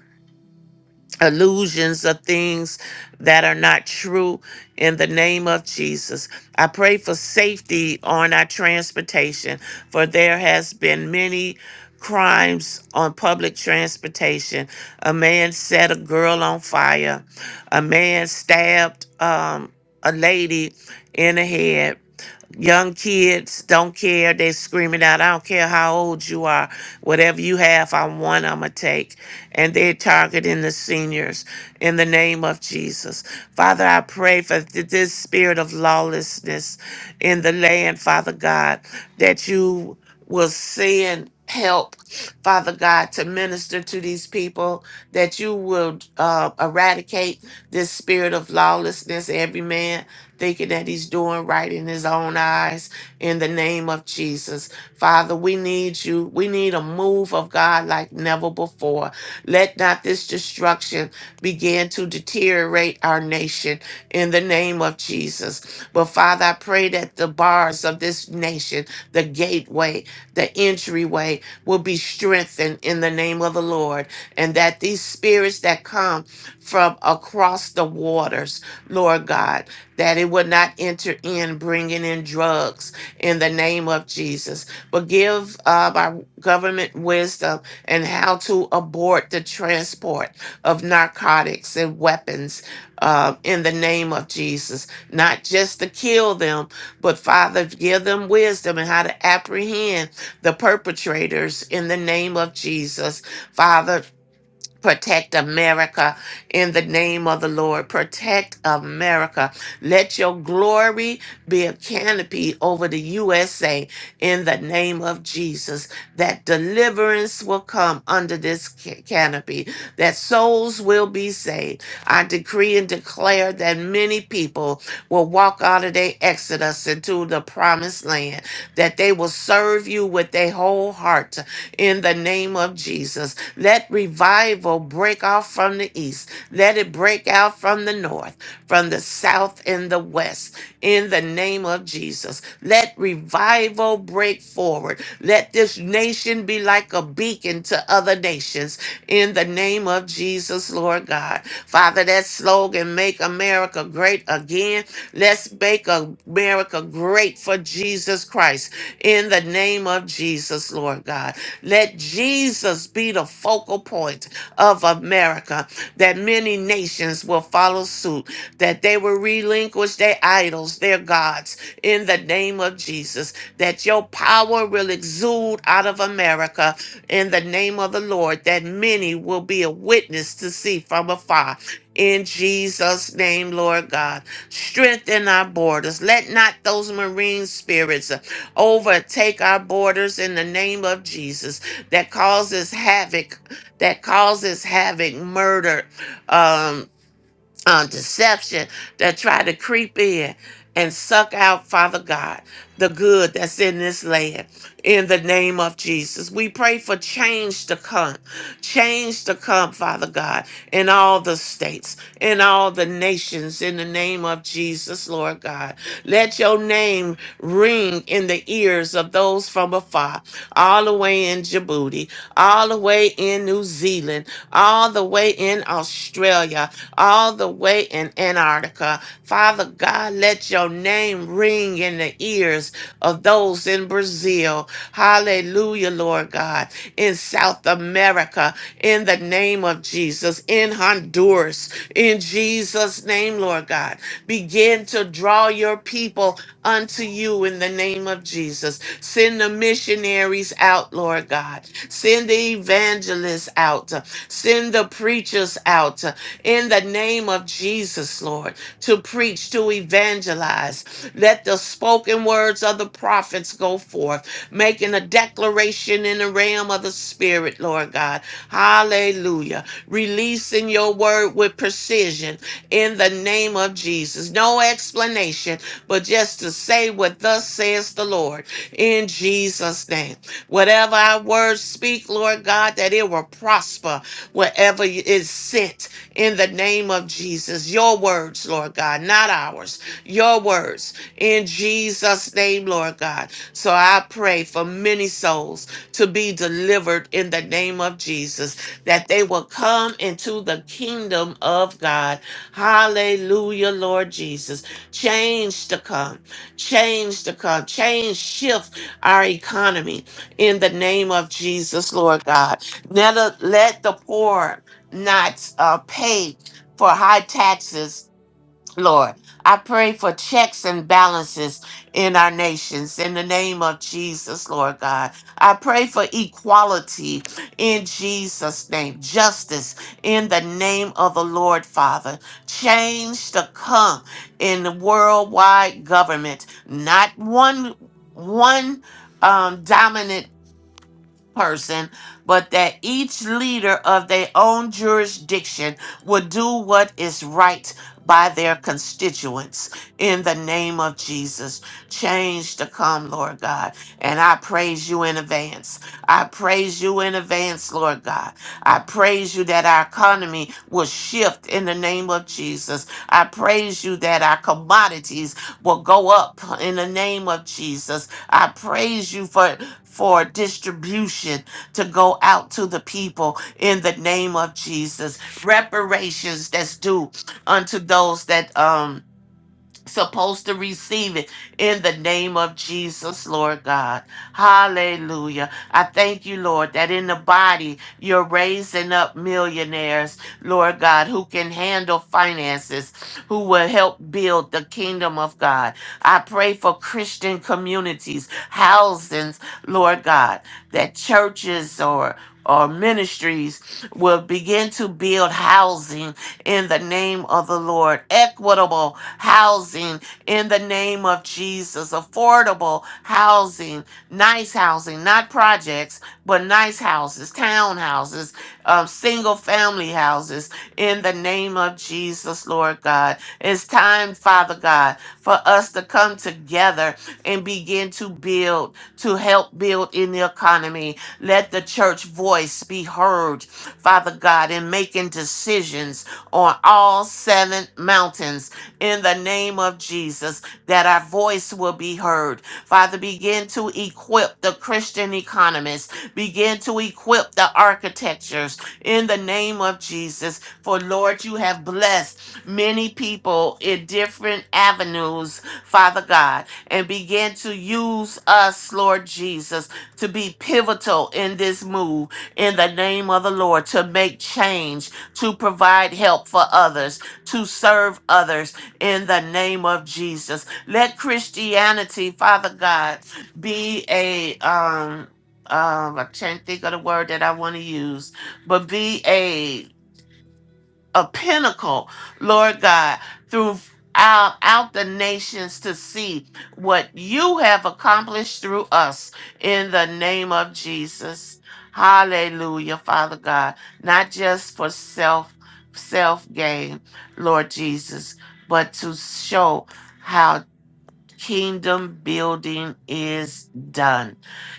[SPEAKER 6] illusions of things that are not true in the name of Jesus. I pray for safety on our transportation for there has been many crimes on public transportation. A man set a girl on fire. A man stabbed um a lady in the head Young kids don't care. They screaming out, I don't care how old you are. Whatever you have, I want, I'm going to take. And they're targeting the seniors in the name of Jesus. Father, I pray for th- this spirit of lawlessness in the land, Father God, that you will send help, Father God, to minister to these people, that you will uh, eradicate this spirit of lawlessness, every man thinking that he's doing right in his own eyes in the name of Jesus. Father, we need you. We need a move of God like never before. Let not this destruction begin to deteriorate our nation in the name of Jesus. But Father, I pray that the bars of this nation, the gateway, the entryway will be strengthened in the name of the Lord, and that these spirits that come from across the waters, Lord God that it would not enter in bringing in drugs in the name of Jesus. But give uh, our government wisdom and how to abort the transport of narcotics and weapons uh, in the name of Jesus, not just to kill them, but Father, give them wisdom and how to apprehend the perpetrators in the name of Jesus. Father, Protect America in the name of the Lord. Protect America. Let your glory be a canopy over the USA in the name of Jesus. That deliverance will come under this ca- canopy, that souls will be saved. I decree and declare that many people will walk out of their exodus into the promised land, that they will serve you with their whole heart in the name of Jesus let revival break out from the east. Let it break out from the north, from the south, and the west. In the name of Jesus, let revival break forward. Let this nation be like a beacon to other nations. In the name of Jesus, Lord God. Father, that slogan, Make America Great Again, let's make America great for Jesus Christ. In the name of Jesus, Lord God. Let Jesus be the focal point of America, that many nations will follow suit, that they will relinquish their idols, their gods, in the name of Jesus, that your power will exude out of America in the name of the Lord, that many will be a witness to see from afar. In Jesus' name, Lord God, strengthen our borders. Let not those marine spirits overtake our borders in the name of Jesus, that causes havoc, that causes havoc, murder. um, um, deception that try to creep in and suck out, Father God, the good that's in this land. In the name of Jesus, we pray for change to come, change to come, Father God, in all the states, in all the nations, in the name of Jesus, Lord God. Let your name ring in the ears of those from afar, all the way in Djibouti, all the way in New Zealand, all the way in Australia, all the way in Antarctica. Father God, let your name ring in the ears of those in Brazil. Hallelujah, Lord God. In South America, in the name of Jesus, in Honduras, in Jesus' name, Lord God. Begin to draw your people unto you in the name of Jesus. Send the missionaries out, Lord God. Send the evangelists out. Send the preachers out in the name of Jesus, Lord, to preach, to evangelize. Let the spoken words of the prophets go forth, making a declaration in the realm of the Spirit, Lord God. Hallelujah. Releasing your word with precision in the name of Jesus. No explanation, but just to say what thus says the Lord in Jesus' name. Whatever our words speak, Lord God, that it will prosper wherever it is sent in the name of Jesus. Your words, Lord God, not ours. Your words in Jesus' name, Lord God. So I pray for many souls to be delivered in the name of Jesus, that they will come into the kingdom of God. Hallelujah, Lord Jesus. Change to come, change to come, change, shift our economy in the name of Jesus, Lord God. Let, let the poor not uh, paid for high taxes, Lord. I pray for checks and balances in our nations in the name of Jesus, Lord God. I pray for equality in Jesus' name, justice in the name of the Lord, Father. Change to come in the worldwide government, not one one um, dominant person, but that each leader of their own jurisdiction would do what is right by their constituents. In the name of Jesus, change to come, Lord God. And I praise you in advance. I praise you in advance, Lord God. I praise you that our economy will shift in the name of Jesus. I praise you that our commodities will go up in the name of Jesus. I praise you for for distribution to go out to the people in the name of Jesus. Reparations that's due unto those that um supposed to receive it in the name of Jesus, Lord God. Hallelujah. I thank you, Lord, that in the body you're raising up millionaires, Lord God, who can handle finances, who will help build the kingdom of God. I pray for Christian communities, housings, Lord God, that churches or or ministries will begin to build housing in the name of the Lord, equitable housing in the name of Jesus. Affordable housing, nice housing, not projects, but nice houses, townhouses, um, single family houses in the name of Jesus, Lord God. It's time, Father God, for us to come together and begin to build, to help build in the economy. Let the church voice be heard, Father God, in making decisions on all seven mountains in the name of Jesus, that our voice will be heard. Father, begin to equip the Christian economists, begin to equip the architectures in the name of Jesus. For Lord, you have blessed many people in different avenues, Father God, and begin to use us, Lord Jesus, to be pivotal in this move in the name of the Lord, to make change, to provide help for others, to serve others in the name of Jesus. Let Christianity, Father God, be a um um I can't think of the word that I want to use, but be a a pinnacle, Lord God, throughout out the nations to see what you have accomplished through us in the name of Jesus. Hallelujah, Father God. Not just for self self gain, Lord Jesus, but to show how kingdom building is done.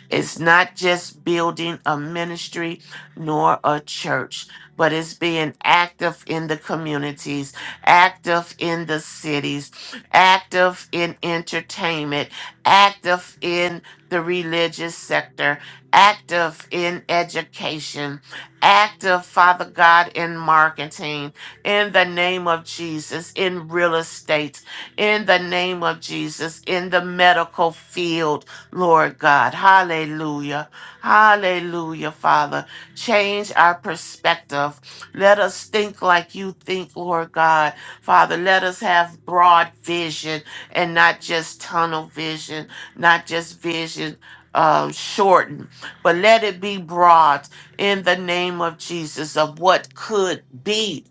[SPEAKER 6] It's not just building a ministry nor a church, but it's being active in the communities, active in the cities, active in entertainment, active in the religious sector, active in education, active, Father God, in marketing, in the name of Jesus, in real estate in the name of Jesus, in the medical field, Lord God. Hallelujah. Hallelujah, Father. Change our perspective. Let us think like you think, Lord God. Father, let us have broad vision and not just tunnel vision, not just vision. Um, shortened, but let it be broad in the name of Jesus of what could be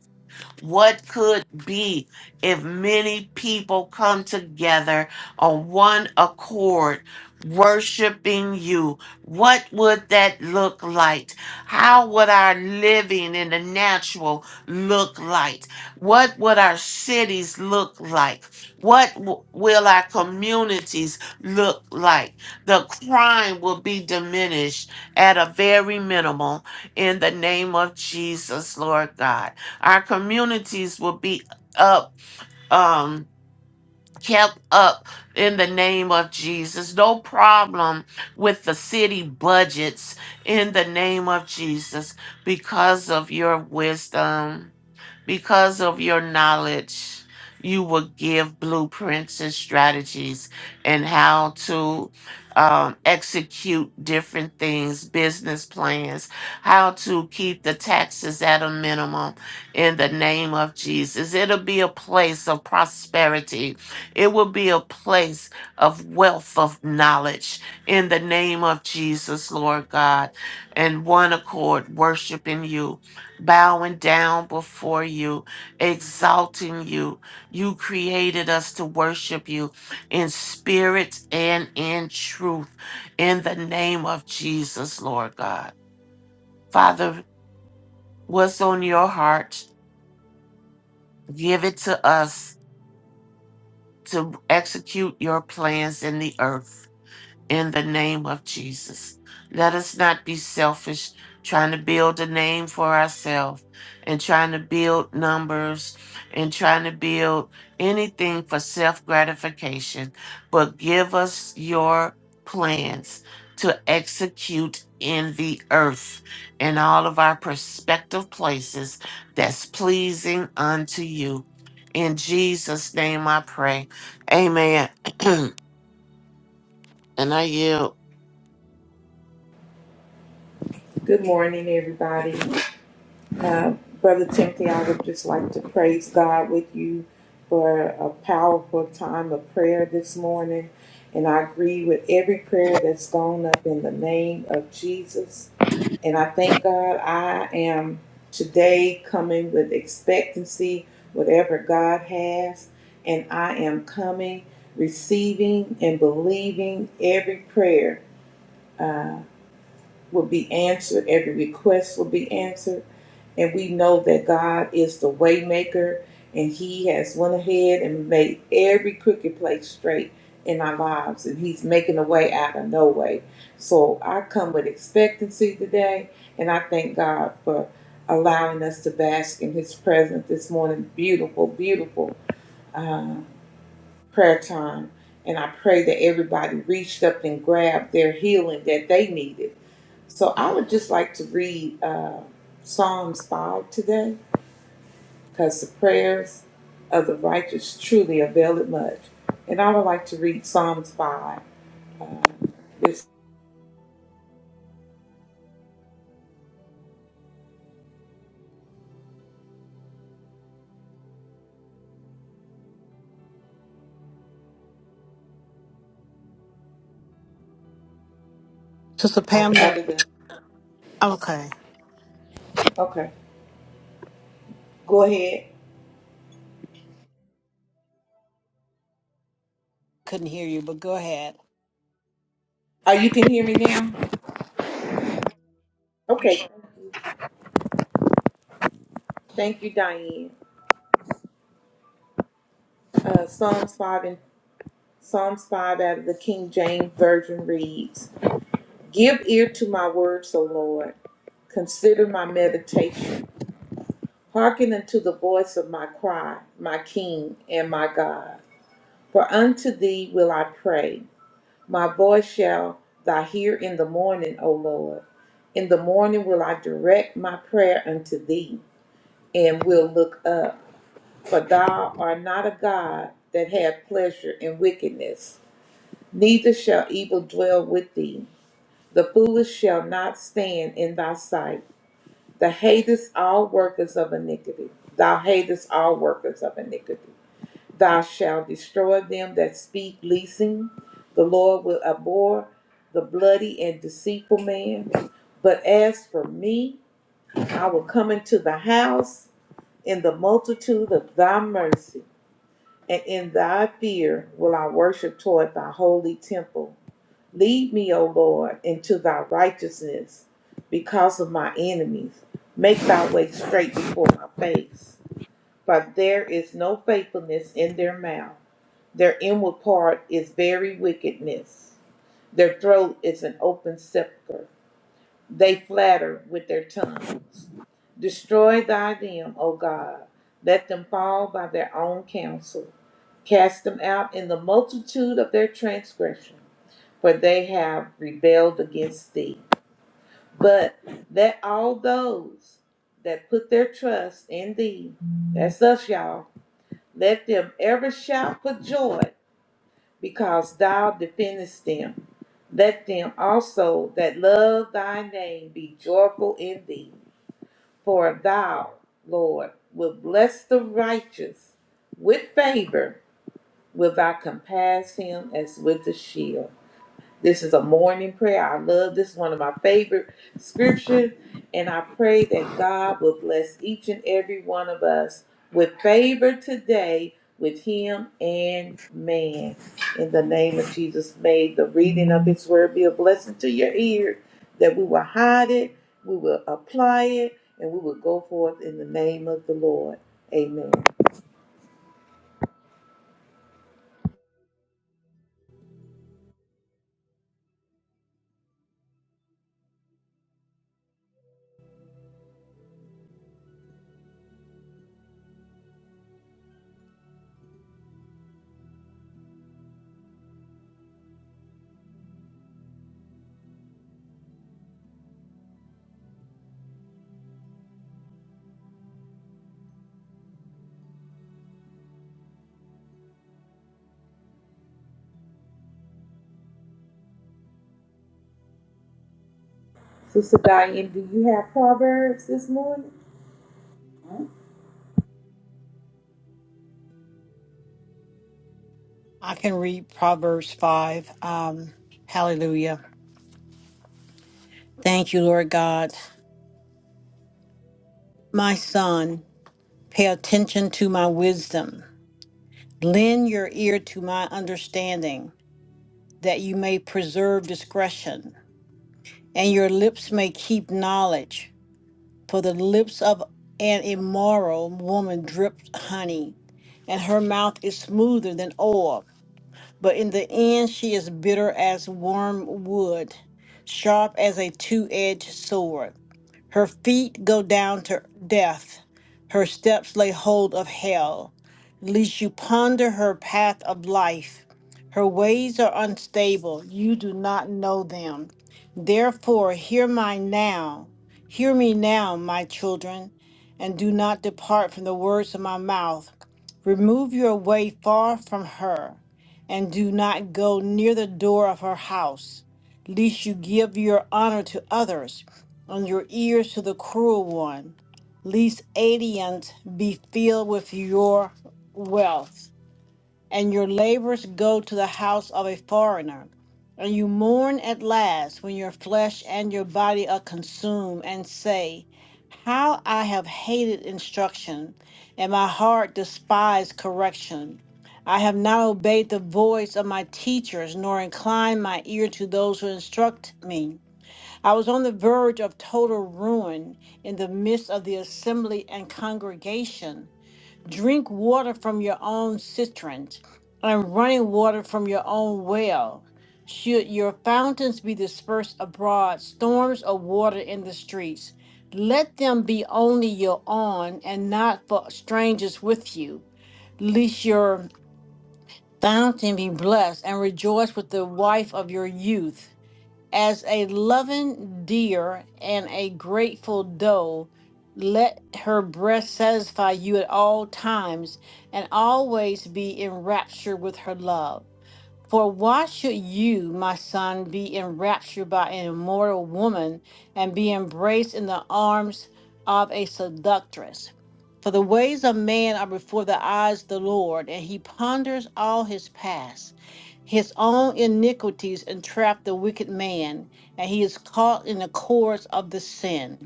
[SPEAKER 6] what could be if many people come together on one accord, worshiping you? What would that look like? How would our living in the natural look like? What would our cities look like? What w- will our communities look like? The crime will be diminished at a very minimal in the name of Jesus, Lord God our communities will be up um kept up in the name of Jesus. No problem with the city budgets in the name of Jesus because of your wisdom. Because of your knowledge, you will give blueprints and strategies and how to um, execute different things, business plans, how to keep the taxes at a minimum in the name of Jesus. It'll be a place of prosperity, it will be a place of wealth of knowledge in the name of Jesus, Lord God, and one accord, worshiping you bowing down before you, exalting you. You created us to worship you in spirit and in truth in the name of Jesus, Lord God. Father, what's on your heart? Give it to us to execute your plans in the earth. in the name of Jesus. Let us not be selfish, trying to build a name for ourselves and trying to build numbers and trying to build anything for self gratification, but give us your plans to execute in the earth in all of our prospective places that's pleasing unto you. In Jesus' name I pray. Amen. and I yield.
[SPEAKER 3] Good morning, everybody. Uh, Brother Timothy, I would just like to praise God with you for a powerful time of prayer this morning. And I agree with every prayer that's gone up in the name of Jesus. And I thank God I am today coming with expectancy, whatever God has. And I am coming, receiving, and believing every prayer. Uh, will be answered, every request will be answered, and we know that God is the waymaker and he has went ahead and made every crooked place straight in our lives and he's making a way out of no way. So I come with expectancy today and I thank God for allowing us to bask in his presence this morning. Beautiful, beautiful. uh, prayer time. And I pray that everybody reached up and grabbed their healing that they needed. So I would just like to read uh, Psalms 5 today because the prayers of the righteous truly avail it much. And I would like to read Psalms 5. This
[SPEAKER 4] Sister Pamela.
[SPEAKER 3] after the,
[SPEAKER 4] Okay.
[SPEAKER 3] okay, go ahead.
[SPEAKER 4] Couldn't hear you, but go ahead.
[SPEAKER 3] Oh, you can hear me now? Okay, thank you, Diane. Uh, Psalms 5 and Psalms 5 out of the King James Version reads Give ear to my words, O Lord. Consider my meditation. Hearken unto the voice of my cry, my King and my God. For unto thee will I pray. My voice shall thou hear in the morning, O Lord. In the morning will I direct my prayer unto thee, and will look up. For thou art not a God that hath pleasure in wickedness, neither shall evil dwell with thee. The foolish shall not stand in thy sight. Thou hatest all workers of iniquity. Thou hatest all workers of iniquity. Thou shalt destroy them that speak leasing. The Lord will abhor the bloody and deceitful man. But as for me, I will come into the house in the multitude of thy mercy, and in thy fear will I worship toward thy holy temple. Lead me, O Lord, into thy righteousness because of my enemies. Make thy way straight before my face. For there is no faithfulness in their mouth. Their inward part is very wickedness. Their throat is an open sepulchre. They flatter with their tongues. Destroy thy them, O God. Let them fall by their own counsel. Cast them out in the multitude of their transgression for they have rebelled against thee. But that all those that put their trust in thee, that's us, y'all, let them ever shout for joy because thou defendest them. Let them also that love thy name be joyful in thee, for thou, Lord, will bless the righteous with favor, will thou compass him as with a shield. This is a morning prayer. I love this one of my favorite scriptures. And I pray that God will bless each and every one of us with favor today with him and man. In the name of Jesus, may the reading of his word be a blessing to your ears, that we will hide it, we will apply it, and we will go forth in the name of the Lord. Amen. Sister Diane, do you have Proverbs this morning?
[SPEAKER 4] I can read Proverbs 5. Um, hallelujah. Thank you, Lord God. My son, pay attention to my wisdom. Lend your ear to my understanding, that you may preserve discretion, and your lips may keep knowledge. for the lips of an immoral woman drip honey, and her mouth is smoother than oil. But in the end, she is bitter as wormwood, sharp as a two edged sword. Her feet go down to death, her steps lay hold of hell lest you ponder her path of life. Her ways are unstable, you do not know them. Therefore, hear my now, hear me now, my children, and do not depart from the words of my mouth. Remove your way far from her, and do not go near the door of her house, lest you give your honor to others, and your ears to the cruel one. Lest aliens be filled with your wealth, and your labors go to the house of a foreigner. And you mourn at last when your flesh and your body are consumed, and say, How I have hated instruction, and my heart despised correction. I have not obeyed the voice of my teachers, nor inclined my ear to those who instruct me. I was on the verge of total ruin in the midst of the assembly and congregation. Drink water from your own cisterns and running water from your own well. Should your fountains be dispersed abroad, storms of water in the streets, let them be only your own and not for strangers with you. Lest your fountain be blessed and rejoice with the wife of your youth. As a loving deer and a grateful doe, let her breast satisfy you at all times and always be in rapture with her love. For why should you, my son, be enraptured by an immortal woman and be embraced in the arms of a seductress? For the ways of man are before the eyes of the Lord, and he ponders all his past. His own iniquities entrap the wicked man, and he is caught in the cords of the sin.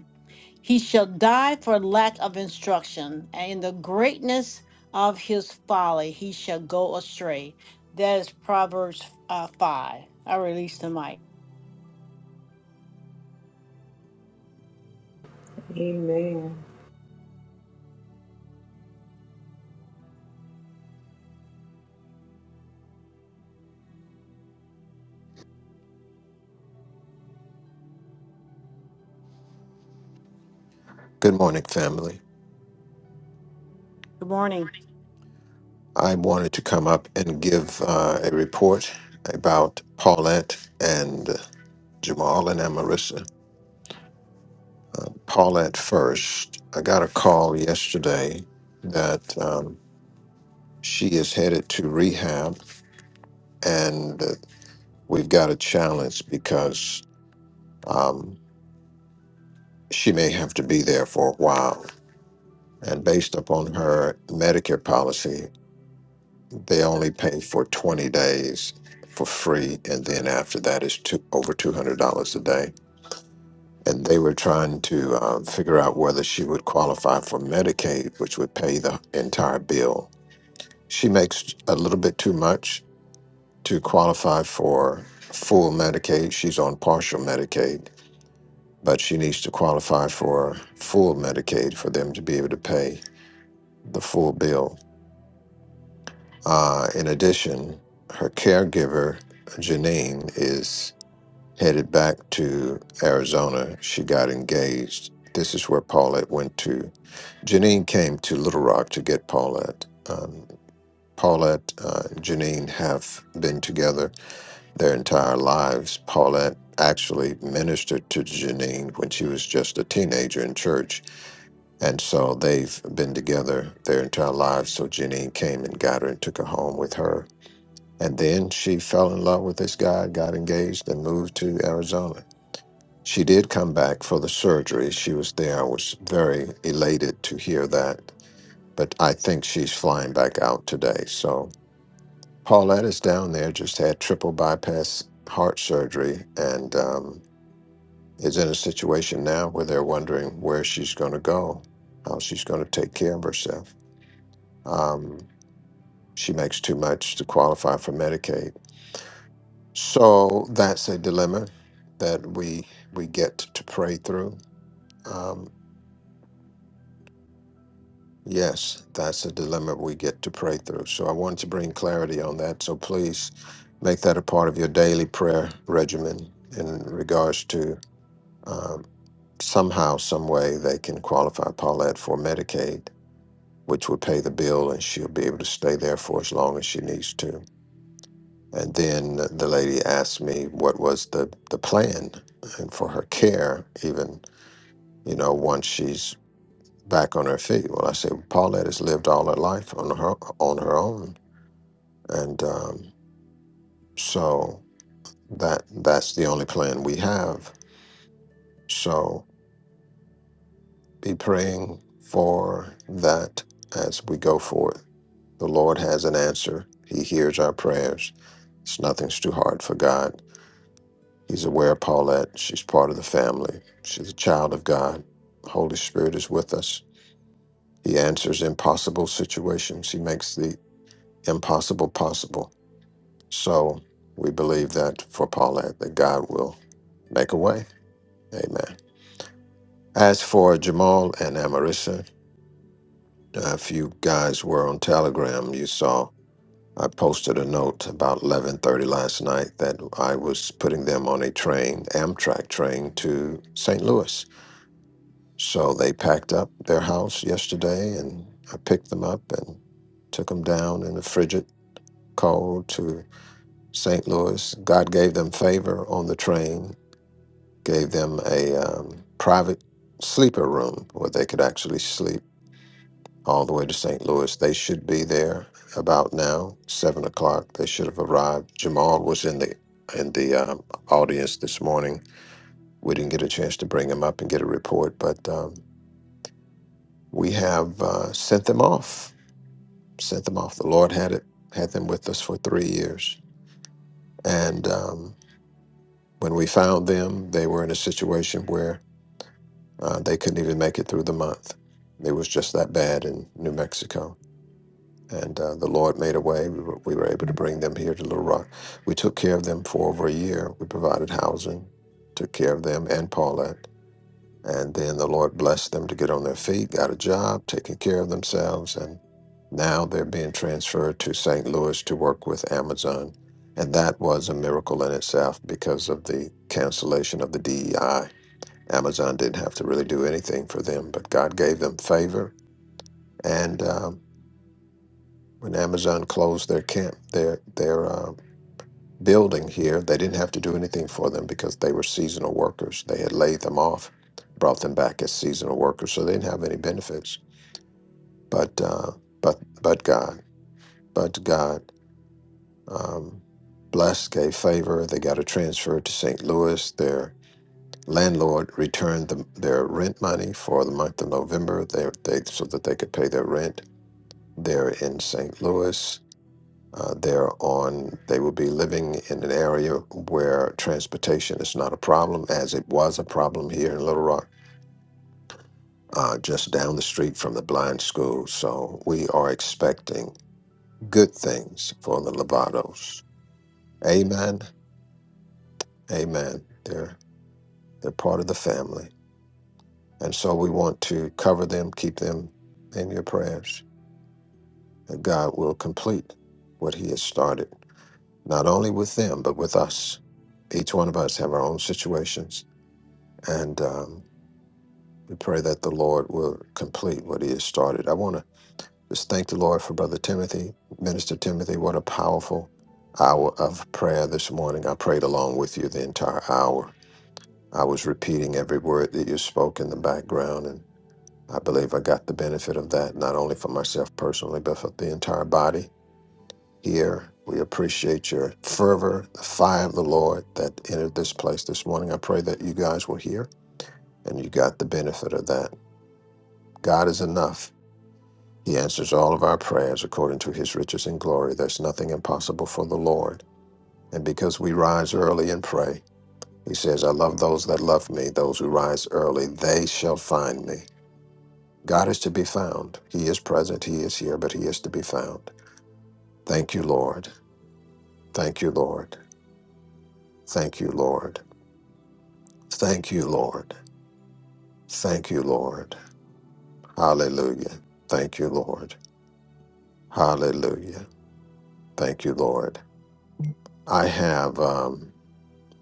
[SPEAKER 4] He shall die for lack of instruction, and in the greatness of his folly he shall go astray. That is Proverbs uh, 5. I release the mic.
[SPEAKER 3] Amen.
[SPEAKER 10] Good morning, family.
[SPEAKER 4] Good morning.
[SPEAKER 10] I wanted to come up and give uh, a report about Paulette and Jamal and Amarissa. Uh, Paulette first. I got a call yesterday that um, she is headed to rehab, and uh, we've got a challenge because um, she may have to be there for a while. And based upon her Medicare policy, They only pay for 20 days for free, and then after that is two, over $200 a day. And they were trying to uh, figure out whether she would qualify for Medicaid, which would pay the entire bill. She makes a little bit too much to qualify for full Medicaid. She's on partial Medicaid, but she needs to qualify for full Medicaid for them to be able to pay the full bill. Uh, in addition, her caregiver Janine is headed back to Arizona. She got engaged. This is where Paulette went to. Janine came to Little Rock to get Paulette. Um, Paulette uh, and Janine have been together their entire lives. Paulette actually ministered to Janine when she was just a teenager in church. And so they've been together their entire lives. So Janine came and got her and took her home with her. And then she fell in love with this guy, got engaged, and moved to Arizona she did come back for the surgery. She was there. I was very elated to hear that. But I think she's flying back out today. So Paulette is down there, just had triple bypass heart surgery, and um, is in a situation now where they're wondering where she's going to go, how she's going to take care of herself. Um, she makes too much to qualify for Medicaid. So that's a dilemma that we we get to pray through. Um, Yes, that's a dilemma we get to pray through. So I wanted to bring clarity on that. So please make that a part of your daily prayer regimen in regards to um, somehow, some way they can qualify Paulette for Medicaid, which would pay the bill and she'll be able to stay there for as long as she needs to. And then the lady asked me what was the, the plan and for her care, even, you know, once she's back on her feet. Well, I said, Paulette has lived all her life on her on her own, and um, so that that's the only plan we have. So be praying for that as we go forth. The Lord has an answer. He hears our prayers. It's nothing's too hard for God. He's aware of Paulette. She's part of the family. She's a child of God. Holy Spirit is with us. He answers impossible situations. He makes the impossible possible. So we believe that for Paulette, that God will make a way. Amen. As for Jamal and Amarissa, uh, if you guys were on Telegram, you saw I posted a note about 11:30 last night that I was putting them on a train, Amtrak train to St. Louis. So they packed up their house yesterday, and I picked them up and took them down in the frigid cold to St. Louis. God gave them favor on the train gave them a um, private sleeper room where they could actually sleep all the way to St. Louis. They should be there about now, seven o'clock. They should have arrived. Jamal was in the in the um, audience this morning. We didn't get a chance to bring him up and get a report, but um, we have uh, sent them off. Sent them off. The Lord had it had them with us for three years, and um, when we found them, they were in a situation where Uh, they couldn't even make it through the month. It was just that bad in New Mexico. And uh, the Lord made a way. We were, we were able to bring them here to Little Rock. We took care of them for over a year. We provided housing, took care of them and Paulette. And then the Lord blessed them to get on their feet, got a job, taking care of themselves. And now they're being transferred to St. Louis to work with Amazon. And that was a miracle in itself because of the cancellation of the DEI Amazon didn't have to really do anything for them, but God gave them favor. And um, when Amazon closed their camp, their their uh, building here, they didn't have to do anything for them because they were seasonal workers. They had laid them off, brought them back as seasonal workers, so they didn't have any benefits. But uh, but but God, but God um, blessed, gave favor. They got a transfer to St. Louis. Their landlord returned the, their rent money for the month of November they, they, so that they could pay their rent. They're in St. Louis. Uh, they're on, they will be living in an area where transportation is not a problem, as it was a problem here in Little Rock, uh, just down the street from the blind school. So we are expecting good things for the Lovatos. Amen. Amen. They're, they're part of the family. And so we want to cover them, keep them in your prayers, that God will complete what He has started, not only with them, but with us. Each one of us have our own situations, and um, we pray that the Lord will complete what He has started. I want to just thank the Lord for Brother Timothy, Minister Timothy. What a powerful hour of prayer this morning. I prayed along with you the entire hour. I was repeating every word that you spoke in the background, I believe I got the benefit of that, not only for myself personally, but for the entire body here. We appreciate your fervor, the fire of the Lord that entered this place this morning. I pray that you guys were here and you got the benefit of that. God is enough. He answers all of our prayers according to his riches and glory. There's nothing impossible for the Lord. And because we rise early and pray, he says, I love those that love me. Those who rise early, they shall find me. God is to be found. He is present. He is here, but He is to be found. Thank you, Lord. Thank you, Lord. Thank you, Lord. Thank you, Lord. Thank you, Lord. Hallelujah. Thank you, Lord. Hallelujah. Thank you, Lord. I have, um,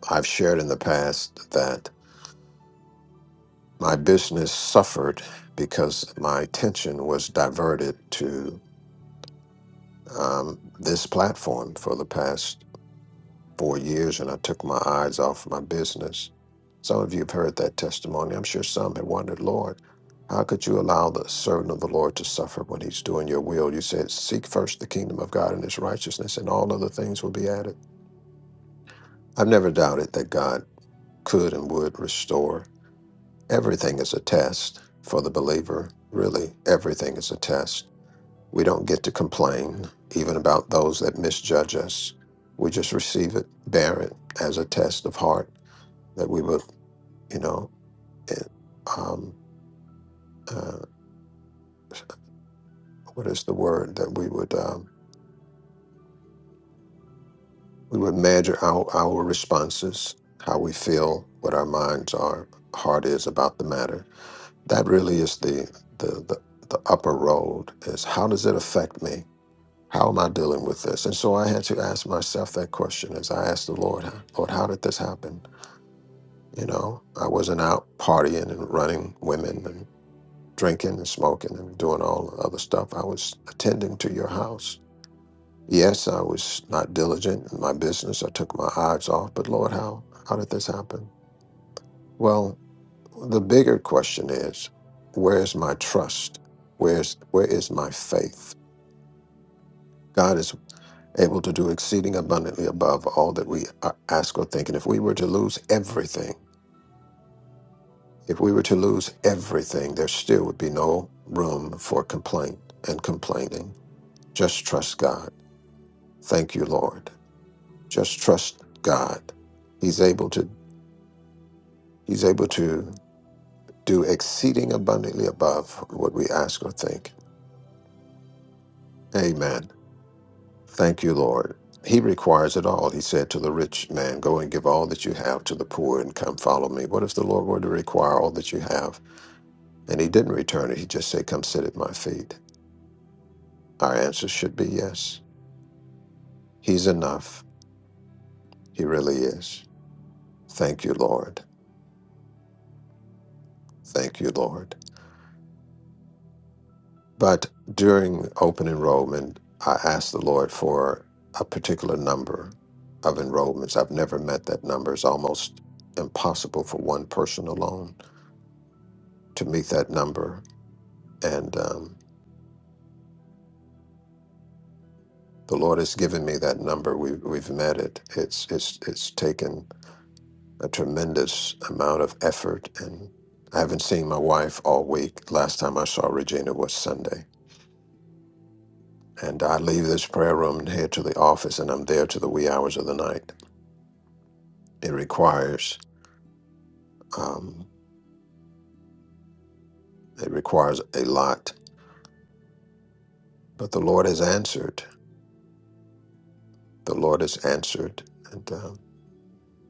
[SPEAKER 10] I've shared in the past that my business suffered because my attention was diverted to um, this platform for the past four years and I took my eyes off my business. Some of you have heard that testimony. I'm sure some have wondered, Lord, how could you allow the servant of the Lord to suffer when he's doing your will? You said, Seek first the kingdom of God and his righteousness, and all other things will be added. I've never doubted that God could and would restore. Everything is a test for the believer, really. Everything is a test. We don't get to complain, even about those that misjudge us. We just receive it, bear it as a test of heart that we would, you know, it, um, uh, what is the word that we would um, we would measure our our responses, how we feel, what our minds are, heart is about the matter. That really is the the the, the upper road. Is how does it affect me? How am I dealing with this? And so I had to ask myself that question as I asked the Lord, Lord, how did this happen? You know, I wasn't out partying and running women drinking and smoking and doing all the other stuff. I was attending to your house. Yes, I was not diligent in my business. I took my eyes off, but Lord, how how did this happen? Well, the bigger question is, where is my trust? Where's where is my faith? God is able to do exceeding abundantly above all that we a- ask or think. And if we were to lose everything, if we were to lose everything, there still would be no room for complaint and complaining. Just trust God Thank you, Lord. Just trust God. He's able to he's able to do exceeding abundantly above what we ask or think. Amen. Thank you, Lord. He requires it all. He said to the rich man, Go and give all that you have to the poor and come follow me. What if the Lord were to require all that you have? And he didn't return it. He just said, Come sit at my feet. Our answer should be yes. He's enough. He really is. Thank you, Lord. Thank you, Lord. But during open enrollment, I asked the Lord for a particular number of enrollments. I've never met that number. It's almost impossible for one person alone to meet that number. And um, the Lord has given me that number. We, we've met it. It's, it's, it's taken a tremendous amount of effort. And I haven't seen my wife all week. Last time I saw Regina was Sunday. And I leave this prayer room and head to the office, and I'm there to the wee hours of the night It requires um, it requires a lot, but the Lord has answered. The Lord has answered, and um,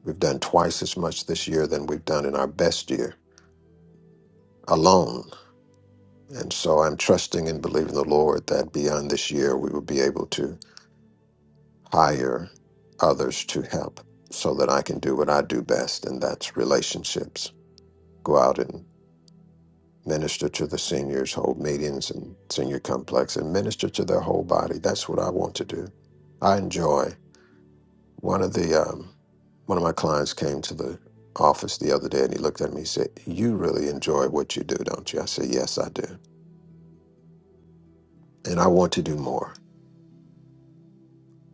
[SPEAKER 10] we've done twice as much this year than we've done in our best year alone. And so I'm trusting and believing the Lord that beyond this year we will be able to hire others to help, so that I can do what I do best, and that's relationships. Go out and. minister to the seniors, hold meetings and senior complex, and minister to their whole body. That's what I want to do. I enjoy. One of the um, one of my clients came to the office the other day, and he looked at me. He said, "You really enjoy what you do, don't you?" I said, "Yes, I do, and I want to do more."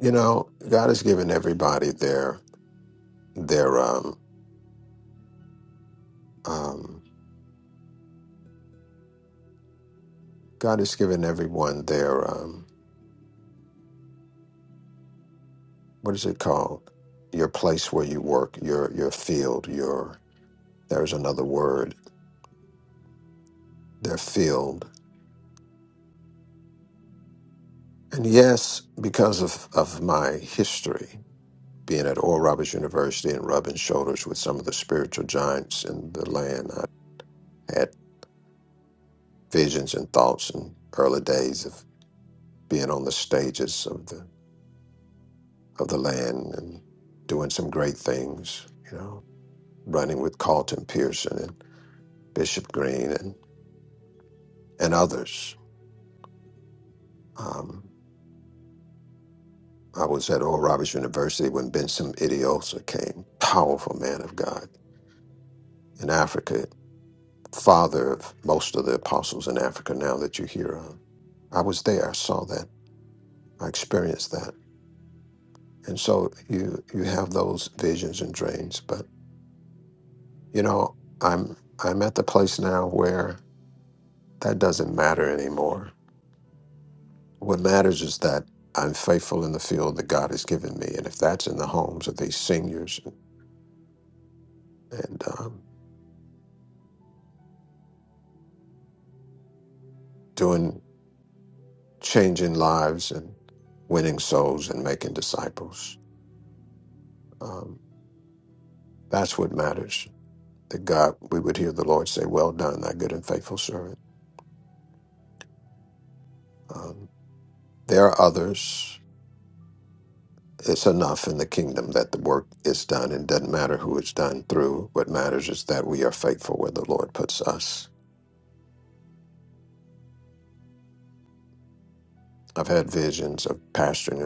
[SPEAKER 10] You know, God has given everybody their their um, um, God has given everyone their um, what is it called? Your place where you work, your your field, your there's another word their field. And yes, because of, of my history, being at Oral Roberts University and rubbing shoulders with some of the spiritual giants in the land, I had visions and thoughts in early days of being on the stages of the of the land and doing some great things, you know, running with Carlton Pearson and Bishop Green and, and others. Um, I was at Oral Roberts University when Benson Idiosa came, powerful man of God in Africa father of most of the apostles in Africa now that you hear of. I was there, I saw that, I experienced that. And so you you have those visions and dreams, but you know, I'm I'm at the place now where that doesn't matter anymore. What matters is that I'm faithful in the field that God has given me, and if that's in the homes of these seniors and, and um, doing changing lives and winning souls and making disciples, um, that's what matters that God, we would hear the Lord say, Well done, thy good and faithful servant. Um, there are others. It's enough in the kingdom that the work is done and doesn't matter who it's done through. What matters is that we are faithful where the Lord puts us. I've had visions of pastoring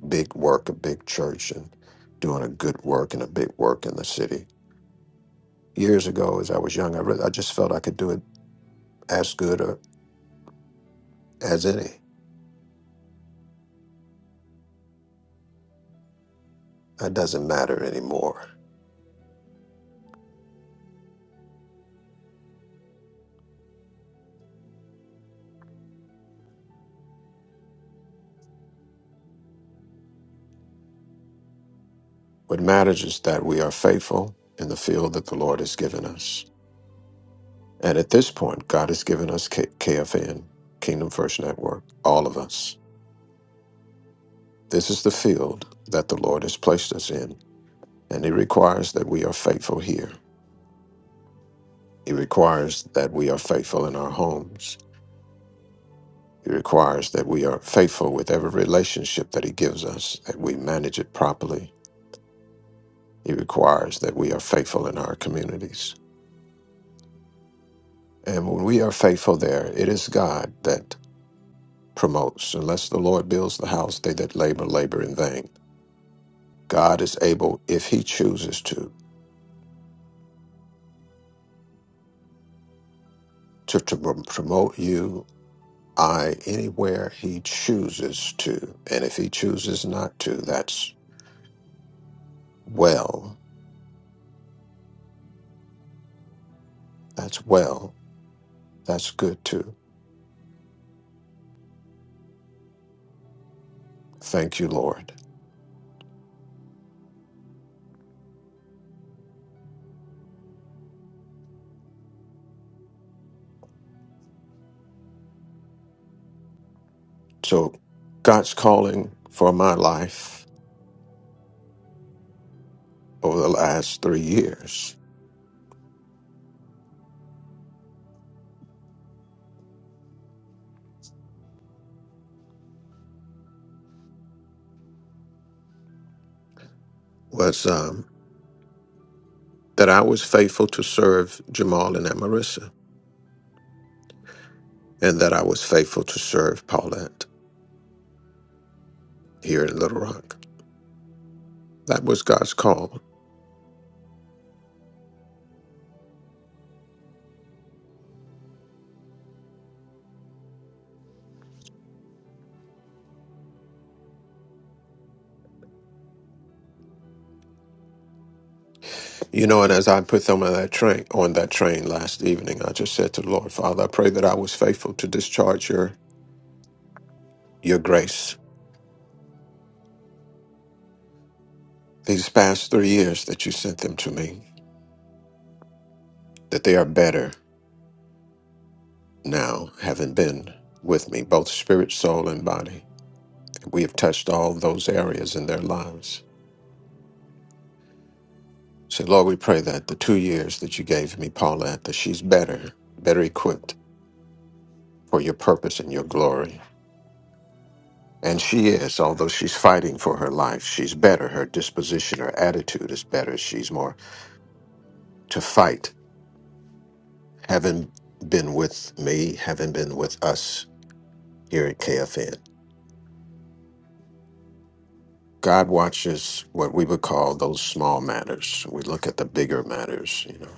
[SPEAKER 10] a big work, a big church, and doing a good work and a big work in the city. Years ago, as I was young, I, re- I just felt I could do it as good or as any. It doesn't matter anymore What matters is that we are faithful in the field that the Lord has given us. And at this point, God has given us K- KFN, Kingdom First Network, all of us. This is the field that the Lord has placed us in, and He requires that we are faithful here. He requires that we are faithful in our homes. He requires that we are faithful with every relationship that He gives us, that we manage it properly. He requires that we are faithful in our communities. And when we are faithful there, it is God that promotes. Unless the Lord builds the house, they that labor, labor in vain. God is able, if He chooses to, to, to prom- promote you I anywhere He chooses to. And if He chooses not to, that's well. That's well. That's good too. Thank you, Lord. So God's calling for my life over the last three years was um, that I was faithful to serve Jamal and Amarissa and that I was faithful to serve Paulette. here in Little Rock. That was God's call. You know, and as I put them on that train on that train last evening, I just said to the Lord, Father, I pray that I was faithful to discharge your your grace. These past three years that you sent them to me, that they are better now, having been with me, both spirit, soul, and body. We have touched all those areas in their lives. So Lord, we pray that the two years that you gave me, Paulette, that she's better, better equipped for your purpose and your glory And she is, although she's fighting for her life, she's better. Her disposition, her attitude is better. She's more to fight. Having been with me, having been with us here at KFN. God watches what we would call those small matters. We look at the bigger matters, you know.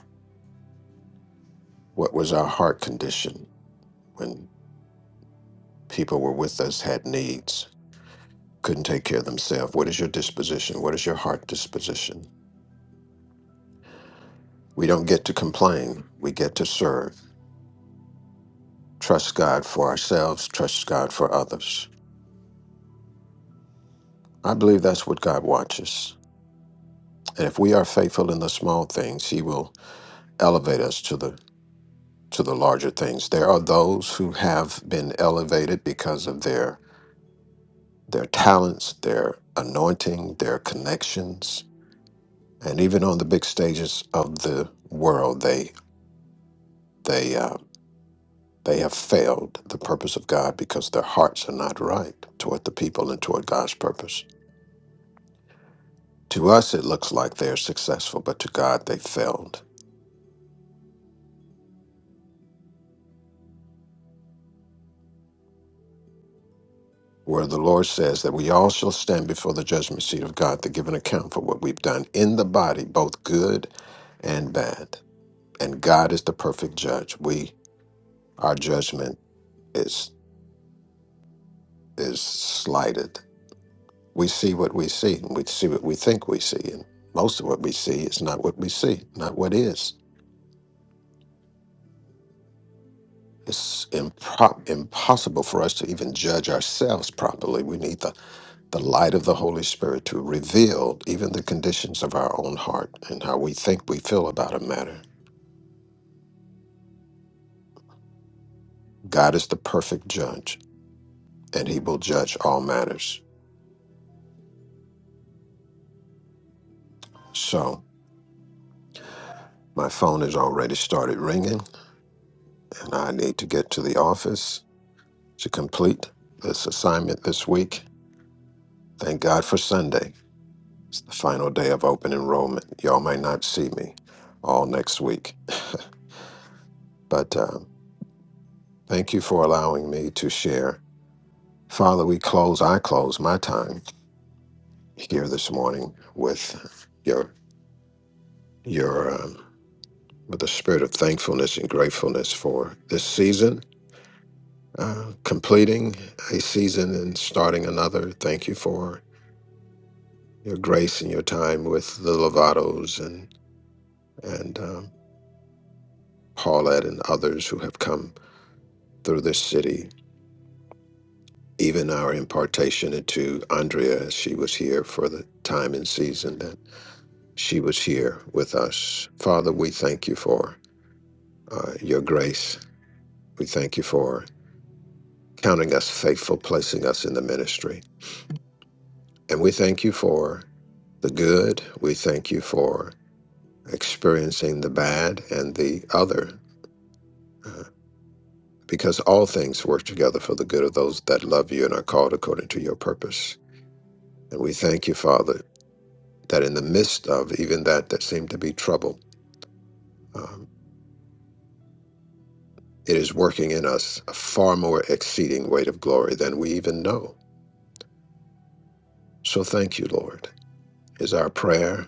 [SPEAKER 10] What was our heart condition when people were with us, had needs, couldn't take care of themselves? What is your disposition? What is your heart disposition? We don't get to complain. We get to serve. trust God for ourselves, trust God for others. I believe that's what God watches. And if we are faithful in the small things, he will elevate us to the to the larger things. There are those who have been elevated because of their their talents, their anointing, their connections, and even on the big stages of the world, they they uh, they have failed the purpose of God because their hearts are not right toward the people and toward God's purpose. To us, it looks like they are successful, but to God, they failed. Where the Lord says that we all shall stand before the judgment seat of God to give an account for what we've done in the body, both good and bad. And God is the perfect judge. We, our judgment is is slighted. We see what we see, and we see what we think we see, and most of what we see is not what we see, not what is. It's impro- impossible for us to even judge ourselves properly. We need the the light of the Holy Spirit to reveal even the conditions of our own heart and how we think we feel about a matter. God is the perfect judge, and He will judge all matters. So, my phone has already started ringing, and I need to get to the office to complete this assignment this week. Thank God for Sunday. It's the final day of open enrollment. Y'all may not see me all next week, but uh, thank you for allowing me to share. Father, we close, I close my time here this morning with your your um, with a spirit of thankfulness and gratefulness for this season, uh, completing a season and starting another. Thank you for your grace and your time with the Lovatos and and um, Paulette and others who have come through this city. Even our impartation into Andrea, as she was here for the time and season that she was here with us. Father, we thank you for uh, your grace We thank you for counting us faithful, placing us in the ministry. And we thank you for the good. We thank you for experiencing the bad and the other, uh, because all things work together for the good of those that love you and are called according to your purpose. And we thank you, Father, that in the midst of even that that seemed to be trouble, um, it is working in us a far more exceeding weight of glory than we even know. So thank you, Lord, is our prayer.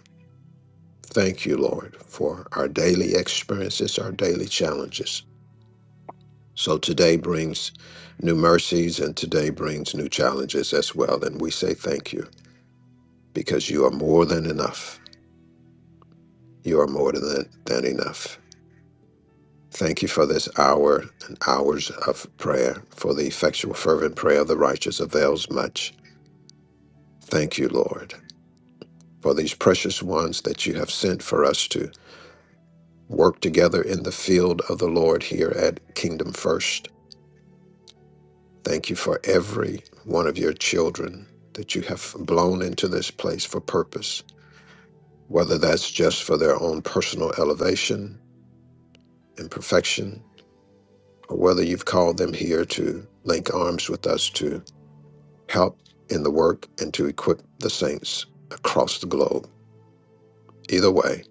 [SPEAKER 10] Thank you, Lord, for our daily experiences, our daily challenges. So today brings new mercies and today brings new challenges as well. And we say thank you because you are more than enough. You are more than, than enough. Thank you for this hour and hours of prayer, for the effectual, fervent prayer of the righteous avails much. Thank you, Lord, for these precious ones that you have sent for us to work together in the field of the Lord here at Kingdom First. Thank you for every one of your children that you have blown into this place for purpose, whether that's just for their own personal elevation and perfection, or whether you've called them here to link arms with us to help in the work and to equip the saints across the globe. Either way,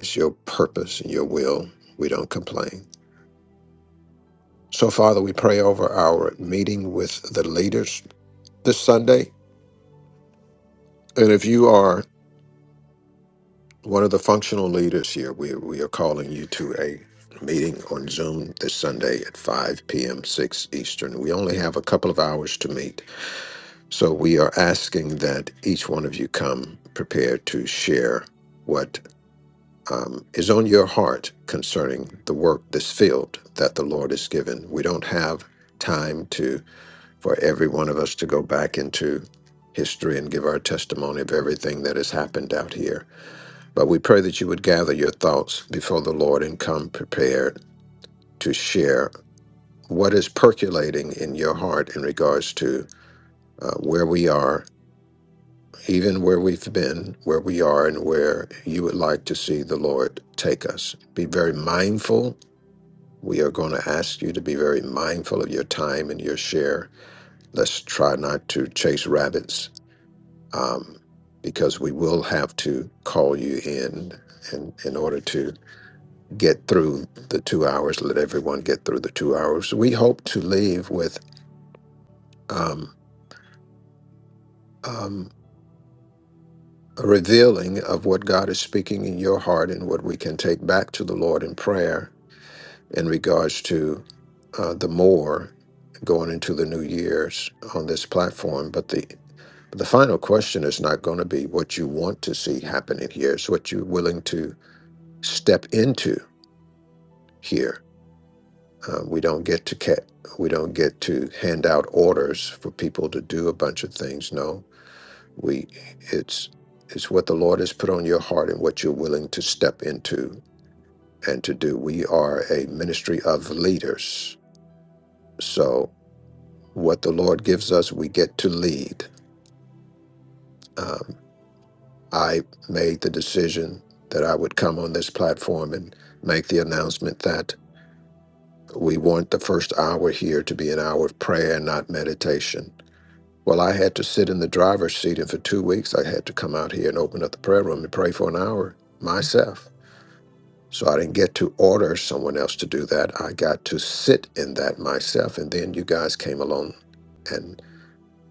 [SPEAKER 10] it's your purpose and your will. We don't complain. So, Father, we pray over our meeting with the leaders this Sunday. And if you are One of the functional leaders here, we, we are calling you to a meeting on Zoom this Sunday at 5 p.m., 6 Eastern. We only have a couple of hours to meet. So we are asking that each one of you come prepared to share what um, is on your heart concerning the work, this field that the Lord has given. We don't have time to for every one of us to go back into history and give our testimony of everything that has happened out here but we pray that you would gather your thoughts before the Lord and come prepared to share what is percolating in your heart in regards to uh, where we are, even where we've been, where we are, and where you would like to see the Lord take us. Be very mindful. We are going to ask you to be very mindful of your time and your share. Let's try not to chase rabbits um, because we will have to call you in in, in order to get through the two hours. Let everyone get through the two hours. We hope to leave with um, um, a revealing of what God is speaking in your heart and what we can take back to the Lord in prayer in regards to uh, the more going into the new years on this platform. But the the final question is not going to be what you want to see happening here. It's what you're willing to step into here Uh, we don't get to ca- we don't get to hand out orders for people to do a bunch of things. No, we it's it's what the Lord has put on your heart and what you're willing to step into and to do. We are a ministry of leaders, so what the Lord gives us, we get to lead. Um, I made the decision that I would come on this platform and make the announcement that we want the first hour here to be an hour of prayer and not meditation Well, I had to sit in the driver's seat, and for two weeks, I had to come out here and open up the prayer room and pray for an hour myself. So I didn't get to order someone else to do that. I got to sit in that myself, and then you guys came along and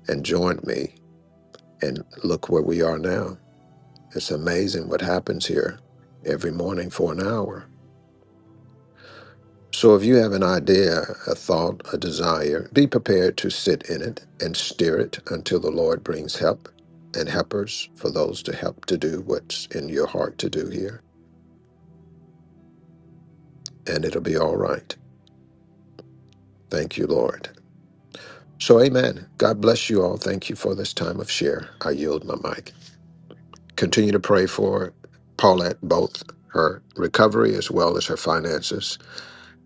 [SPEAKER 10] and joined me, and look where we are now. It's amazing what happens here every morning for an hour. So if you have an idea, a thought, a desire, be prepared to sit in it and steer it until the Lord brings help and helpers for those to help to do what's in your heart to do here. And it'll be all right. Thank you, Lord. So, amen. God bless you all. Thank you for this time of share. I yield my mic. Continue to pray for Paulette, both her recovery as well as her finances,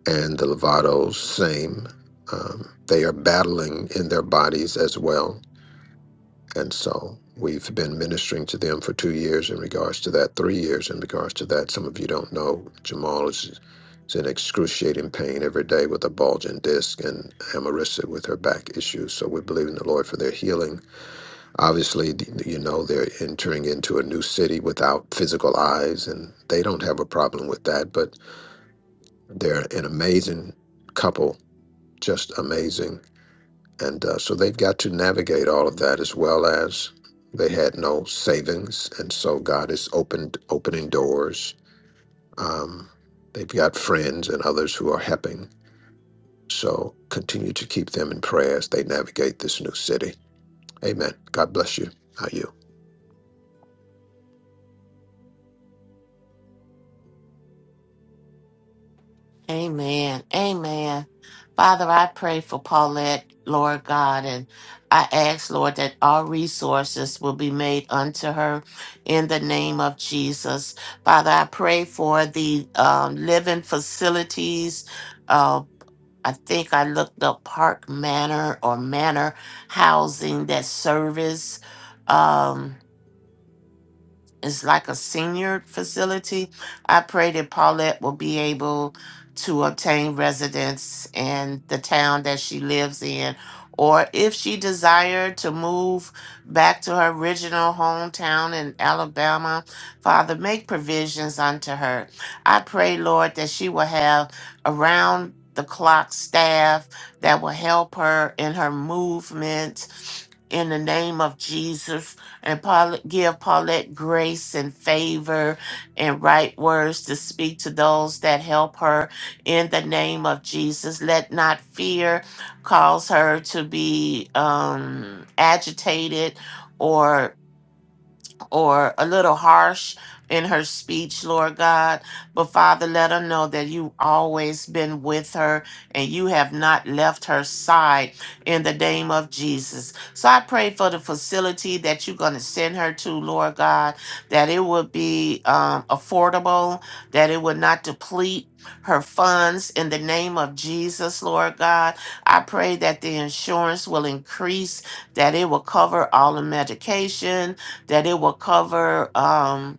[SPEAKER 10] and the Lovatos, same. Um, they are battling in their bodies as well And so we've been ministering to them for two years in regards to that, three years in regards to that. Some of you don't know Jamal is, is in excruciating pain every day with a bulging disc and Amarissa with her back issues. So we're believing the Lord for their healing. Obviously, d- you know, they're entering into a new city without physical eyes, and they don't have a problem with that, but they're an amazing couple, just amazing and uh, so they've got to navigate all of that as well as they had no savings. And so God is opened, opening doors. Um, they've got friends and others who are helping. So continue to keep them in prayer as they navigate this new city. Amen. God bless you. How you?
[SPEAKER 6] Amen. Amen. Father, I pray for Paulette, Lord God, and I ask, Lord, that all resources will be made unto her in the name of Jesus. Father, I pray for the um, living facilities. Uh, I think I looked up Park Manor or Manor Housing that service. um, it's like a senior facility. I pray that Paulette will be able to obtain residence in the town that she lives in. Or if she desired to move back to her original hometown in Alabama, Father, make provisions unto her. I pray, Lord, that she will have around the clock staff that will help her in her movement in the name of Jesus and Paul, give Paulette grace and favor and right words to speak to those that help her in the name of Jesus. Let not fear cause her to be um, agitated. Or or a little harsh in her speech, Lord God. But Father, let her know that you've always been with her and you have not left her side in the name of Jesus. So I pray for the facility that you're going to send her to, Lord God, that it would be um, affordable, that it would not deplete. Her funds in the name of Jesus, Lord God. I pray that the insurance will increase, that it will cover all the medication, that it will cover. Um,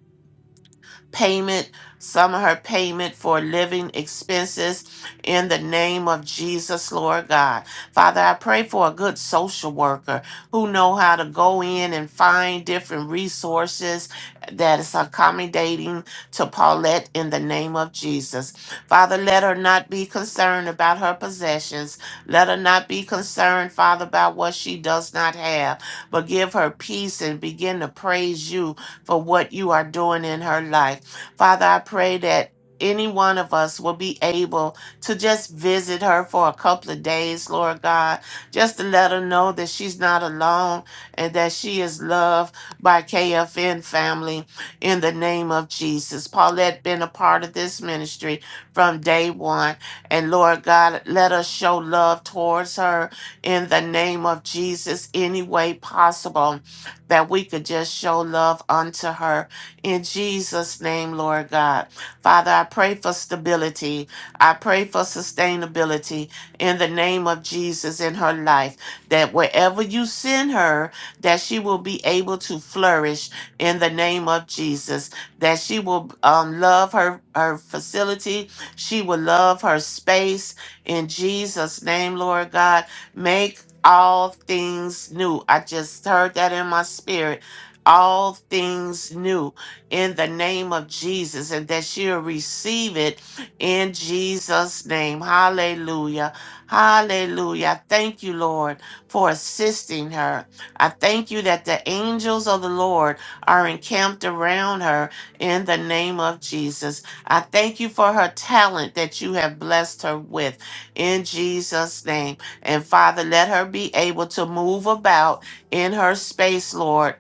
[SPEAKER 6] payment, some of her payment for living expenses in the name of Jesus, Lord God. Father, I pray for a good social worker who know how to go in and find different resources that is accommodating to Paulette in the name of Jesus. Father, let her not be concerned about her possessions. Let her not be concerned, Father, about what she does not have, but give her peace and begin to praise you for what you are doing in her life. Father, I pray that any one of us will be able to just visit her for a couple of days, Lord God, just to let her know that she's not alone and that she is loved by KFN family in the name of Jesus. Paulette been a part of this ministry from day one. And Lord God, let us show love towards her in the name of Jesus any way possible that we could just show love unto her in Jesus' name, Lord God. Father, I pray for stability. I pray for sustainability in the name of Jesus in her life, that wherever you send her, that she will be able to flourish in the name of Jesus, that she will um, love her, her facility, she will love her space in Jesus' name, Lord God. Make all things new. I just heard that in my spirit. All things new in the name of Jesus and that she'll receive it in Jesus' name. Hallelujah. Hallelujah. I Thank you, Lord, for assisting her. I thank you that the angels of the Lord are encamped around her in the name of Jesus. I thank you for her talent that you have blessed her with in Jesus' name. And Father, let her be able to move about in her space, Lord,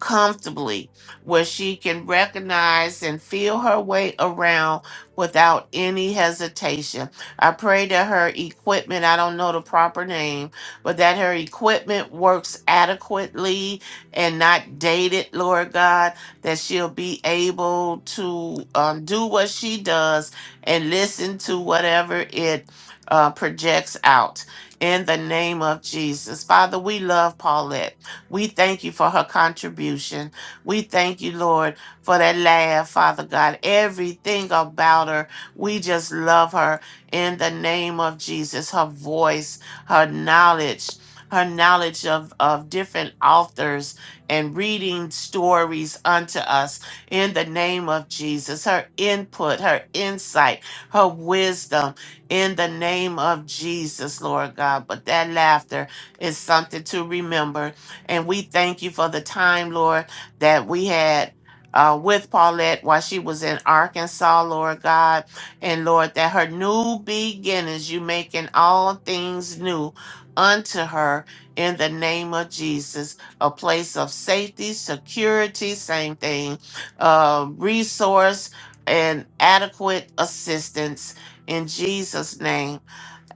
[SPEAKER 6] comfortably where she can recognize and feel her way around without any hesitation. I pray that her equipment, I don't know the proper name, but that her equipment works adequately and not dated, Lord God, that she'll be able to um, do what she does and listen to whatever it uh, projects out. In the name of Jesus. Father, we love Paulette. We thank you for her contribution. We thank you, Lord, for that laugh, Father God. Everything about her, we just love her in the name of Jesus. Her voice, her knowledge, her knowledge of, of different authors and reading stories unto us in the name of Jesus. Her input, her insight, her wisdom in the name of Jesus, Lord God. But that laughter is something to remember. And we thank you for the time, Lord that we had uh, with Paulette while she was in Arkansas, Lord God. And Lord, that her new beginnings, you making all things new unto her in the name of Jesus. A place of safety, security, same thing, uh, resource, and adequate assistance in Jesus' name.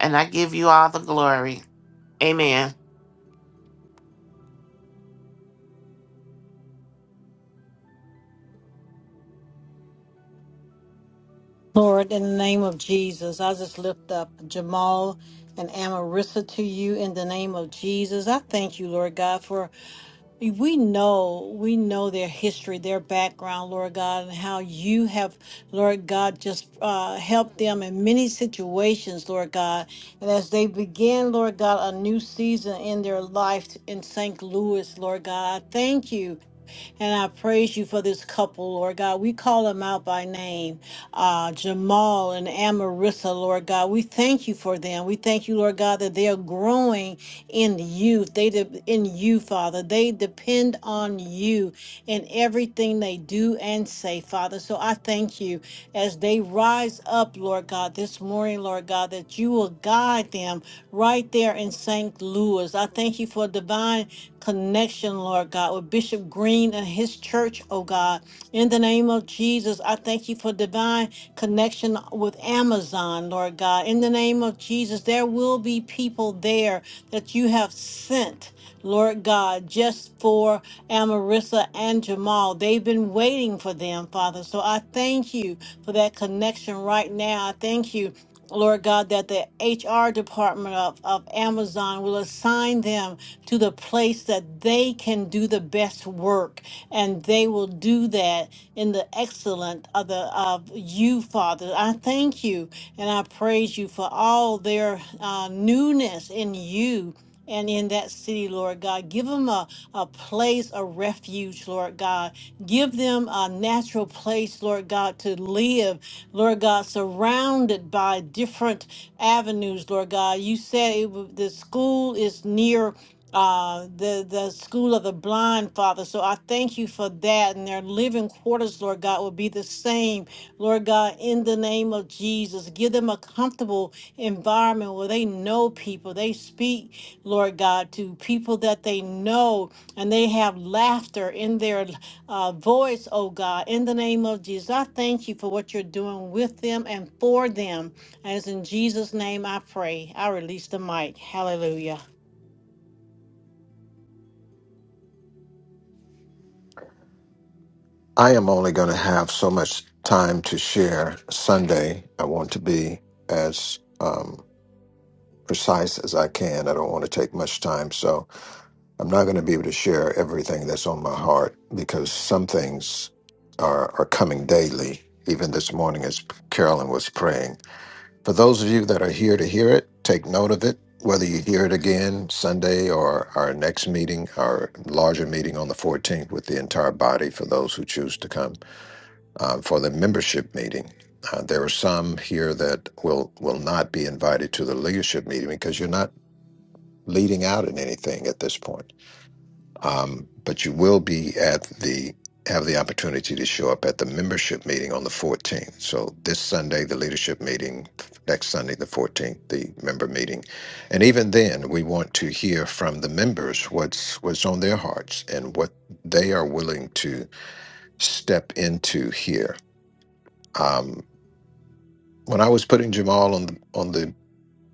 [SPEAKER 6] And I give you all the glory. Amen.
[SPEAKER 4] Lord, in the name of Jesus, I just lift up Jamal and Amarissa to you in the name of Jesus. I thank you, Lord God, for We know, we know their history, their background, Lord God, and how you have, Lord God, just uh, helped them in many situations, Lord God. And as they begin, Lord God, a new season in their life in St. Louis, Lord God, I thank you. And I praise you for this couple, Lord God. We call them out by name, uh, Jamal and Amarissa, Lord God. We thank you for them. We thank you, Lord God, that they are growing in you. They de- in you, Father. They depend on you in everything they do and say, Father. So I thank you as they rise up, Lord God, this morning, Lord God, that you will guide them right there in St. Louis. I thank you for divine connection, Lord God, with Bishop Green and his church, oh God. In the name of Jesus, I thank you for divine connection with Amazon, Lord God. In the name of Jesus, there will be people there that you have sent, Lord God, just for Amarissa and Jamal. They've been waiting for them, Father. So I thank you for that connection right now. I thank you Lord God, that the HR department of, of Amazon will assign them to the place that they can do the best work, and they will do that in the excellent of the of you, Father. I thank you and I praise you for all their uh, newness in you. And in that city, Lord God, give them a, a place, a refuge, Lord God. Give them a natural place, Lord God, to live Lord God, surrounded by different avenues, Lord God. You said it, wa- the school is near uh the the school of the blind father so i thank you for that and their living quarters lord god will be the same lord god in the name of jesus give them a comfortable environment where they know people they speak lord god to people that they know and they have laughter in their uh, voice, oh God, in the name of Jesus. I thank you for what you're doing with them and for them. As in Jesus' name I pray. I release the mic. Hallelujah.
[SPEAKER 10] I am only going to have so much time to share Sunday. I want to be as um, precise as I can. I don't want to take much time. So I'm not going to be able to share everything that's on my heart because some things are, are coming daily, even this morning as Carolyn was praying. For those of you that are here to hear it, take note of it, whether you hear it again Sunday or our next meeting, our larger meeting on the 14th with the entire body for those who choose to come uh, for the membership meeting. Uh, there are some here that will will not be invited to the leadership meeting because you're not leading out in anything at this point. Um, but you will be at the have the opportunity to show up at the membership meeting on the 14th. So this Sunday, the leadership meeting, next Sunday, the 14th, the member meeting, and even then, we want to hear from the members what's what's on their hearts and what they are willing to step into here. Um, when I was putting Jamal on the on the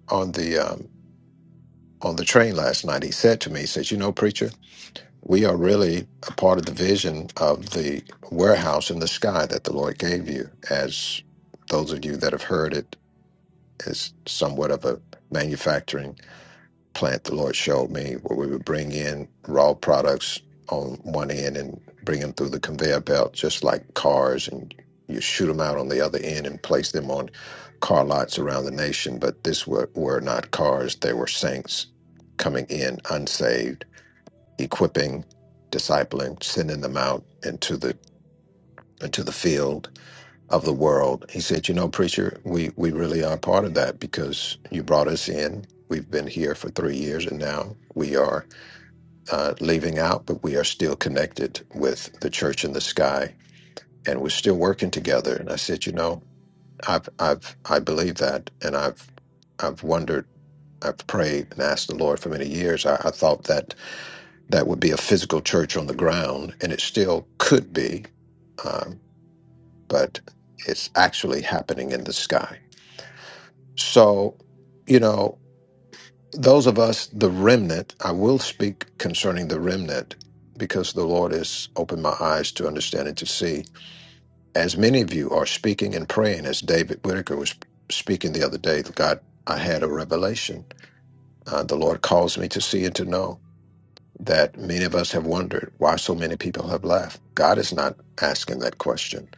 [SPEAKER 10] on the um, on the train last night, he said to me, he says, "You know, preacher." We are really a part of the vision of the warehouse in the sky that the Lord gave you, as those of you that have heard it, as somewhat of a manufacturing plant the Lord showed me where we would bring in raw products on one end and bring them through the conveyor belt, just like cars, and you shoot them out on the other end and place them on car lots around the nation. But this were, were not cars, they were saints coming in unsaved equipping, discipling, sending them out into the into the field of the world. He said, "You know, preacher, we we really are part of that because you brought us in. We've been here for three years, and now we are uh, leaving out, but we are still connected with the church in the sky, and we're still working together." And I said, "You know, I've I've I believe that, and I've I've wondered." I've prayed and asked the Lord for many years. I, I thought that that would be a physical church on the ground, and it still could be, um, but it's actually happening in the sky. So, you know, those of us, the remnant, I will speak concerning the remnant because the Lord has opened my eyes to understand and to see. As many of you are speaking and praying, as David Whitaker was speaking the other day, God, I had a revelation. Uh, the Lord calls me to see and to know. that many of us have wondered why so many people have left. God is not asking that question.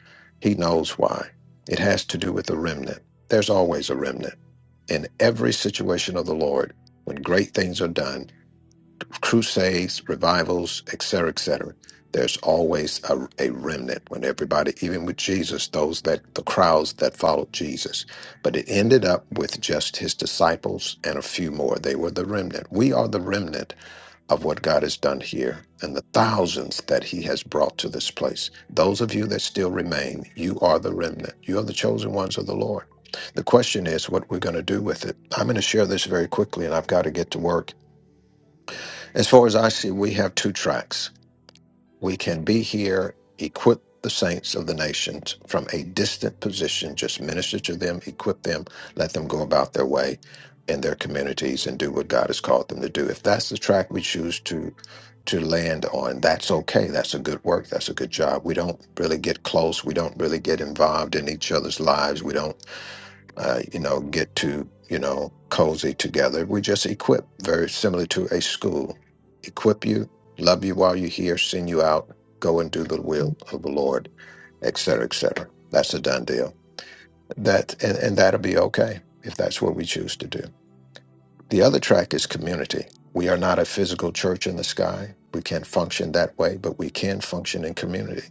[SPEAKER 10] He knows why. It has to do with the remnant. There's always a remnant. In every situation of the Lord, when great things are done, crusades, revivals, etc., etc., there's always a, a remnant when everybody, even with Jesus, those that the crowds that followed Jesus. But it ended up with just his disciples and a few more. They were the remnant. We are the remnant of what God has done here and the thousands that He has brought to this place. Those of you that still remain, you are the remnant. You are the chosen ones of the Lord. The question is what we're going to do with it. I'm going to share this very quickly and I've got to get to work. As far as I see, we have two tracks. We can be here, equip the saints of the nations from a distant position, just minister to them, equip them, let them go about their way in their communities and do what God has called them to do. If that's the track we choose to to land on, that's okay. That's a good work. That's a good job. We don't really get close. We don't really get involved in each other's lives. We don't uh, you know, get to, you know, cozy together. We just equip, very similar to a school. Equip you, love you while you're here, send you out, go and do the will of the Lord, et cetera, et cetera. That's a done deal. That and, and that'll be okay if that's what we choose to do. The other track is community. We are not a physical church in the sky. We can't function that way, but we can function in community.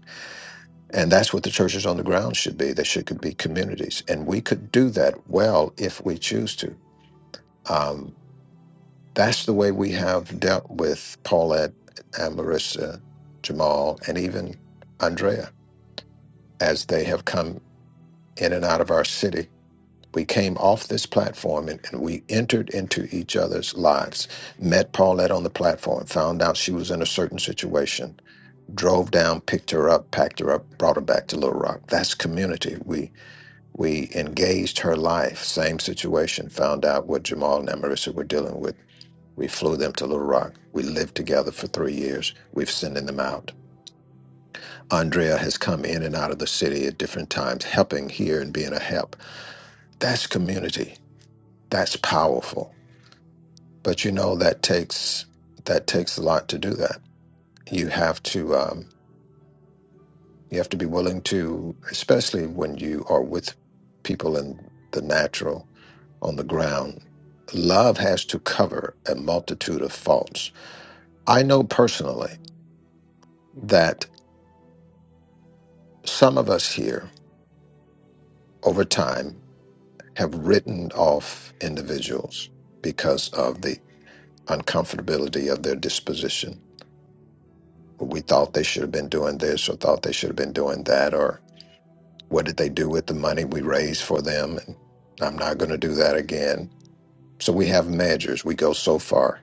[SPEAKER 10] And that's what the churches on the ground should be. They should be communities. And we could do that well if we choose to um, that's the way we have dealt with Paulette and Marissa, Jamal, and even Andrea as they have come in and out of our city. We came off this platform and, and we entered into each other's lives. Met Paulette on the platform, found out she was in a certain situation, drove down, picked her up, packed her up, brought her back to Little Rock. That's community. We we engaged her life, same situation, found out what Jamal and Marissa were dealing with We flew them to Little Rock. We lived together for three years. We've sending them out. Andrea has come in and out of the city at different times, helping here and being a help. That's community. That's powerful. But you know that takes that takes a lot to do that. You have to um, you have to be willing to, especially when you are with people in the natural on the ground. Love has to cover a multitude of faults. I know personally that some of us here over time have written off individuals because of the uncomfortability of their disposition. We thought they should have been doing this or thought they should have been doing that, or what did they do with the money we raised for them? And I'm not going to do that again. So we have measures, we go so far.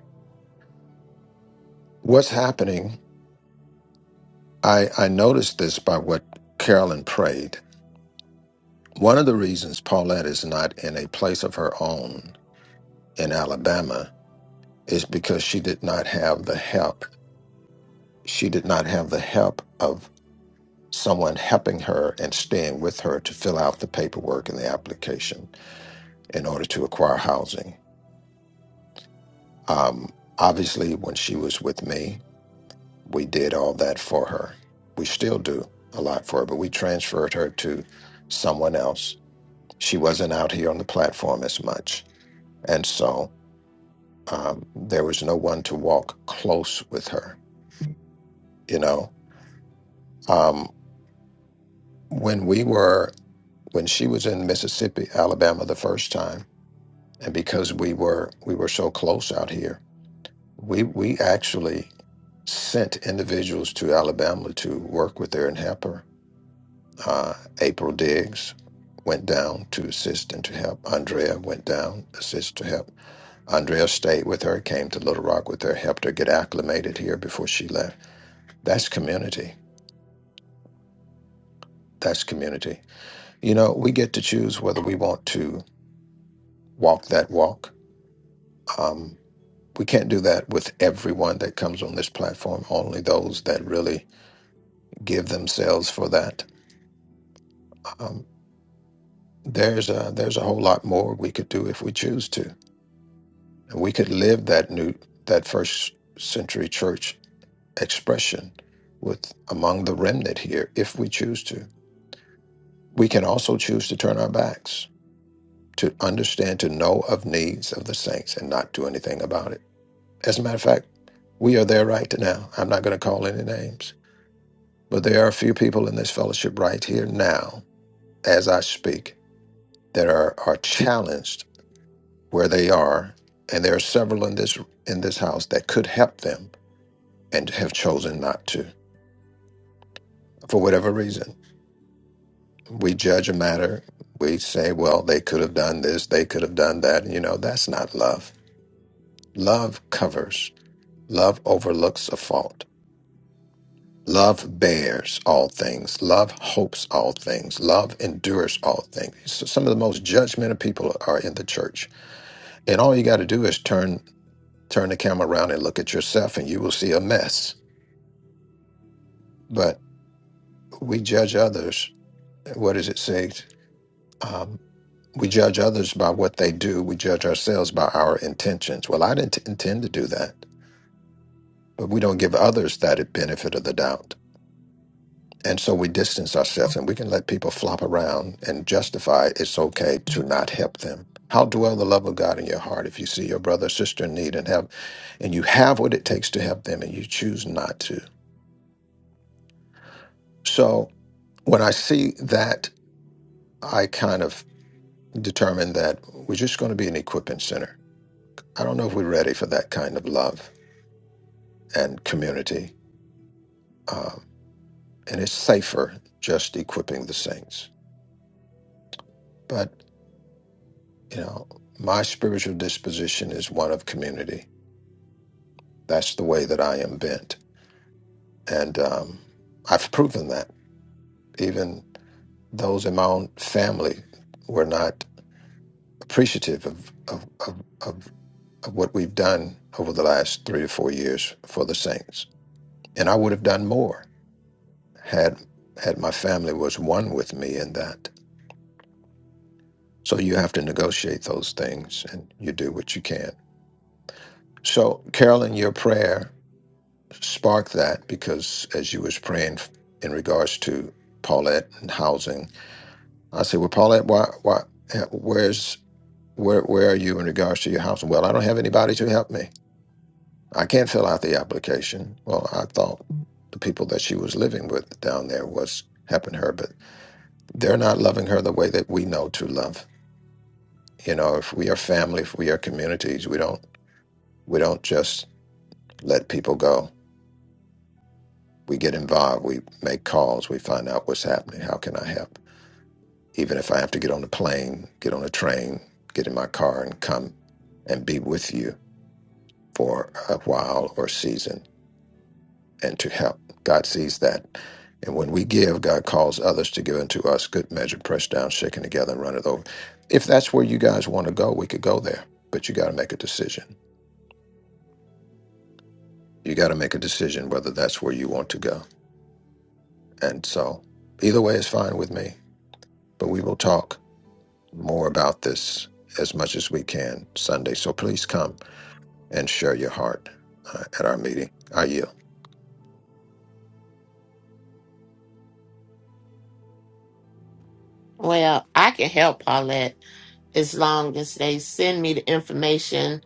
[SPEAKER 10] What's happening? I, I noticed this by what Carolyn prayed. One of the reasons Paulette is not in a place of her own in Alabama is because she did not have the help she did not have the help of someone helping her and staying with her to fill out the paperwork and the application in order to acquire housing. Um, obviously, when she was with me, we did all that for her. We still do a lot for her, but we transferred her to someone else. She wasn't out here on the platform as much. And so um, there was no one to walk close with her, you know. Um, when we were when she was in Mississippi, Alabama the first time, and because we were we were so close out here, we we actually sent individuals to Alabama to work with her and help her. Uh, April Diggs went down to assist and to help. Andrea went down assist to help. Andrea stayed with her, came to Little Rock with her, helped her get acclimated here before she left. That's community. That's community. You know, we get to choose whether we want to walk that walk. Um, we can't do that with everyone that comes on this platform. Only those that really give themselves for that. Um, there's a there's a whole lot more we could do if we choose to, and we could live that new that first century church expression with among the remnant here if we choose to. We can also choose to turn our backs to understand to know of needs of the saints and not do anything about it. As a matter of fact, we are there right now. I'm not going to call any names But there are a few people in this fellowship right here now, as I speak, that are, are challenged where they are, and there are several in this in this house that could help them and have chosen not to for whatever reason. We judge a matter. We say, well, they could have done this, they could have done that. You know, that's not love. Love covers. Love overlooks a fault. Love bears all things. Love hopes all things. Love endures all things. So some of the most judgmental people are in the church. And all you got to do is turn turn the camera around and look at yourself, and you will see a mess. But we judge others. What does it say? Um, we judge others by what they do. We judge ourselves by our intentions. Well, I didn't intend to do that, but we don't give others that benefit of the doubt. And so we distance ourselves and we can let people flop around and justify it's okay to not help them. How dwell the love of God in your heart if you see your brother or sister in need and have and you have what it takes to help them and you choose not to. So when I see that, I kind of determine that we're just going to be an equipping center. I don't know if we're ready for that kind of love and community. Um, and it's safer just equipping the saints. You know, my spiritual disposition is one of community. That's the way that I am bent. And um, I've proven that. Even those in my own family were not appreciative of, of, of, of, of what we've done over the last three to four years for the saints. And I would have done more had had my family was one with me in that. So you have to negotiate those things and you do what you can. So Carolyn, your prayer sparked that because as you was praying f- in regards to Paulette and housing, I said, "Well, Paulette, why, why, eh, where's, where, where are you in regards to your housing?" Well, I don't have anybody to help me. I can't fill out the application. Well, I thought the people that she was living with down there was helping her, but they're not loving her the way that we know to love. You know, if we are family, if we are communities, we don't, we don't just let people go. We get involved. We make calls. We find out what's happening. How can I help? even if I have to get on a plane, get on a train, get in my car, and come and be with you for a while or season and to help. God sees that. And when we give, God calls others to give unto us good measure, pressed down, shaken together, and run it over. If that's where you guys want to go, we could go there, but you got to make a decision. You got to make a decision whether that's where you want to go. And so either way is fine with me, but we will talk more about this as much as we can Sunday. So please come and share your heart uh, at our meeting. I yield.
[SPEAKER 6] Well, I can help Paulette. as long as they send me the information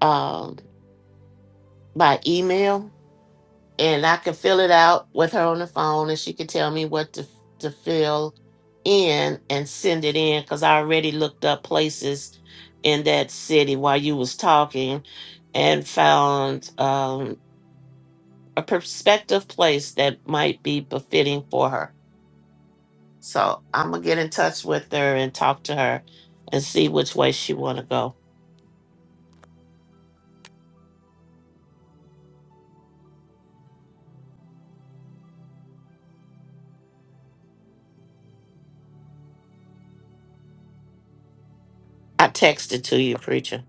[SPEAKER 6] um, by email and I can fill it out with her on the phone and she can tell me what to, to fill in and send it in because I already looked up places in that city while you was talking and found um, a prospective place that might be befitting for her. So I'm gonna get in touch with her and talk to her and see which way she wanna go. I texted to you, preacher.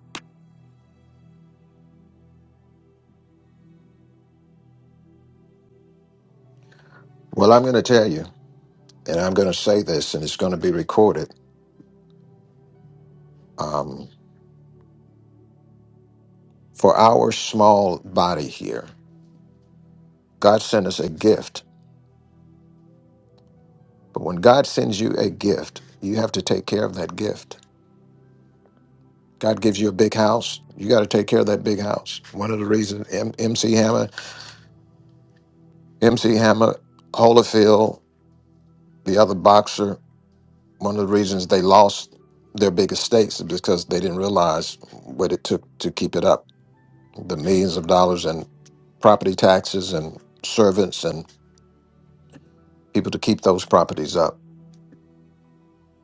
[SPEAKER 10] Well, I'm going to tell you, and I'm going to say this, and it's going to be recorded. Um, for our small body here, God sent us a gift. But when God sends you a gift, you have to take care of that gift. God gives you a big house, you got to take care of that big house. One of the reasons M- MC Hammer, MC Hammer, Holyfield, the other boxer, one of the reasons they lost their big estates is because they didn't realize what it took to keep it up. the millions of dollars in property taxes and servants and people to keep those properties up.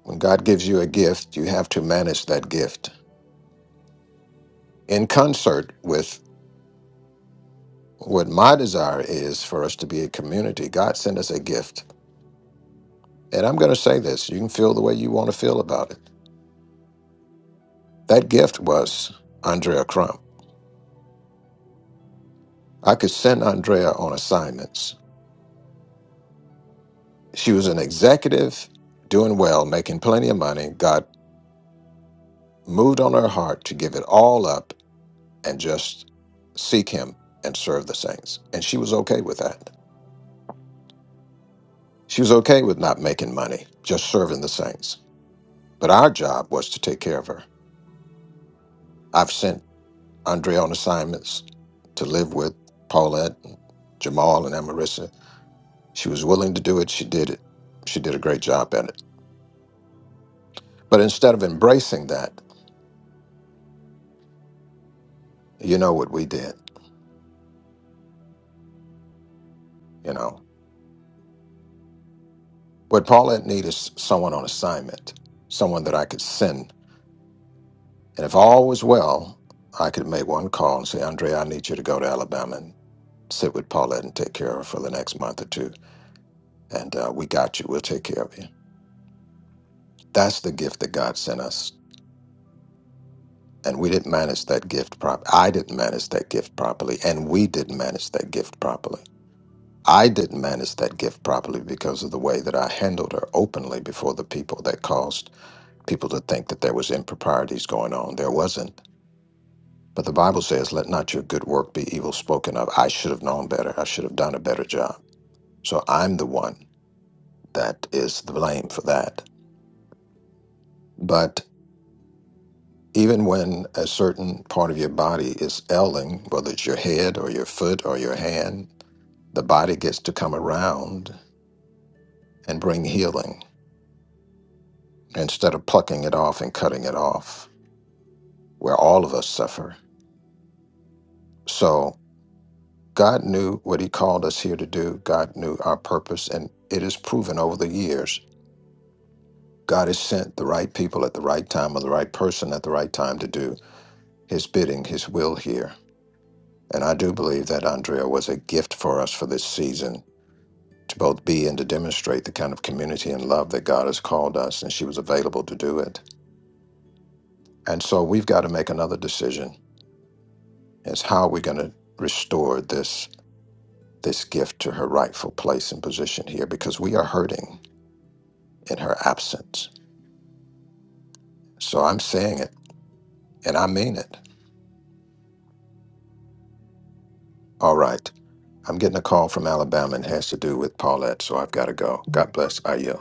[SPEAKER 10] When God gives you a gift, you have to manage that gift in concert with what my desire is for us to be a community. God sent us a gift. And I'm going to say this you can feel the way you want to feel about it. That gift was Andrea Crump. I could send Andrea on assignments. She was an executive, doing well, making plenty of money. God moved on her heart to give it all up and just seek him and serve the saints. And she was okay with that. She was okay with not making money, just serving the saints. But our job was to take care of her. I've sent Andre on assignments to live with Paulette, and Jamal, and Amarissa. She was willing to do it. She did it. She did a great job at it. But instead of embracing that, you know what we did, you know. What Paulette needed is someone on assignment, someone that I could send And if all was well, I could make one call and say, Andre, I need you to go to Alabama and sit with Paulette and take care of her for the next month or two. And uh, we got you. We'll take care of you. That's the gift that God sent us. And we didn't manage that gift properly. I didn't manage that gift properly. And we didn't manage that gift properly. I didn't manage that gift properly because of the way that I handled her openly before the people that caused people to think that there was improprieties going on. There wasn't. But the Bible says, let not your good work be evil spoken of. I should have known better. I should have done a better job. So I'm the one that is the blame for that. But even when a certain part of your body is ailing, whether it's your head or your foot or your hand, the body gets to come around and bring healing instead of plucking it off and cutting it off, where all of us suffer. So God knew what He called us here to do. God knew our purpose, and it is proven over the years God has sent the right people at the right time or the right person at the right time to do his bidding, his will here. And I do believe that Andrea was a gift for us for this season to both be and to demonstrate the kind of community and love that God has called us, and she was available to do it. And so we've got to make another decision is how we're going to restore this this gift to her rightful place and position here because we are hurting in her absence. So I'm saying it and I mean it. All right. I'm getting a call from Alabama and has to do with Paulette, so I've got to go. God bless. I yield.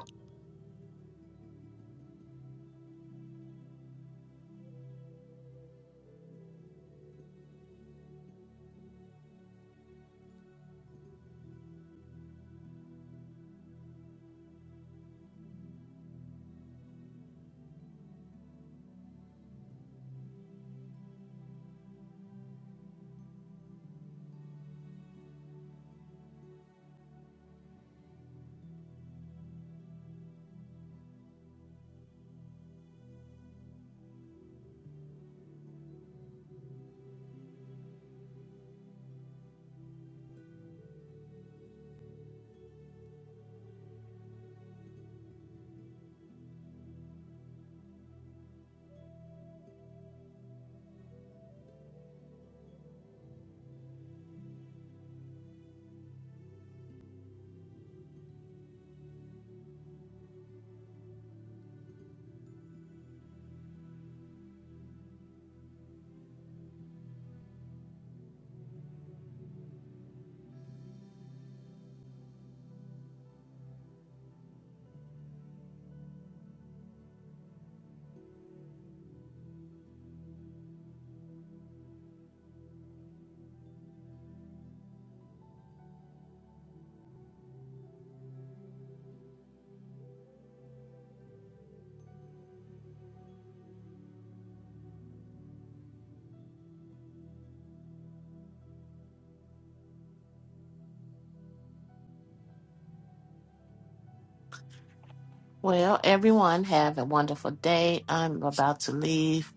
[SPEAKER 6] Well, everyone have a wonderful day. I'm about to leave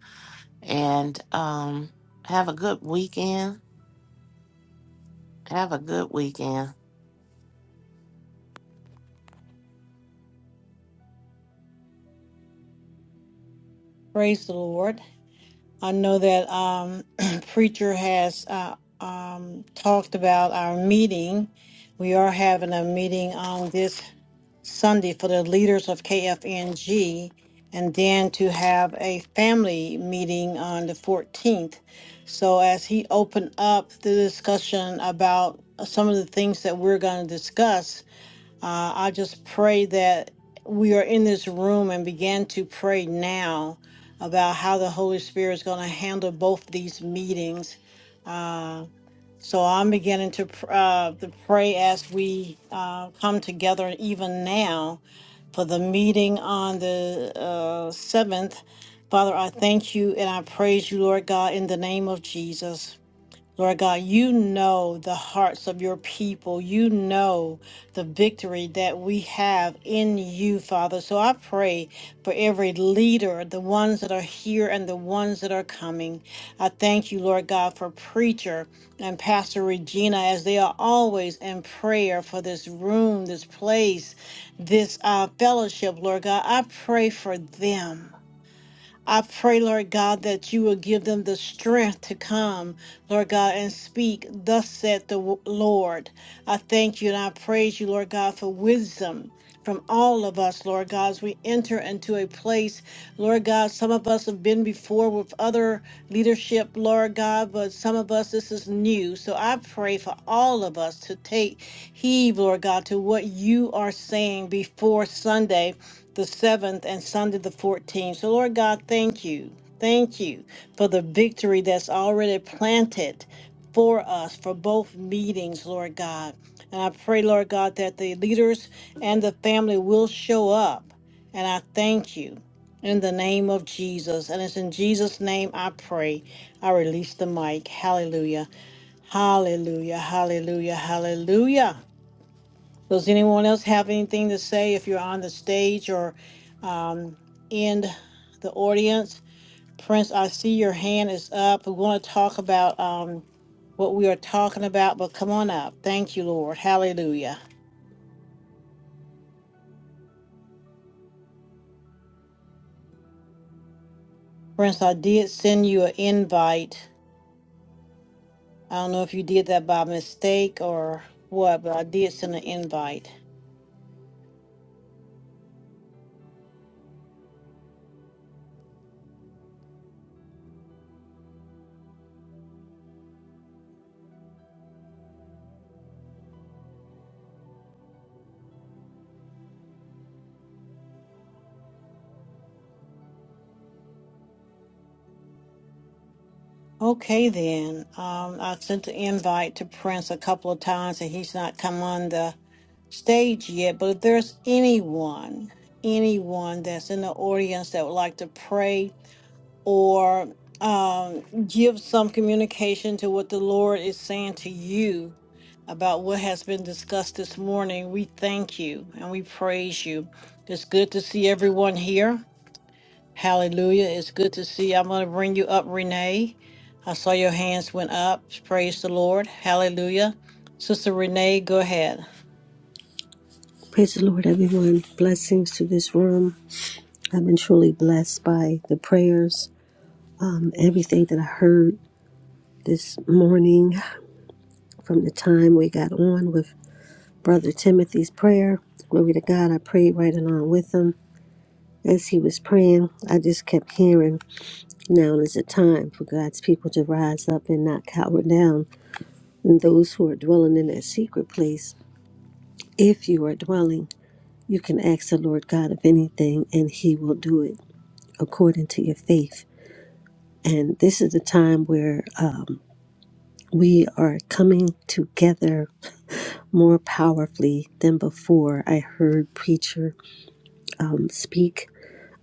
[SPEAKER 6] and um have a good weekend. Have a good weekend.
[SPEAKER 4] Praise the Lord. I know that um, preacher has uh, um, talked about our meeting. We are having a meeting on this. Sunday for the leaders of KFNG, and then to have a family meeting on the 14th. So, as he opened up the discussion about some of the things that we're going to discuss, uh, I just pray that we are in this room and begin to pray now about how the Holy Spirit is going to handle both these meetings. Uh, so I'm beginning to pr- uh, to pray as we uh, come together even now for the meeting on the uh, 7th. Father, I thank you and I praise you, Lord God, in the name of Jesus. Lord God, you know the hearts of your people. You know the victory that we have in you, Father. So I pray for every leader, the ones that are here and the ones that are coming. I thank you, Lord God, for preacher and Pastor Regina as they are always in prayer for this room, this place, this uh, fellowship, Lord God. I pray for them. I pray, Lord God, that you will give them the strength to come, Lord God, and speak, thus said the w- Lord. I thank you and I praise you, Lord God, for wisdom from all of us, Lord God, as we enter into a place, Lord God, some of us have been before with other leadership, Lord God, but some of us, this is new. So I pray for all of us to take heed, Lord God, to what you are saying before Sunday the 7th and Sunday the 14th. So, Lord God, thank you. Thank you for the victory that's already planted for us for both meetings, Lord God. And I pray, Lord God, that the leaders and the family will show up. And I thank you in the name of Jesus. And it's in Jesus' name I pray. I release the mic. Hallelujah. Hallelujah. Hallelujah. Hallelujah. Does anyone else have anything to say if you're on the stage or um, in the audience? Prince, I see your hand is up. We want to talk about um, what we are talking about, but come on up. Thank you, Lord. Hallelujah. Prince, I did send you an invite. I don't know if you did that by mistake or what, but I did send an invite. Okay, then. Um, I sent the invite to Prince a couple of times and he's not come on the stage yet, but if there's anyone, anyone that's in the audience that would like to pray or um, give some communication to what the Lord is saying to you about what has been discussed this morning, we thank you and we praise you. It's good to see everyone here. Hallelujah. It's good to see. I'm going to bring you up, Renee. I saw your hands went up. Praise the Lord. Hallelujah. Sister Renee, go ahead.
[SPEAKER 11] Praise the Lord, everyone. Blessings to this room. I've been truly blessed by the prayers, um, everything that I heard this morning from the time we got on with Brother Timothy's prayer. Glory to God. I prayed right along with him. As he was praying, I just kept hearing, now is the time for God's people to rise up and not cower down. And those who are dwelling in that secret place, if you are dwelling, you can ask the Lord God of anything and he will do it. according to your faith. And this is the time where um, we are coming together more powerfully than before. I heard preacher um, speak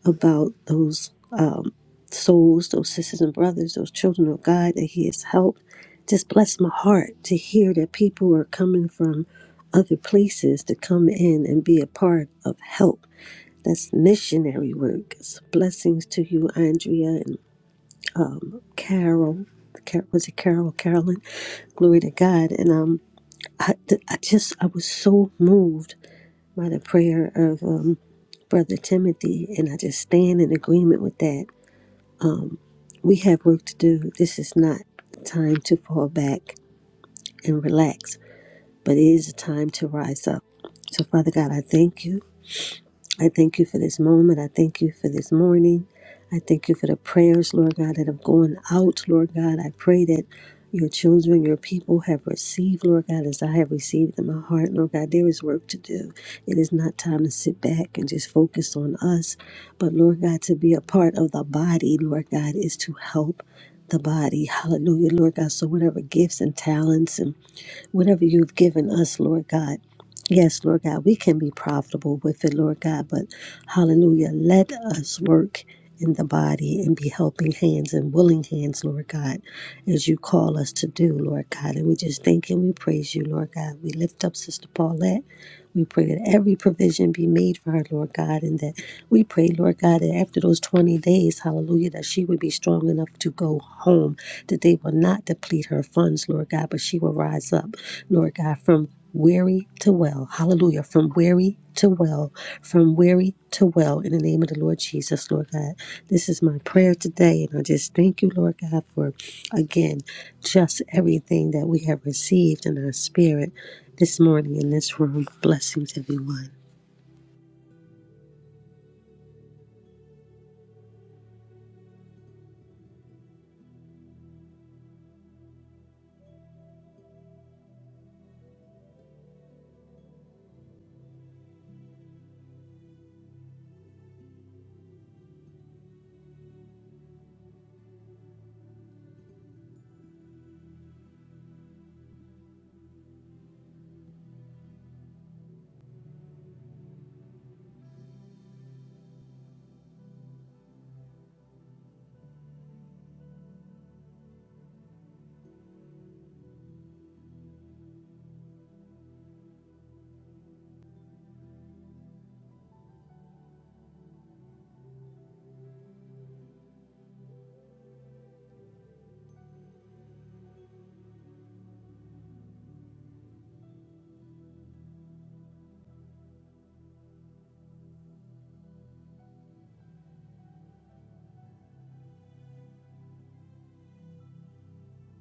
[SPEAKER 11] about those um, souls, those sisters and brothers, those children of God that He has helped. Just bless my heart to hear that people are coming from other places to come in and be a part of help. That's missionary work. It's blessings to you, Andrea, and um, Carol. Car- Was it Carol? Carolyn? Glory to God. And um, I, th- I just, I was so moved by the prayer of um, Brother Timothy, and I just stand in agreement with that. We have work to do. This is not a time to fall back and relax, but it is a time to rise up. So, Father God, I thank you. I thank you for this moment. I thank you for this morning. I thank you for the prayers, Lord God, that have gone out, Lord God. I pray that your children, your people have received, Lord God, as I have received in my heart, Lord God. There is work to do. It is not time to sit back and just focus on us, but Lord God, to be a part of the body, Lord God, is to help the body. Hallelujah, Lord God. So, whatever gifts and talents and whatever you've given us, Lord God. Yes, Lord God, we can be profitable with it, Lord God, but hallelujah, let us work in the body and be helping hands and willing hands, Lord God, as you call us to do, Lord God. And we just thank and we praise you, Lord God. We lift up Sister Paulette. We pray that every provision be made for her, Lord God, and that we pray, Lord God, that after those 20 days, hallelujah, that she would be strong enough to go home, that they will not deplete her funds, Lord God, but she will rise up. Lord God, from weary to well. Hallelujah. From weary to well. From weary to well. In the name of the Lord Jesus, Lord God. This is my prayer today. And I just thank you, Lord God, for again, just everything that we have received in our spirit this morning in this room. Blessings, everyone.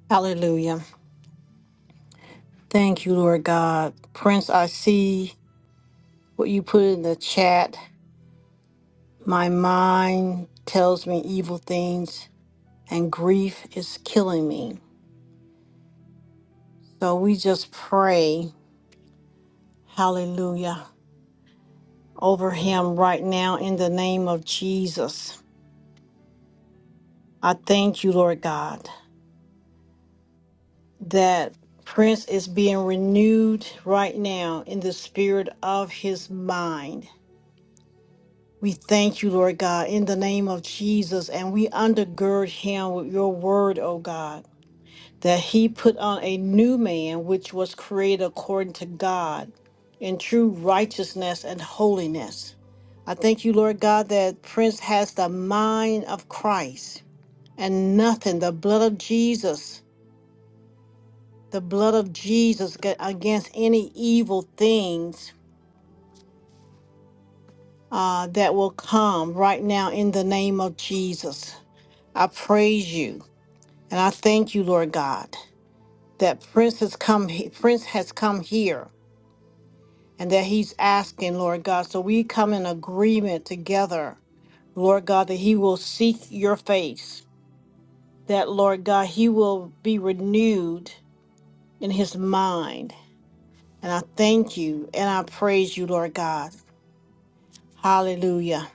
[SPEAKER 4] Hallelujah. Thank you, Lord God. Prince, I see what you put in the chat. My mind tells me evil things, and grief is killing me. So we just pray, hallelujah, over him right now in the name of Jesus. I thank you, Lord God, that Prince is being renewed right now in the spirit of his mind. We thank you, Lord God, in the name of Jesus, and we undergird him with your word, O God, that he put on a new man which was created according to God in true righteousness and holiness. I thank you, Lord God, that Prince has the mind of Christ and nothing, the blood of Jesus, the blood of Jesus ga- against any evil things uh, that will come right now in the name of Jesus. I praise you and I thank you, Lord God, that Prince has come he- Prince has come here and that he's asking, Lord God. So we come in agreement together, Lord God, that he will seek your face, that Lord God, he will be renewed in his mind. And I thank you and I praise you, Lord God. Hallelujah.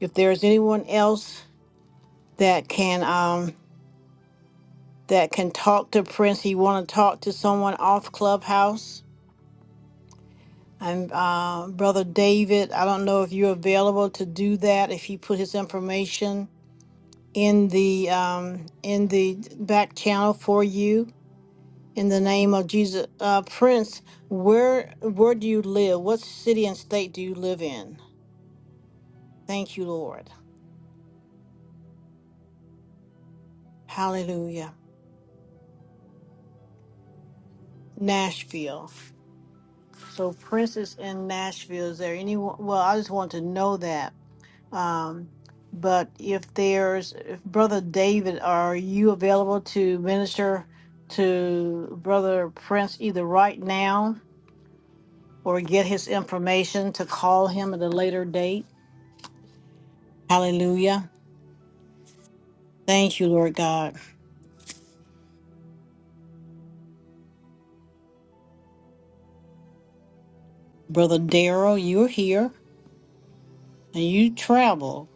[SPEAKER 4] If there is anyone else that can um that can talk to Prince, he want to talk to someone off Clubhouse And uh, Brother David, I don't know if you're available to do that, if he put his information in the um, in the back channel for you. In the name of Jesus, uh, Prince, where where do you live? What city and state do you live in? Thank you, Lord. Hallelujah. Nashville. So Prince is in Nashville. Is there anyone? Well, I just want to know that. Um, but if there's, if Brother David, are you available to minister to Brother Prince either right now or get his information to call him at a later date? Hallelujah. Thank you, Lord God. Brother Daryl, you're here and you travel.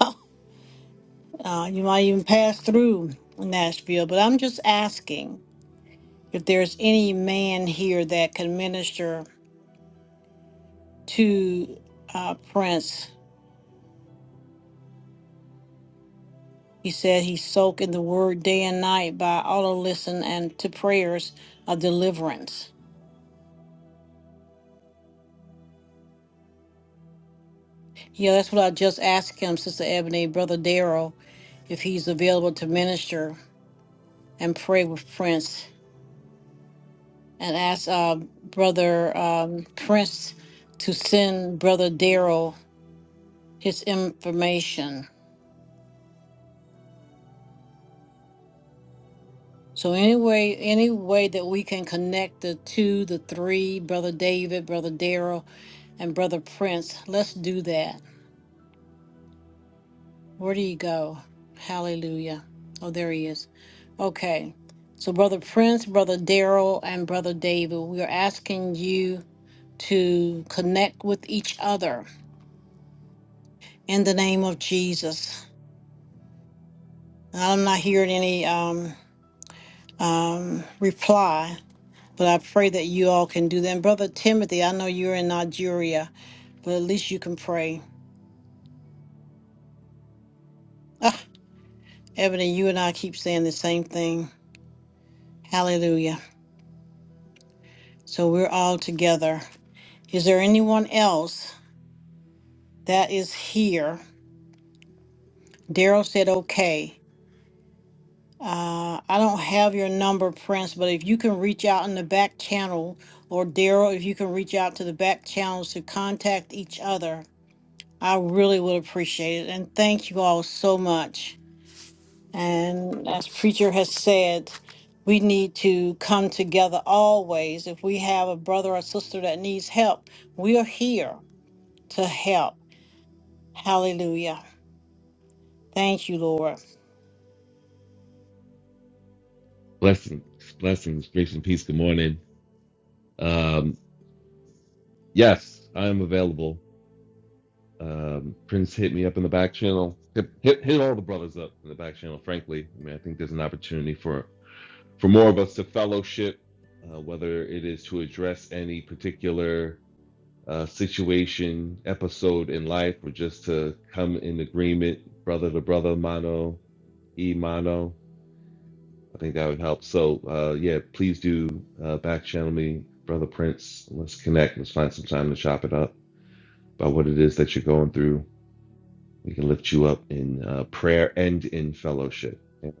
[SPEAKER 4] Uh, you might even pass through Nashville, but I'm just asking if there's any man here that can minister to uh, Prince He said he soaked in the word day and night by auto listen and to prayers of deliverance. Yeah, that's what I just asked him, Sister Ebony, Brother Darrell, if he's available to minister and pray with Prince and ask uh, Brother um, Prince to send Brother Darrell his information. So anyway, any way that we can connect the two, the three, Brother David, Brother Darrell, and Brother Prince, let's do that. Where do you go? Hallelujah. Oh, there he is. Okay. So, Brother Prince, Brother Daryl, and Brother David, we are asking you to connect with each other in the name of Jesus. And I'm not hearing any um, um, reply, but I pray that you all can do that. And Brother Timothy, I know you're in Nigeria, but at least you can pray. Ah, Ebony, you and I keep saying the same thing. Hallelujah. So, we're all together. Is there anyone else that is here? Daryl said, okay. Uh, I don't have your number, Prince, but if you can reach out in the back channel, or Daryl, if you can reach out to the back channels to contact each other, I really would appreciate it. And thank you all so much. And as Preacher has said, we need to come together always. If we have a brother or sister that needs help, we are here to help. Hallelujah. Thank you, Lord.
[SPEAKER 12] Blessings, blessings, grace and peace. Good morning. Um, yes, I am available. Um, Prince hit me up in the back channel. Hit, hit, hit all the brothers up in the back channel. Frankly, I mean, I think there's an opportunity for for more of us to fellowship, uh, whether it is to address any particular uh, situation, episode in life, or just to come in agreement, brother to brother, mano e mano. I think that would help. So uh, yeah, please do uh, back channel me, brother Prince. Let's connect. Let's find some time to chop it up about what it is that you're going through. We can lift you up in uh, prayer and in fellowship. Amen.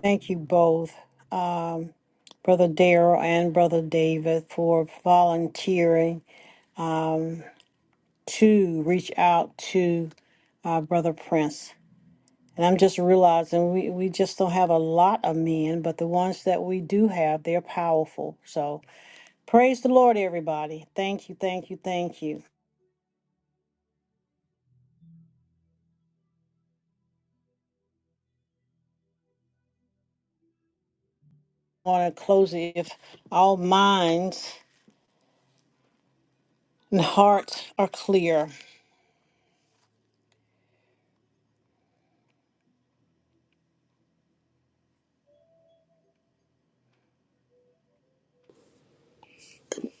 [SPEAKER 4] Thank you both, um, Brother Darrell and Brother David, for volunteering to reach out to uh, Brother Prince. And I'm just realizing we, we just don't have a lot of men, but the ones that we do have, they're powerful. So praise the Lord, everybody. Thank you, thank you, thank you. I want to close it if all minds and hearts are clear.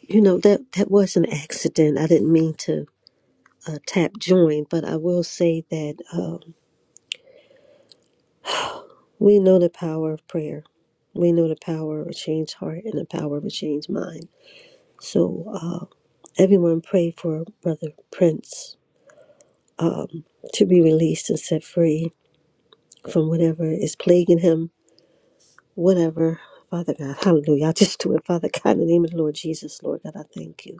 [SPEAKER 11] You know, that, that was an accident. I didn't mean to uh, tap join, but I will say that um, we know the power of prayer. We know the power of a changed heart and the power of a changed mind. So uh, everyone pray for Brother Prince um, to be released and set free from whatever is plaguing him, whatever. Father God, hallelujah. I just do it, Father God, in the name of the Lord Jesus, Lord God, I thank you.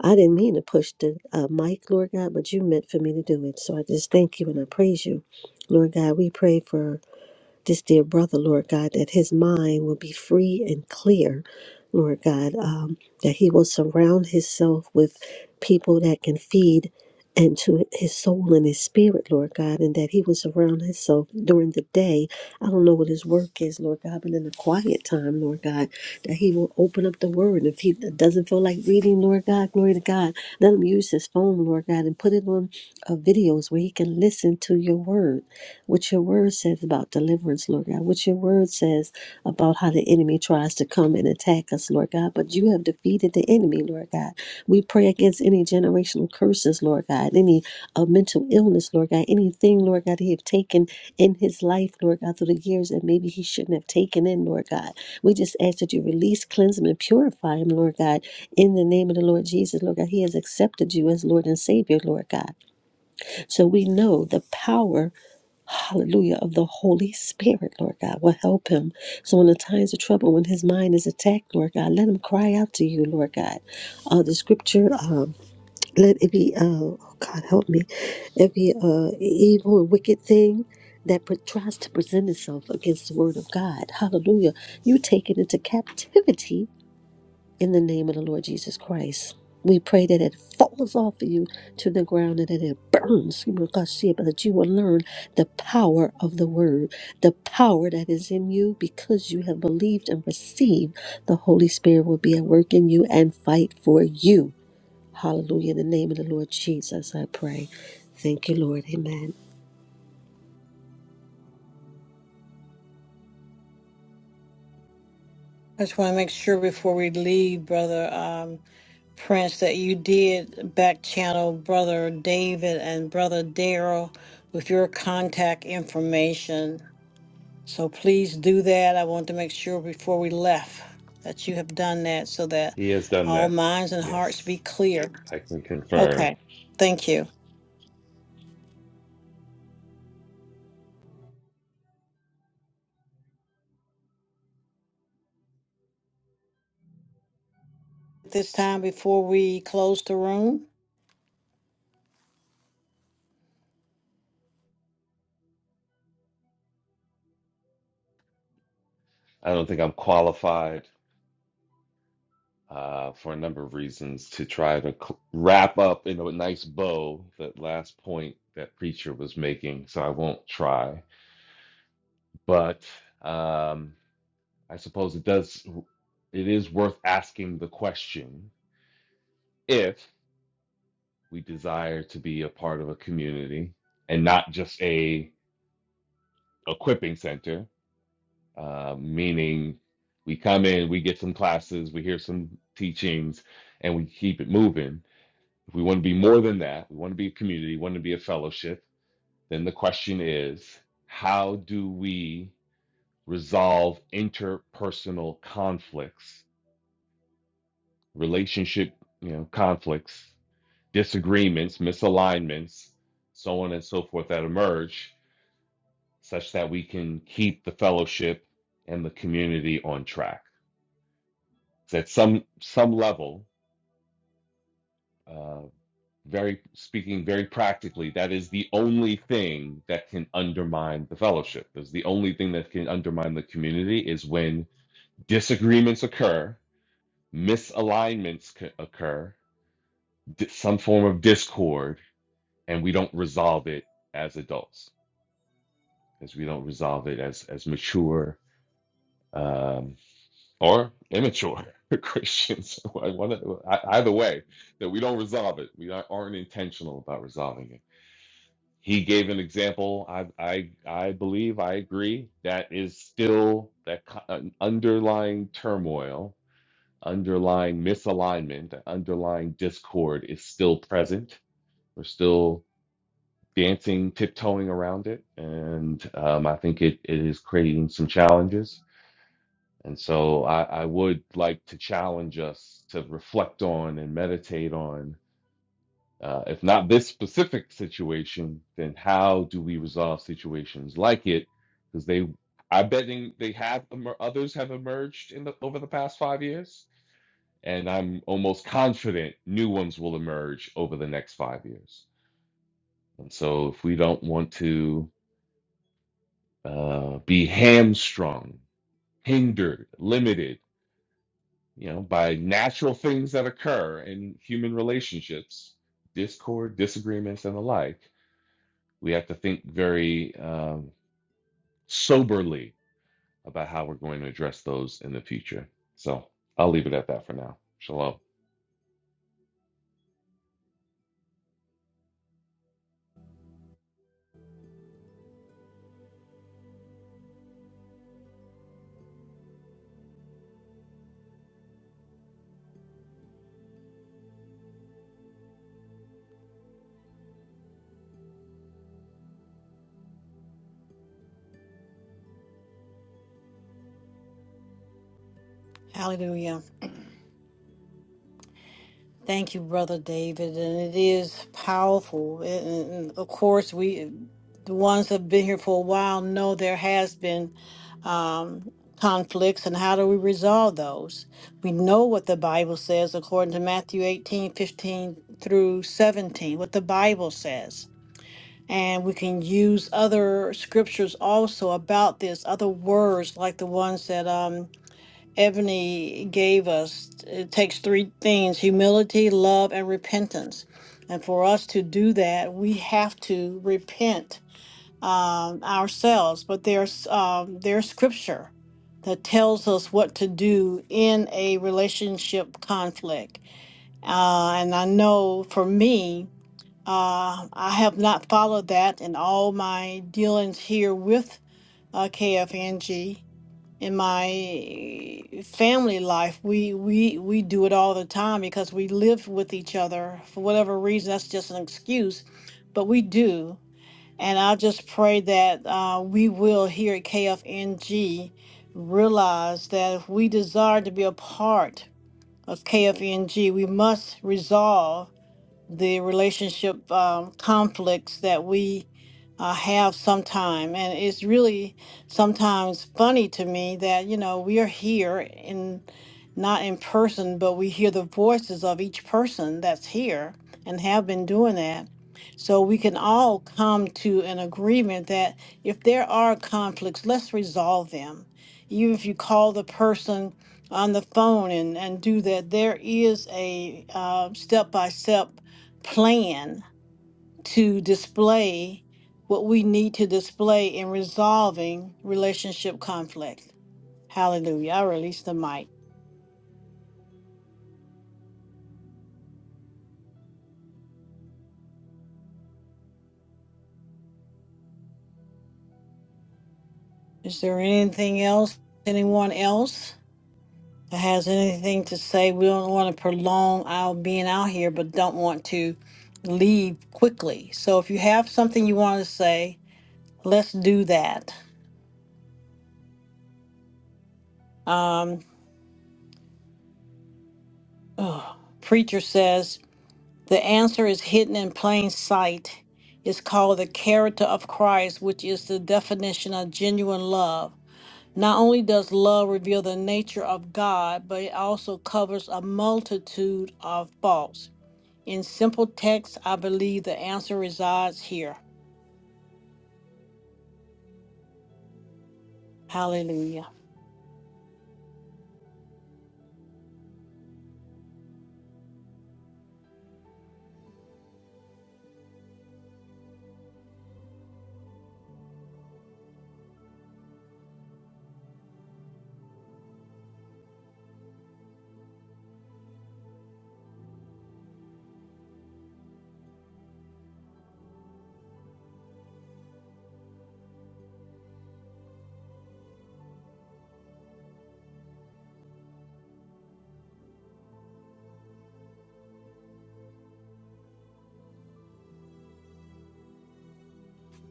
[SPEAKER 11] I didn't mean to push the uh, mic, Lord God, but you meant for me to do it. So I just thank you and I praise you. Lord God, we pray for this dear brother, Lord God, that his mind will be free and clear, Lord God, um, that he will surround himself with people that can feed into his soul and his spirit, Lord God, and that he will surround himself during the day. I don't know what his work is, Lord God, but in the quiet time, Lord God, that he will open up the word. If he doesn't feel like reading, Lord God, glory to God, let him use his phone, Lord God, and put it on uh, videos where he can listen to your word what your word says about deliverance, Lord God, what your word says about how the enemy tries to come and attack us, Lord God, but you have defeated the enemy, Lord God. We pray against any generational curses, Lord God, any uh, mental illness, Lord God, anything, Lord God, he have taken in his life, Lord God, through the years that maybe he shouldn't have taken in, Lord God. We just ask that you release, cleanse him, and purify him, Lord God, in the name of the Lord Jesus, Lord God. He has accepted you as Lord and Savior, Lord God. So we know the power hallelujah, of the Holy Spirit, Lord God, will help him. So in the times of trouble, when his mind is attacked, Lord God, let him cry out to you, Lord God. Uh, the scripture, um, let it be, uh, oh God, help me, every uh, evil and wicked thing that pre- tries to present itself against the word of God, hallelujah, you take it into captivity in the name of the Lord Jesus Christ. We pray that it falls off of you to the ground and that it burns, but that you will learn the power of the word, the power that is in you because you have believed and received. The Holy Spirit will be at work in you and fight for you. Hallelujah. In the name of the Lord Jesus, I pray. Thank you, Lord. Amen.
[SPEAKER 4] I just want to make sure before we leave, Brother um, Prince, that you did back channel Brother David and Brother Daryl with your contact information. So please do that. I want to make sure before we left that you have done that so that
[SPEAKER 12] He has done
[SPEAKER 4] all
[SPEAKER 12] that.
[SPEAKER 4] minds and hearts be
[SPEAKER 12] Yes,
[SPEAKER 4] clear.
[SPEAKER 12] I can confirm.
[SPEAKER 4] Okay, thank you. At This time, before we close the room,
[SPEAKER 12] I don't think I'm qualified uh, for a number of reasons to try to cl- wrap up in a nice bow that last point that preacher was making. So I won't try, but um, I suppose it does. It is worth asking the question if we desire to be a part of a community and not just a equipping center, uh, meaning we come in, we get some classes, we hear some teachings, and we keep it moving If we want to be more than that, we want to be a community, we want to be a fellowship, then the question is how do we resolve interpersonal conflicts, relationship, you know, conflicts, disagreements, misalignments, so on and so forth that emerge such that we can keep the fellowship and the community on track. So at some some level, Uh, very speaking very practically, that is the only thing that can undermine the fellowship. Is the only thing that can undermine the community is when disagreements occur, misalignments c- occur, di- some form of discord, and we don't resolve it as adults, as we don't resolve it as as mature um, or immature Christians. I wanna, I, either way, that we don't resolve it. We aren't intentional about resolving it. he gave an example. I I I believe I agree that is still that co- an underlying turmoil, underlying misalignment, that underlying discord is still present. We're still dancing, tiptoeing around it, and um, I think it, it is creating some challenges. And so I, I would like to challenge us to reflect on and meditate on uh, if not this specific situation, then how do we resolve situations like it? Because they, I'm betting they have emer- others have emerged in the over the past five years, and I'm almost confident new ones will emerge over the next five years. And so, if we don't want to uh, be hamstrung, hindered, limited, you know, by natural things that occur in human relationships, discord, disagreements, and the like we have to think very um, soberly about how we're going to address those in the future. So I'll leave it at that for now. Shalom.
[SPEAKER 4] hallelujah. Thank you, Brother David. And it is powerful. And and- of course, we, the ones that have been here for a while, know there has been um, conflicts. And how do we resolve those? We know what the Bible says according to Matthew 18 15 through 17, what the Bible says. And we can use other scriptures also about this, other words like the ones that um, Ebony gave us, it takes three things humility, love, and repentance. And for us to do that, we have to repent um, ourselves. But there's, um, there's scripture that tells us what to do in a relationship conflict. Uh, and I know for me, uh, I have not followed that in all my dealings here with uh, KFNG in my family life we we we do it all the time because we live with each other for whatever reason that's just an excuse but we do and i just pray that uh, we will here at kfng realize that if we desire to be a part of kfng we must resolve the relationship um, conflicts that we uh, have sometime. And it's really sometimes funny to me that, you know, we are here in not in person, but we hear the voices of each person that's here and have been doing that. So we can all come to an agreement that if there are conflicts, let's resolve them. Even if you call the person on the phone and, and do that, there is a step by step plan to display what we need to display in resolving relationship conflict. Hallelujah. I release the mic. Is there anything else? Anyone else that has anything to say? We don't want to prolong our being out here, but don't want to leave quickly. So if you have something you want to say, let's do that. Um, ugh. preacher says The answer is hidden in plain sight. It's called the character of Christ, which is the definition of genuine love. Not only does love reveal the nature of God, but it also covers a multitude of faults. In simple text, I believe the answer resides here. Hallelujah.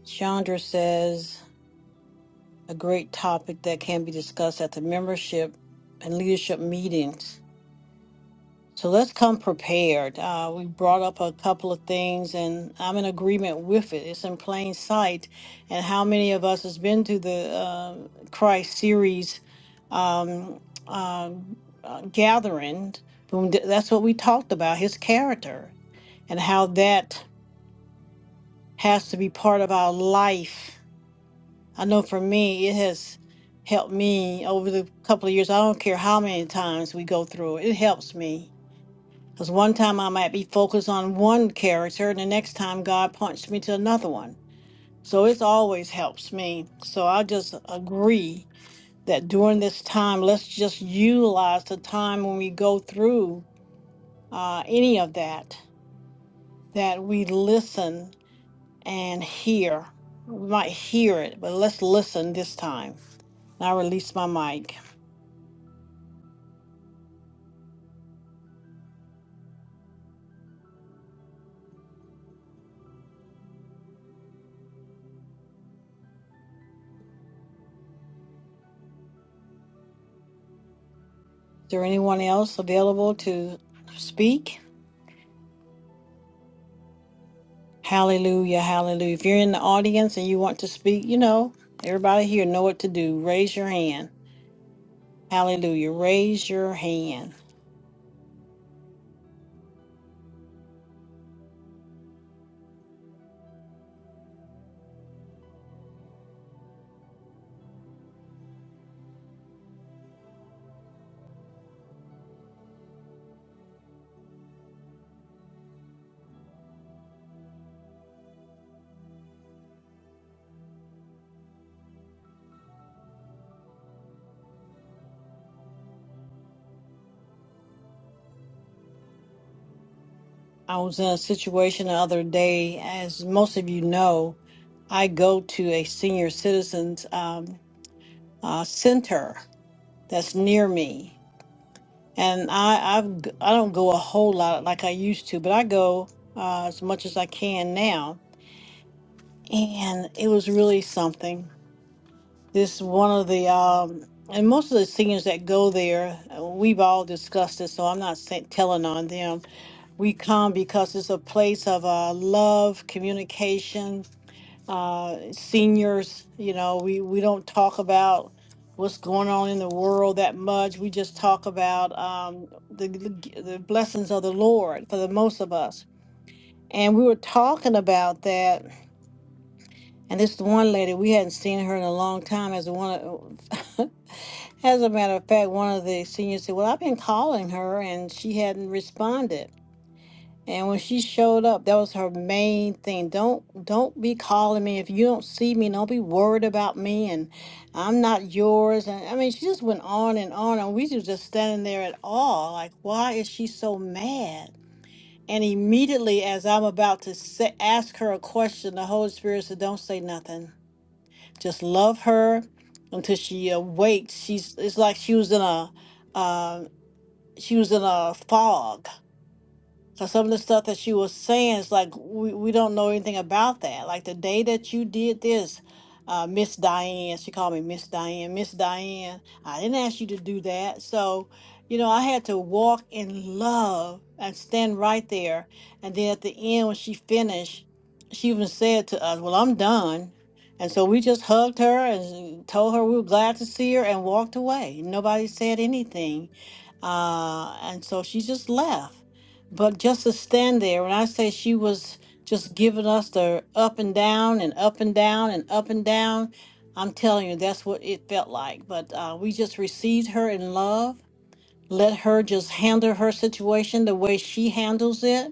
[SPEAKER 4] Chandra says a great topic that can be discussed at the membership and leadership meetings. So let's come prepared. Uh, we brought up a couple of things, and I'm in agreement with it. It's in plain sight. And how many of us has been to the uh, Christ series um, uh, uh, gathering? Boom, th- That's what we talked about his character and how that has to be part of our life. I know for me, it has helped me over the couple of years. I don't care how many times we go through it, it helps me because one time I might be focused on one character, and the next time God punched me to another one. So it always helps me. So I just agree that during this time, let's just utilize the time when we go through uh, any of that, that we listen and hear. We might hear it, but let's listen this time. And I release my mic. Is there anyone else available to speak? Hallelujah, hallelujah. If you're in the audience and you want to speak, you know, everybody here know what to do. Raise your hand. Hallelujah. Raise your hand. I was in a situation the other day, as most of you know, I go to a senior citizens um, uh, center that's near me. And I I've, g- I don't go a whole lot like I used to, but I go uh, as much as I can now. And it was really something. this one of the um and most of the seniors that go there uh, we've all discussed this so i'm not sa- telling on them we come because it's a place of uh, love communication uh seniors you know we we don't talk about what's going on in the world that much we just talk about um the the, the blessings of the lord for the most of us and we were talking about that and this one lady we hadn't seen her in a long time as one of As a matter of fact, one of the seniors said, Well, I've been calling her and she hadn't responded. And when she showed up, that was her main thing. Don't don't be calling me if you don't see me. Don't be worried about me, and I'm not yours. And I mean, she just went on and on, and we was just standing there at all, like, why is she so mad? And immediately, as I'm about to say, ask her a question, the Holy Spirit said, "Don't say nothing." just love her until she awakes. She's it's like she was in a um she was in a fog so some of the stuff that she was saying is like we, we don't know anything about that. Like the day that you did this, uh, Miss Diane, she called me Miss Diane, Miss Diane. I didn't ask you to do that. So, you know, I had to walk in love and stand right there. And then at the end when she finished, she even said to us, Well, I'm done. And so we just hugged her and told her we were glad to see her and walked away. Nobody said anything. Uh, and so she just left. But just to stand there, when I say she was just giving us the up and down and up and down and up and down, I'm telling you, that's what it felt like. But uh, we just received her in love, let her just handle her situation the way she handles it.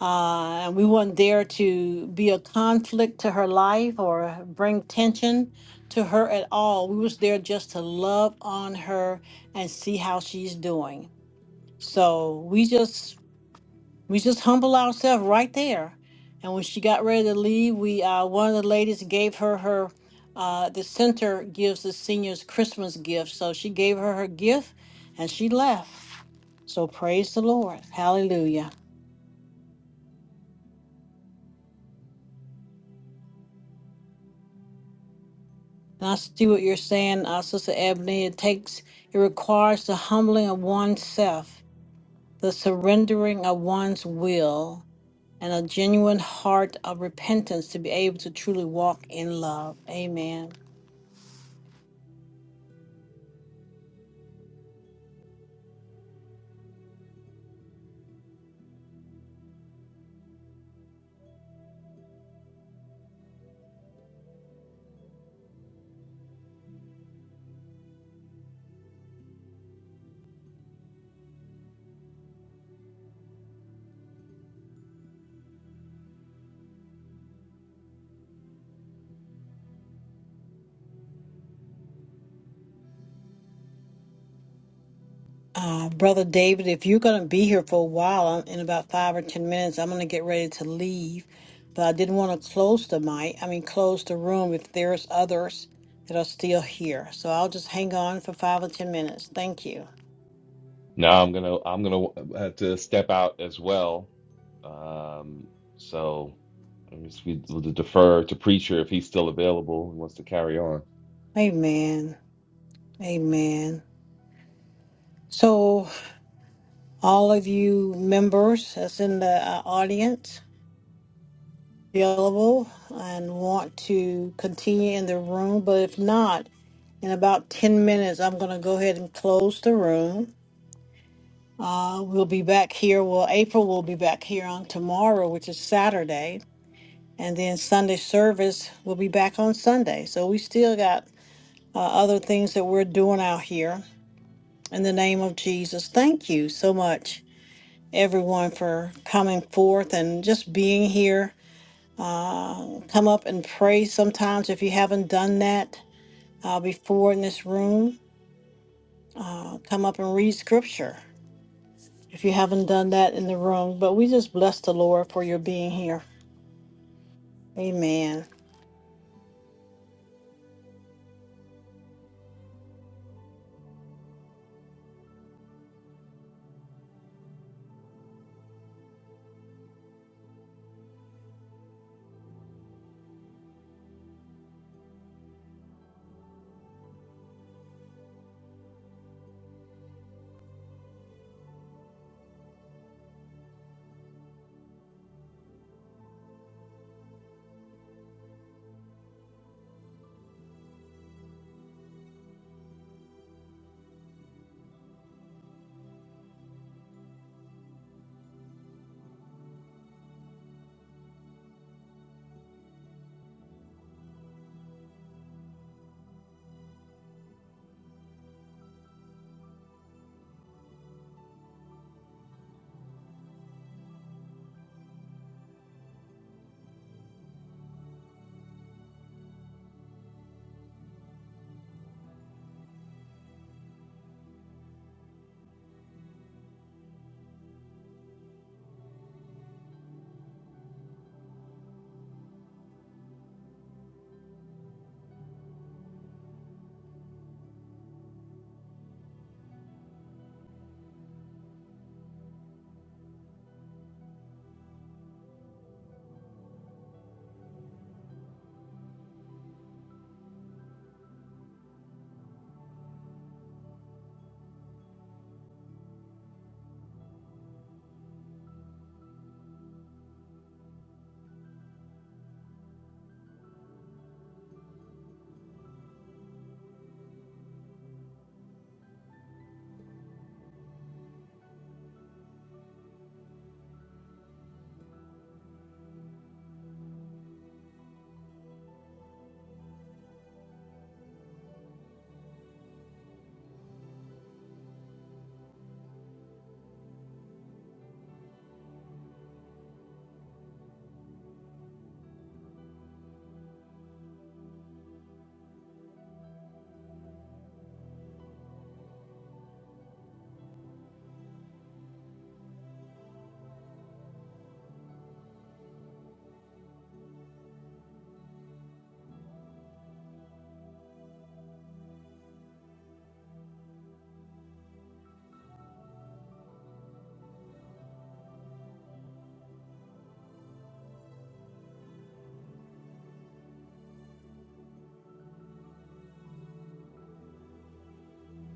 [SPEAKER 4] Uh, and we weren't there to be a conflict to her life or bring tension to her at all. We was there just to love on her and see how she's doing. So we just we just humble ourselves right there. And when she got ready to leave, we uh, one of the ladies gave her her uh, the center gives the seniors Christmas gift, so she gave her her gift, and she left. So praise the Lord, Hallelujah. And I see what you're saying, uh, Sister Ebony. It takes it requires the humbling of oneself, the surrendering of one's will, and a genuine heart of repentance to be able to truly walk in love. Amen. Uh, Brother David, if you're going to be here for a while, I'm- in about five or 10 minutes, I'm going to get ready to leave. But I didn't want to close the mic, I mean, close the room if there's others that are still here. So I'll just hang on for five or 10 minutes. Thank you.
[SPEAKER 12] Now I'm gonna I'm gonna uh, have to step out as well. Um, so I guess we, we'll defer to preacher if he's still available and wants to carry on.
[SPEAKER 4] Amen. Amen. So, all of you members that's in the uh, audience, available and want to continue in the room, but if not, in about 10 minutes, I'm going to go ahead and close the room. Uh, we'll be back here. Well, April will be back here on tomorrow, which is Saturday. And then Sunday service will be back on Sunday. So we still got uh, other things that we're doing out here. In the name of Jesus, thank you so much, everyone, for coming forth and just being here. Uh, come up and pray sometimes if you haven't done that uh, before in this room. Uh, come up and read scripture. if you haven't done that in the room, but we just bless the Lord for your being here. Amen.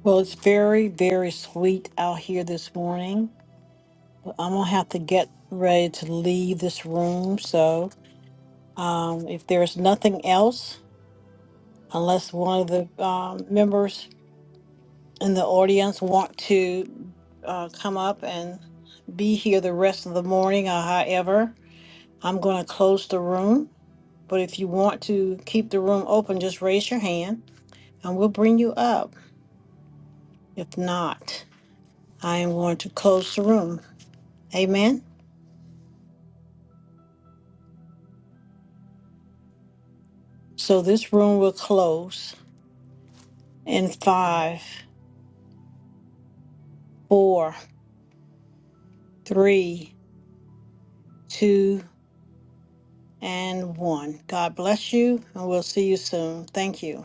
[SPEAKER 4] Well, it's very, very sweet out here this morning, but I'm going to have to get ready to leave this room. So um, if there's nothing else, unless one of the um, members in the audience want to uh, come up and be here the rest of the morning or however, I'm going to close the room. But if you want to keep the room open, just raise your hand and we'll bring you up. If not, I am going to close the room. Amen. So this room will close in five, four, three, two, and one. God bless you, and we'll see you soon. Thank you.